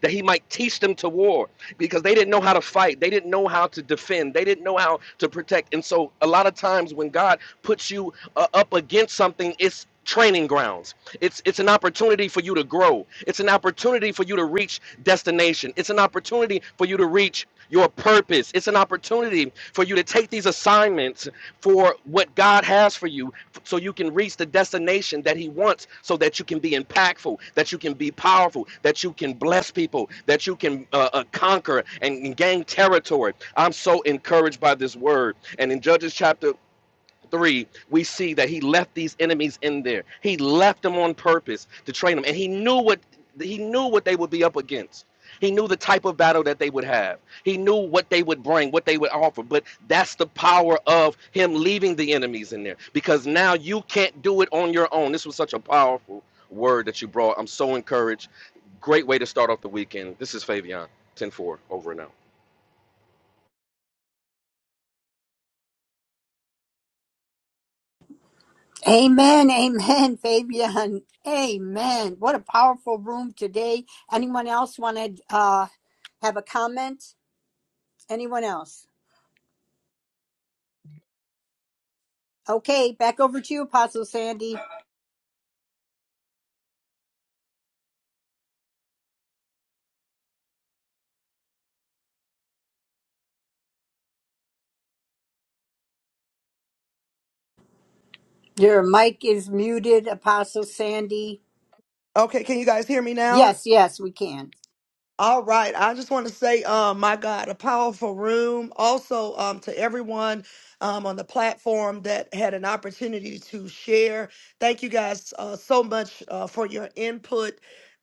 S13: That He might teach them to war because they didn't know how to fight, they didn't know how to defend, they didn't know how to protect. And so, a lot of times when God puts you uh, up against something, it's training grounds. It's it's an opportunity for you to grow. It's an opportunity for you to reach destination. It's an opportunity for you to reach your purpose. It's an opportunity for you to take these assignments for what God has for you f- so you can reach the destination that he wants so that you can be impactful, that you can be powerful, that you can bless people, that you can uh, uh, conquer and and gain territory. I'm so encouraged by this word. And in Judges chapter 3, we see that he left these enemies in there. He left them on purpose to train them and he knew what he knew what they would be up against. He knew the type of battle that they would have. He knew what they would bring, what they would offer. But that's the power of him leaving the enemies in there because now you can't do it on your own. This was such a powerful word that you brought. I'm so encouraged. Great way to start off the weekend. This is Fabian, 10 4 over and out.
S12: Amen. Amen, Fabian. Amen. What a powerful room today. Anyone else want to uh, have a comment? Anyone else? Okay, back over to you, Apostle Sandy. Your mic is muted, Apostle Sandy.
S1: Okay, can you guys hear me now?
S12: Yes, yes, we can.
S1: All right. I just want to say, um, my God, a powerful room. Also, um, to everyone um, on the platform that had an opportunity to share. Thank you guys uh, so much uh, for your input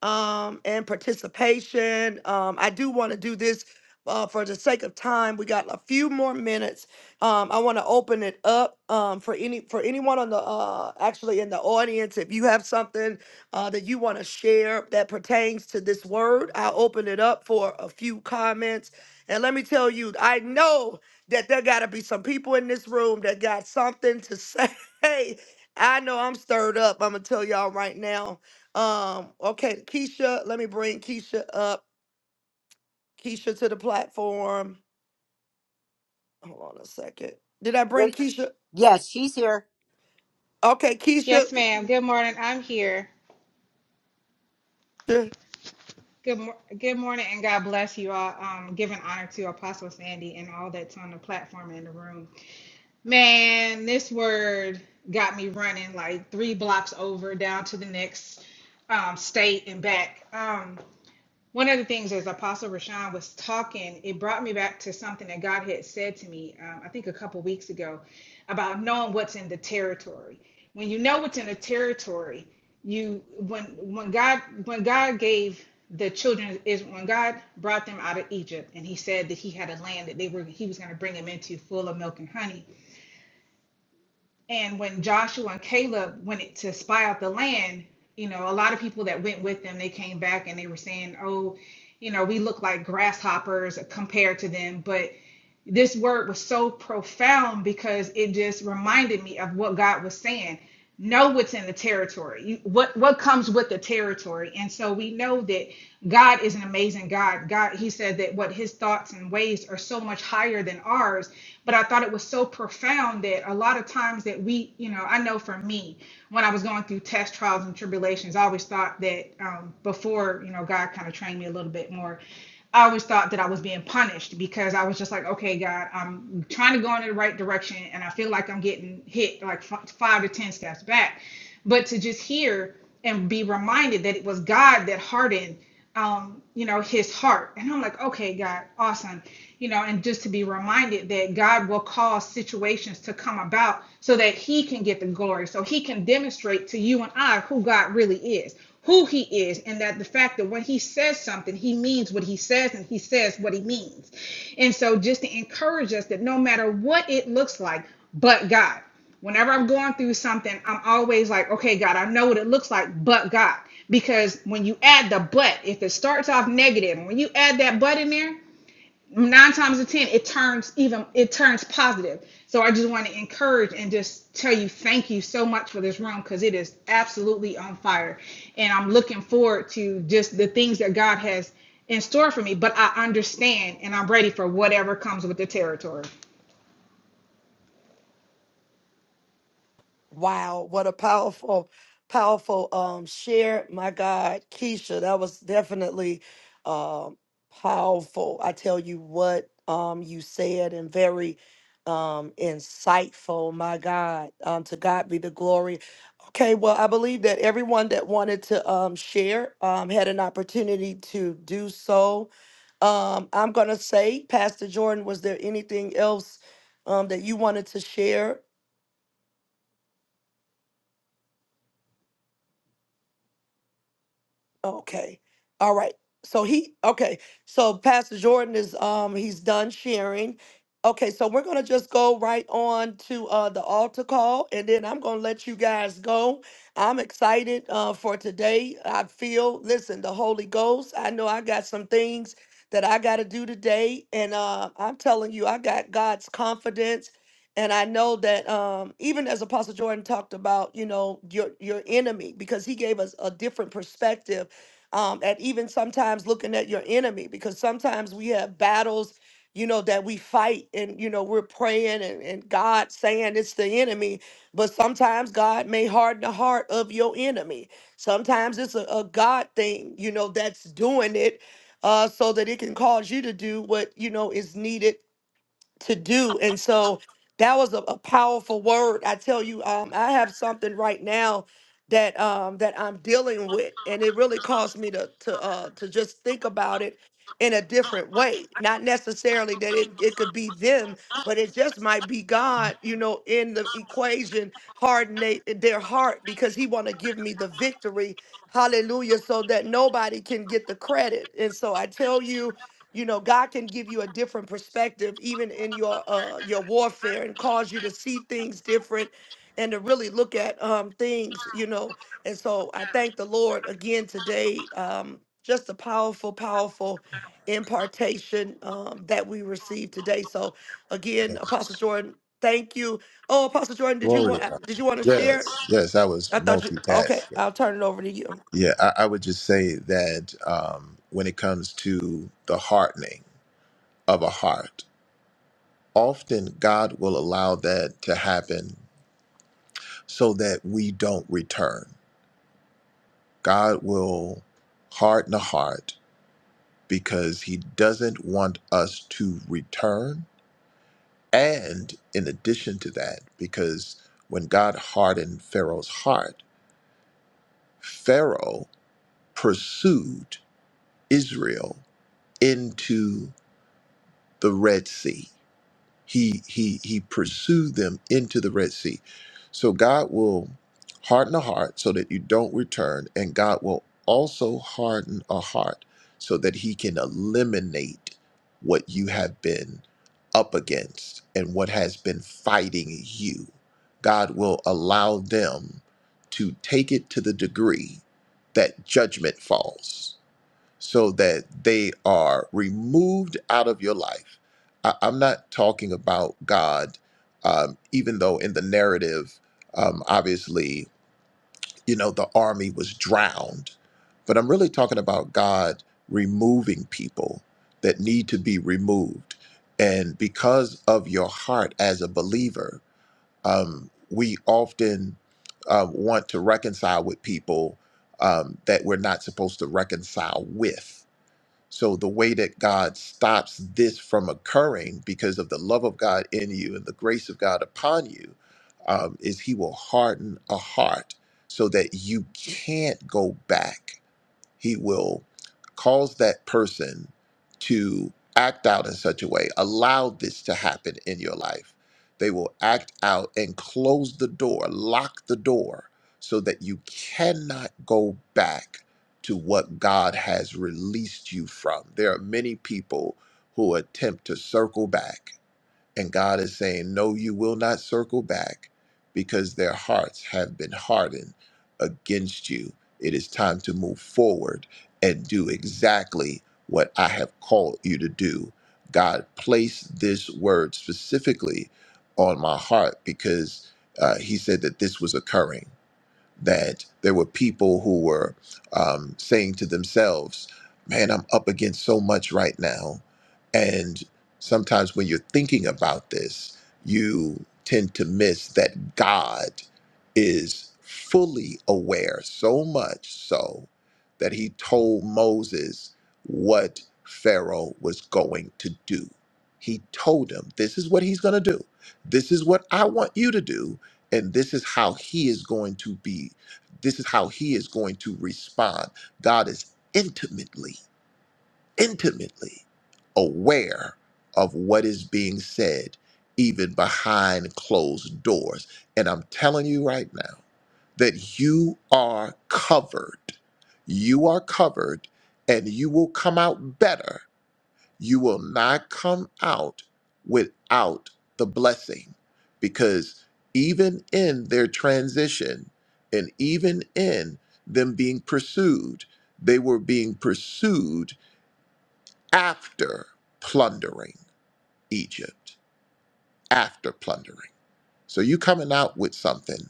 S1: um, and participation. Um, I do want to do this uh, for the sake of time. We got a few more minutes. Um, I want to open it up um, for any for anyone on the uh, actually in the audience. If you have something uh, that you want to share that pertains to this word. I'll open it up for a few comments. And let me tell you, I know that there got to be some people in this room that got something to say. I know I'm stirred up. I'm going to tell y'all right now. Um, okay, Keisha, let me bring Keisha up. Keisha to the platform. Hold on a second. Did I
S12: There-
S1: bring Keisha?
S12: Yes, she's here.
S1: Okay,
S19: Yes,
S1: Keisha.
S19: ma'am. Good morning. I'm here. Good mor- good morning, and God bless you all. Um, giving honor to Apostle Sandy and all that's on the platform and in the room. Man, this word got me running like three blocks over down to the next um, state and back. Um, one of the things as apostle rashawn was talking it brought me back to something that god had said to me um, i think a couple weeks ago about knowing what's in the territory when you know what's in the territory you when when god when god gave the children is when god brought them out of egypt and he said that he had a land that they were he was going to bring them into full of milk and honey and when Joshua and Caleb went to spy out the land, you know, a lot of people that went with them, they came back and they were saying, oh, you know, we look like grasshoppers compared to them. But this word was so profound because it just reminded me of what God was saying. Know what's in the territory. You, what what comes with the territory, and so we know that God is an amazing God. God, He said that what His thoughts and ways are so much higher than ours. But I thought it was so profound that a lot of times that we, you know, I know for me, when I was going through test trials and tribulations, I always thought that um, before, you know, God kind of trained me a little bit more I always thought that I was being punished because I was just like, okay, God, I'm trying to go in the right direction and I feel like I'm getting hit like f- five to 10 steps back but to just hear and be reminded that it was God that hardened um you know his heart and i'm like okay god awesome you know and just to be reminded that god will cause situations to come about so that he can get the glory so he can demonstrate to you and i who god really is who he is and that the fact that when he says something he means what he says and he says what he means and so just to encourage us that no matter what it looks like but god Whenever I'm going through something, I'm always like, okay, God, I know what it looks like, but God. Because when you add the but, if it starts off negative, when you add that but in there, nine times out of ten, it turns even it turns positive. So I just want to encourage and just tell you thank you so much for this room because it is absolutely on fire. And I'm looking forward to just the things that God has in store for me. But I understand and I'm ready for whatever comes with the territory.
S1: Wow, what a powerful, powerful um share. My God, Keisha, that was definitely um powerful. I tell you what um you said and very um insightful, my God. Um to God be the glory. Okay, well, I believe that everyone that wanted to um share um had an opportunity to do so. Um I'm gonna say, Pastor Jordan, was there anything else um that you wanted to share? Okay. All right. So he okay. So Pastor Jordan is um he's done sharing. Okay, so we're gonna just go right on to uh the altar call and then I'm gonna let you guys go. I'm excited uh for today. I feel listen, the Holy Ghost. I know I got some things that I gotta do today, and uh I'm telling you, I got God's confidence. And I know that um, even as Apostle Jordan talked about, you know, your your enemy, because he gave us a different perspective um, at even sometimes looking at your enemy because sometimes we have battles you know that we fight and you know we're praying and, and god saying it's the enemy but sometimes god may harden the heart of your enemy sometimes it's a, a god thing you know that's doing it uh, so that it can cause you to do what you know is needed to do. And so that was a, a powerful word. I tell you, um, I have something right now that um that I'm dealing with, and it really caused me to to uh to just think about it in a different way. Not necessarily that it, it could be them, but it just might be God, you know, in the equation, hardening their heart because he wanna give me the victory. Hallelujah. So that nobody can get the credit. And so I tell you, you know god can give you a different perspective even in your uh your warfare and cause you to see things different and to really look at um things you know and so i thank the lord again today um just a powerful powerful impartation um that we received today so again apostle
S2: Yes.
S1: jordan thank you oh apostle jordan did you
S2: Glory to
S1: want
S2: God.
S1: did you want to
S2: Yes.
S1: share
S2: Yes. I was
S1: i thought you okay
S2: multitasking.
S1: i'll turn it over to you
S2: Yeah, I, I would just say that um, when it comes to the hardening of a heart, often God will allow that to happen so that we don't return. God will harden a heart because he doesn't want us to return. And in addition to that, because when God hardened Pharaoh's heart, Pharaoh pursued Israel into the Red Sea He he he pursued them into the Red Sea. So God will harden a heart so that you don't return, and God will also harden a heart so that He can eliminate what you have been up against and what has been fighting you. God will allow them to take it to the degree that judgment falls so that they are removed out of your life. I, I'm not talking about God, um, even though in the narrative, um, obviously, you know, the army was drowned, but I'm really talking about God removing people that need to be removed. And because of your heart as a believer, um, we often uh, want to reconcile with people um, that we're not supposed to reconcile with so the way that God stops this from occurring because of the love of God in you and the grace of God upon you um, is He will harden a heart so that you can't go back he will cause that person to act out in such a way, allow this to happen in your life. They will act out and close the door, lock the door, so that you cannot go back to what God has released you from. There are many people who attempt to circle back and God is saying, No, you will not circle back because their hearts have been hardened against you. It is time to move forward and do exactly what I have called you to do. God placed this word specifically on my heart because uh, He said that this was occurring that there were people who were um, saying to themselves, Man, I'm up against so much right now. And sometimes when you're thinking about this, you tend to miss that God is fully aware, so much so that he told Moses what Pharaoh was going to do. He told him, This is what he's going to do. This is what I want you to do and this is how he is going to be this is how he is going to respond god is intimately intimately aware of what is being said even behind closed doors and i'm telling you right now that you are covered you are covered and you will come out better you will not come out without the blessing because even in their transition and even in them being pursued, they were being pursued after plundering Egypt, after plundering. So you coming out with something,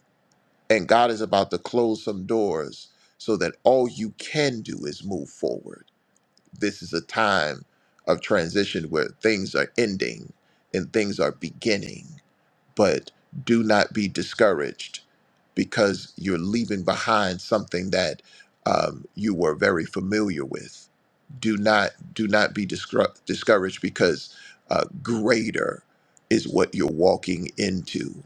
S2: and God is about to close some doors so that all you can do is move forward This is a time of transition where things are ending and things are beginning. But do not be discouraged because you're leaving behind something that um, you were very familiar with. Do not do not be discru- discouraged because uh, greater is what you're walking into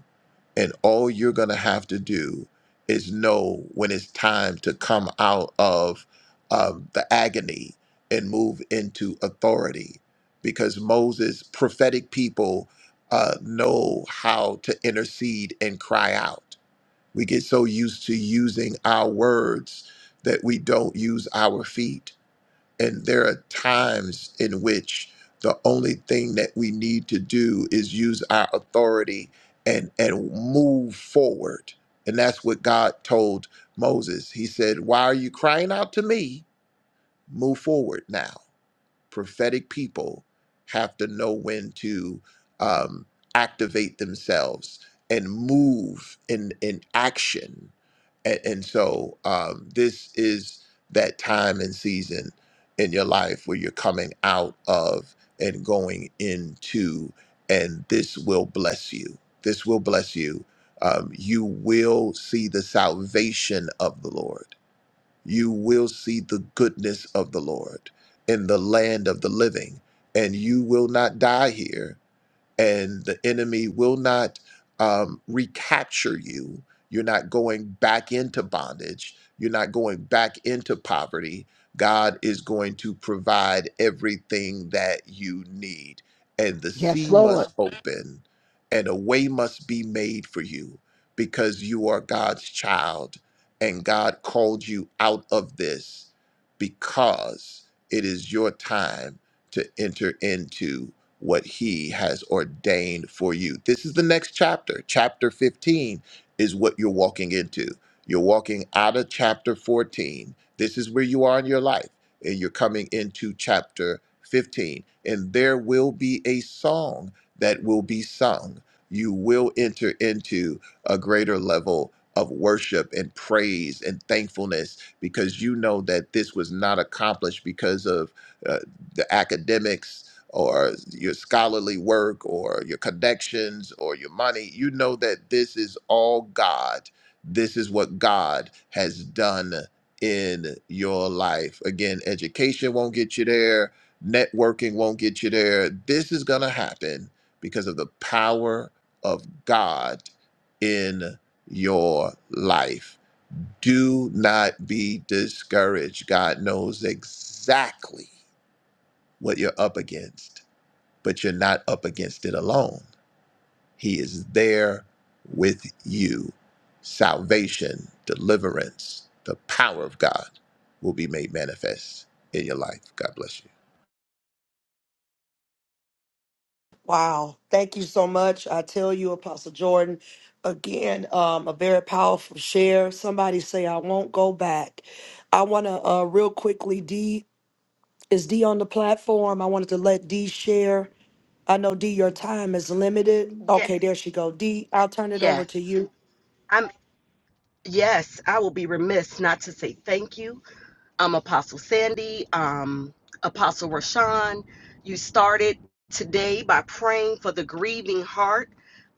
S2: and all you're going to have to do is know when it's time to come out of um, the agony and move into authority. Because Moses, prophetic people, uh, know how to intercede and cry out. We get so used to using our words that we don't use our feet and there are times in which the only thing that we need to do is use our authority and and move forward. And that's what God told Moses. He said, "Why are you crying out to me? Move forward now." prophetic people have to know when to um, activate themselves and move in in action and, and so um, this is that time and season in your life where you're coming out of and going into and this will bless you this will bless you um, you will see the salvation of the lord you will see the goodness of the Lord in the land of the living, and you will not die here, and the enemy will not um, recapture you. You're not going back into bondage, you're not going back into poverty. God is going to provide everything that you need. And the
S17: Yes,
S2: sea
S17: Lord.
S2: open and a way must be made for you because you are God's child and God called you out of this because it is your time to enter into what he has ordained for you. This is the next chapter. Chapter 15 is what you're walking into. You're walking out of chapter 14. This is where you are in your life, and you're coming into chapter 15. And there will be a song that will be sung, you will enter into a greater level of worship and praise and thankfulness because you know that this was not accomplished because of uh, the academics or your scholarly work or your connections or your money. You know that this is all God. This is what God has done in your life. Again, education won't get you there, networking won't get you there. This is going to happen because of the power of God in your life. Do not be discouraged. God knows exactly what you're up against, but you're not up against it alone. He is there with you. Salvation, deliverance, the power of God will be made manifest in your life. God bless you.
S1: Wow. Thank you so much. I tell you, Apostle Jordan, again, um, a very powerful share. Somebody say, I won't go back. I want to, uh, real quickly, D, is D on the platform? I wanted to let D share. I know, D, your time is limited.
S20: Yes,
S1: Okay, there she go. D, I'll turn it over
S20: yes.
S1: to you.
S20: I'm yes, I will be remiss not to say thank you. Um Apostle Sandy, um Apostle Rashawn, you started today by praying for the grieving heart.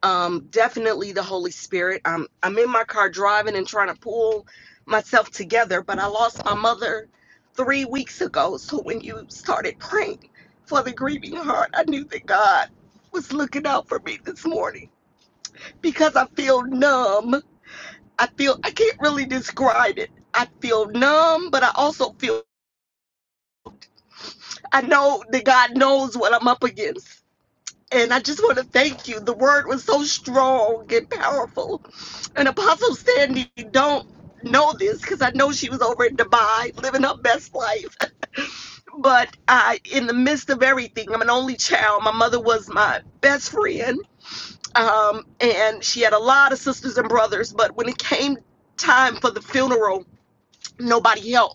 S20: Um definitely the Holy Spirit. Um I'm in my car driving and trying to pull myself together, but I lost my mother 3 weeks ago. So when you started praying for the grieving heart, I knew that God was looking out for me this morning because I feel numb I feel I can't really describe it. I feel numb, but I also feel I know that God knows what I'm up against. And I just want to thank you. The word was so strong and powerful. And Apostle Sandy don't know this because I know she was over in Dubai living her best life. But I, in the midst of everything, I'm an only child. My mother was my best friend, um, and she had a lot of sisters and brothers. But when it came time for the funeral, nobody helped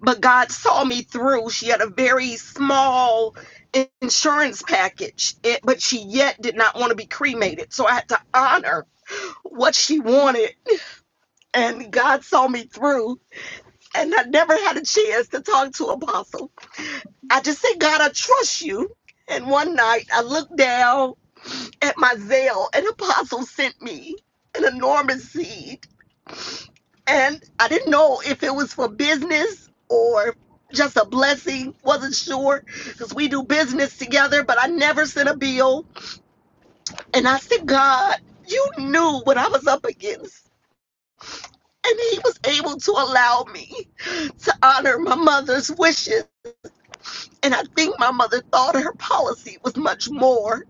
S20: but God saw me through. She had a very small insurance package, it, but she yet did not want to be cremated. So I had to honor what she wanted, and God saw me through. And I never had a chance to talk to Apostle. I just said, God, I trust you. And one night I looked down at my veil, and Apostle sent me an enormous seed. and I didn't know if it was for business or just a blessing. Wasn't sure because we do business together, but I never sent a bill. And I said, God, you knew what I was up against. And he was able to allow me to honor my mother's wishes. And I think my mother thought her policy was much more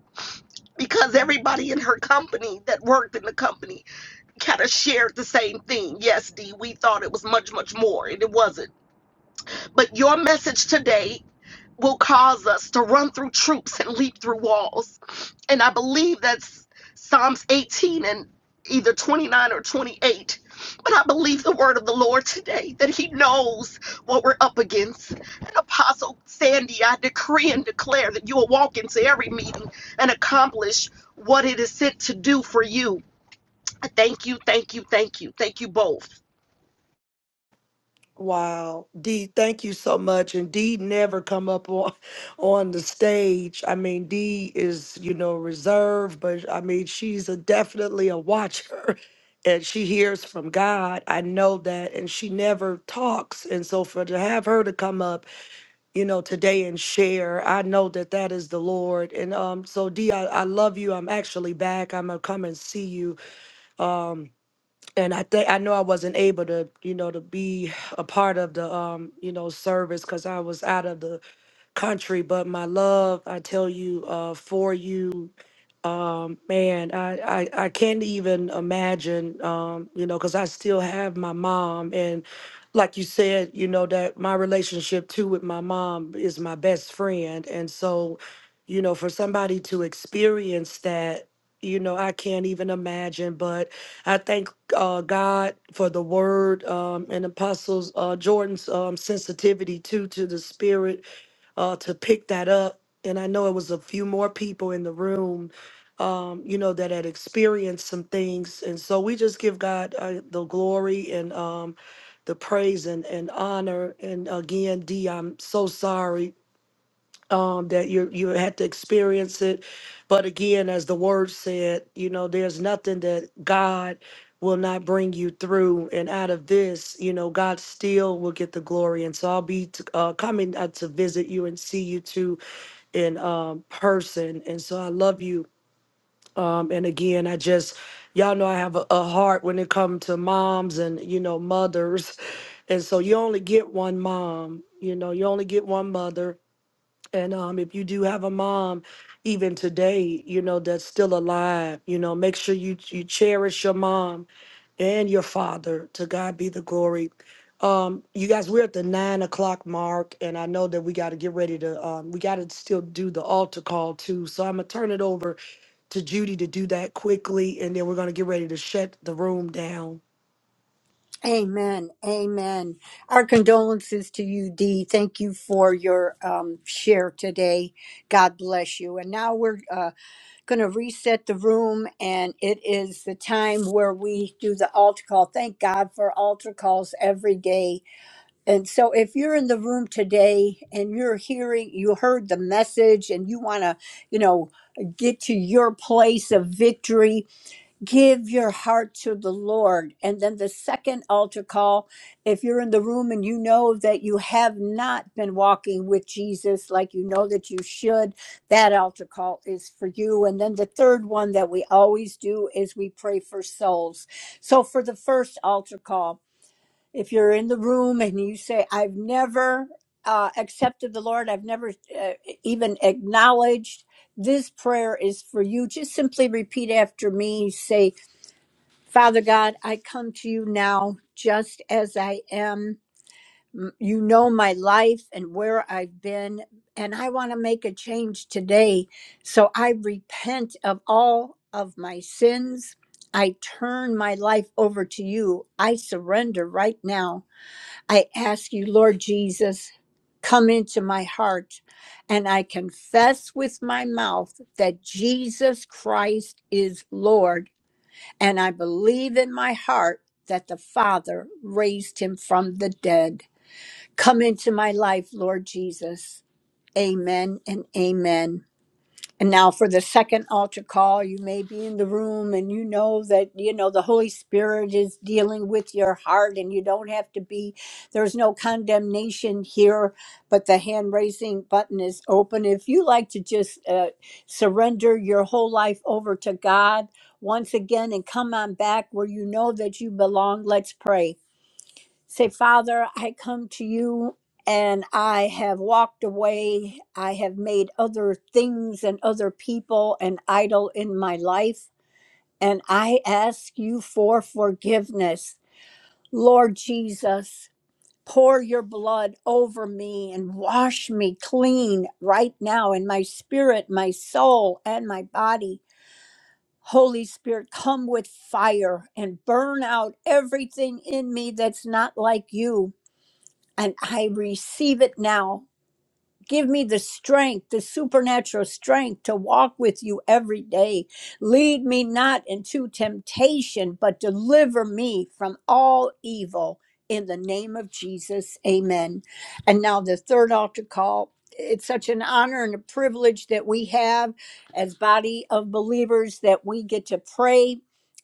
S20: because everybody in her company that worked in the company kind of shared the same thing. Yes, Dee, we thought it was much, much more, and it wasn't But your message today will cause us to run through troops and leap through walls. And I believe that's Psalms 18 and either 29 or 28. But I believe the word of the Lord today that He knows what we're up against. And Apostle Sandy, I decree and declare that you will walk into every meeting and accomplish what it is sent to do for you. I Thank you, thank you, thank you, thank you both.
S1: Wow, Dee, thank you so much. And Dee never come up on on the stage. I mean, Dee is, you know, reserved, but I mean, she's a, definitely a watcher and she hears from God. I know that. And she never talks. And so for to have her to come up, you know, today and share, I know that that is the Lord. And um, so Dee, I, I love you. I'm actually back. I'm gonna come and see you. Um, and I think I know I wasn't able to, you know, to be a part of the, um, you know, service because I was out of the country. But my love, I tell you, uh, for you um, man, I, I, I can't even imagine, um, you know, because I still have my mom. And like you said, you know, that my relationship too with my mom is my best friend. And so, you know, for somebody to experience that, you know, I can't even imagine. But I thank uh, God for the word um, and Apostles uh, Jordan's um, sensitivity too to the spirit uh, to pick that up. And I know it was a few more people in the room, um, you know, that had experienced some things. And so we just give God uh, the glory and um, the praise and, and honor. And again, D, I'm so sorry um, that you you had to experience it. But again, as the word said, you know, there's nothing that God will not bring you through. And out of this, you know, God still will get the glory. And so I'll be t- uh, coming out to visit you and see you too in um, person. And so I love you. Um, and again, I just y'all know I have a, a heart when it comes to moms and you know mothers. And so you only get one mom, you know, you only get one mother and um, if you do have a mom, even today, you know that's still alive. You know, make sure you you cherish your mom and your father. To God be the glory. Um, you guys, we're at the nine o'clock mark, and I know that we got to get ready to. Um, we got to still do the altar call too. So I'm gonna turn it over to Judy to do that quickly, and then we're gonna get ready to shut the room down.
S12: Amen. Amen. Our condolences to you, Dee. Thank you for your um, share today. God bless you. And now we're uh, going to reset the room and it is the time where we do the altar call. Thank God for altar calls every day. And so if you're in the room today and you're hearing you heard the message and you want to, you know, get to your place of victory, give your heart to the Lord. And then the second altar call, if you're in the room and you know that you have not been walking with Jesus like you know that you should, that altar call is for you. And then the third one that we always do is we pray for souls. So for the first altar call, if you're in the room and you say, I've never uh, accepted the Lord, I've never uh, even acknowledged this prayer is for you. Just simply repeat after me. Say, Father God, I come to you now just as I am. M- You know my life and where I've been, and I want to make a change today. So I repent of all of my sins. I turn my life over to you. I surrender right now. I ask you, Lord Jesus, come into my heart. And I confess with my mouth that Jesus Christ is Lord and I believe in my heart that the Father raised him from the dead. Come into my life, Lord Jesus. Amen and amen. And now for the second altar call, you may be in the room and you know that, you know, the Holy Spirit is dealing with your heart and you don't have to be, there's no condemnation here, but the hand raising button is open. If you like to just uh, surrender your whole life over to God once again and come on back where you know that you belong, let's pray. Say, Father, I come to you and I have walked away. I have made other things and other people an idol in my life. And I ask you for forgiveness. Lord Jesus, pour your blood over me and wash me clean right now in my spirit, my soul, and my body. Holy Spirit, come with fire and burn out everything in me that's not like you and I receive it now Give me the strength, the supernatural strength to walk with you every day. Lead me not into temptation, but deliver me from all evil in the name of Jesus. Amen. And now the third altar call. It's such an honor and a privilege that we have as body of believers that we get to pray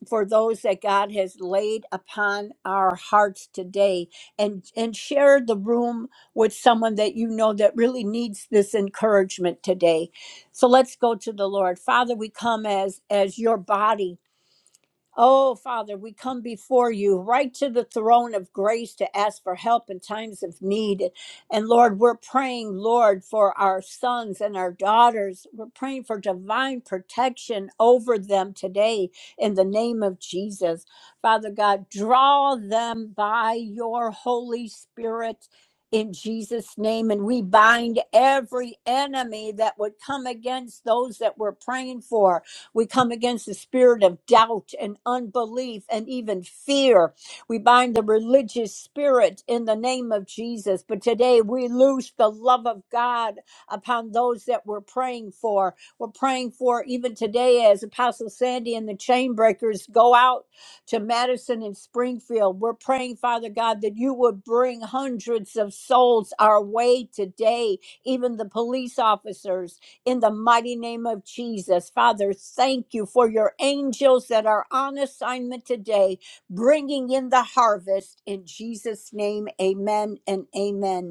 S12: for those that God has laid upon our hearts today and and share the room with someone that you know that really needs this encouragement today. So let's go to the Lord. Father, we come as as your body Oh, Father, we come before you right to the throne of grace to ask for help in times of need. And Lord, we're praying, Lord, for our sons and our daughters. We're praying for divine protection over them today in the name of Jesus. Father God, draw them by your Holy Spirit. In Jesus' name, and we bind every enemy that would come against those that we're praying for. We come against the spirit of doubt and unbelief and even fear. We bind the religious spirit in the name of Jesus. But today we loose the love of God upon those that we're praying for. We're praying for even today as Apostle Sandy and the Chainbreakers go out to Madison and Springfield. We're praying, Father God, that you would bring hundreds of souls our way today, even the police officers in the mighty name of Jesus. Father, thank you for your angels that are on assignment today, bringing in the harvest. In Jesus' name, amen and amen.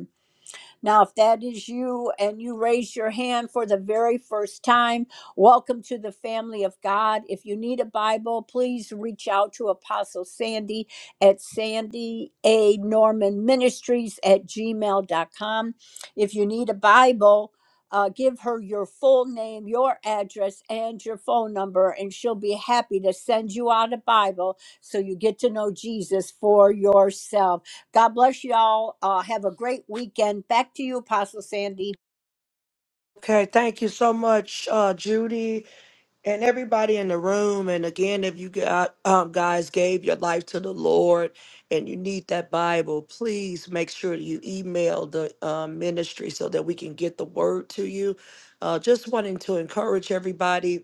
S12: Now, if that is you and you raise your hand for the very first time, welcome to the family of God. If you need a Bible, please reach out to Apostle Sandy at Sandy A. Norman Ministries at gmail dot com. If you need a Bible, uh, give her your full name, your address, and your phone number, and she'll be happy to send you out a Bible so you get to know Jesus for yourself. God bless y'all. Uh, have a great weekend. Back to you, Apostle Sandy.
S1: Okay, thank you so much, uh, Judy. and everybody in the room and again if you got um, guys gave your life to the lord and you need that bible please make sure that you email the um, ministry so that we can get the word to you uh, just wanting to encourage everybody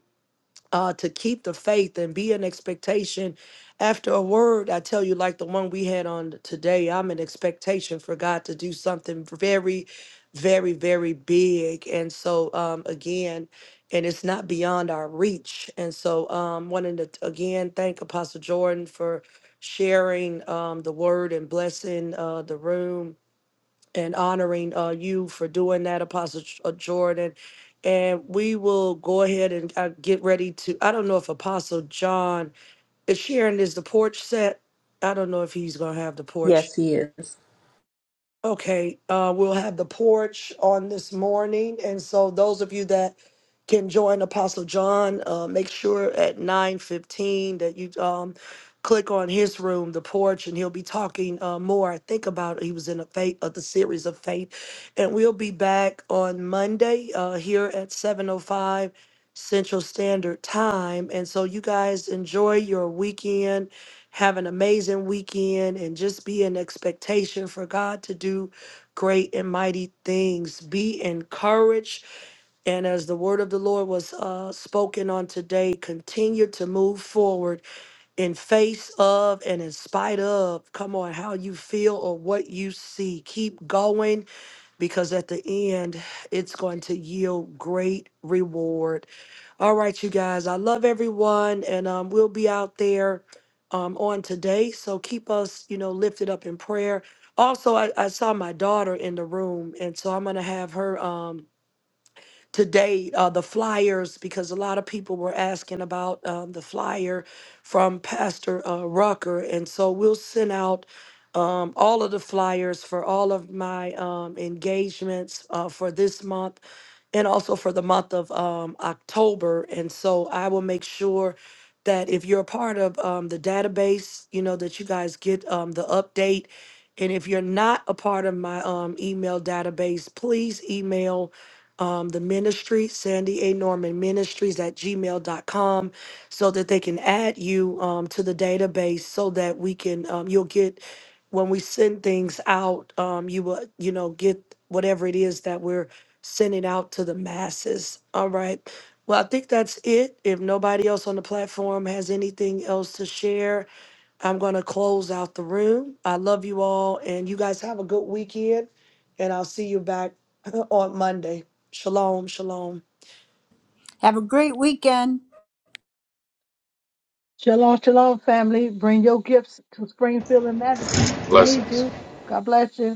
S1: uh, to keep the faith and be an expectation after a word. I tell you, like the one we had on today, I'm an expectation for God to do something very, very, very big. And so, um, again, and it's not beyond our reach. And so, um, wanting to again thank Apostle Jordan for sharing um, the word and blessing uh, the room and honoring uh, you for doing that, Apostle Ch- uh, Jordan. And we will go ahead and uh, get ready to. I don't know if Apostle John is sharing. Is the porch set? I don't know if he's gonna have the porch
S21: Yes, he is.
S1: Okay, uh, we'll have the porch on this morning, and so those of you that can join Apostle John, uh, make sure at nine fifteen that you um, click on his room, the porch, and he'll be talking uh, more. I think about he was in a faith of the series of faith, and we'll be back on Monday uh, here at seven o five Central Standard Time, and so you guys enjoy your weekend have an amazing weekend and just be in expectation for God to do great and mighty things. Be encouraged. And as the word of the Lord was uh, spoken on today, continue to move forward in face of and in spite of, come on, how you feel or what you see. Keep going because at the end, it's going to yield great reward. All right, you guys. I love everyone, and um, we'll be out there um, on today. So keep us, you know, lifted up in prayer. Also, I, I saw my daughter in the room, and so I'm gonna have her. Um, today uh, the flyers because a lot of people were asking about um, the flyer from Pastor uh, Rucker, and so we'll send out um, all of the flyers for all of my um, engagements uh, for this month and also for the month of um, October. And so I will make sure that if you're a part of um, the database, you know, that you guys get um, the update. And if you're not a part of my um, email database, please email um, the ministry, Sandy A. Norman Ministries at gmail dot com, so that they can add you um, to the database so that we can, um, you'll get, when we send things out, um, you will, you know, get whatever it is that we're sending out to the masses. All right. Well, I think that's it. If nobody else on the platform has anything else to share, I'm going to close out the room. I love you all, and you guys have a good weekend, and I'll see you back on Monday. Shalom, shalom.
S12: Have a great weekend.
S22: Shalom, shalom, family. Bring your gifts to Springfield and Madison. We need
S13: Blessings.
S22: you. God bless you.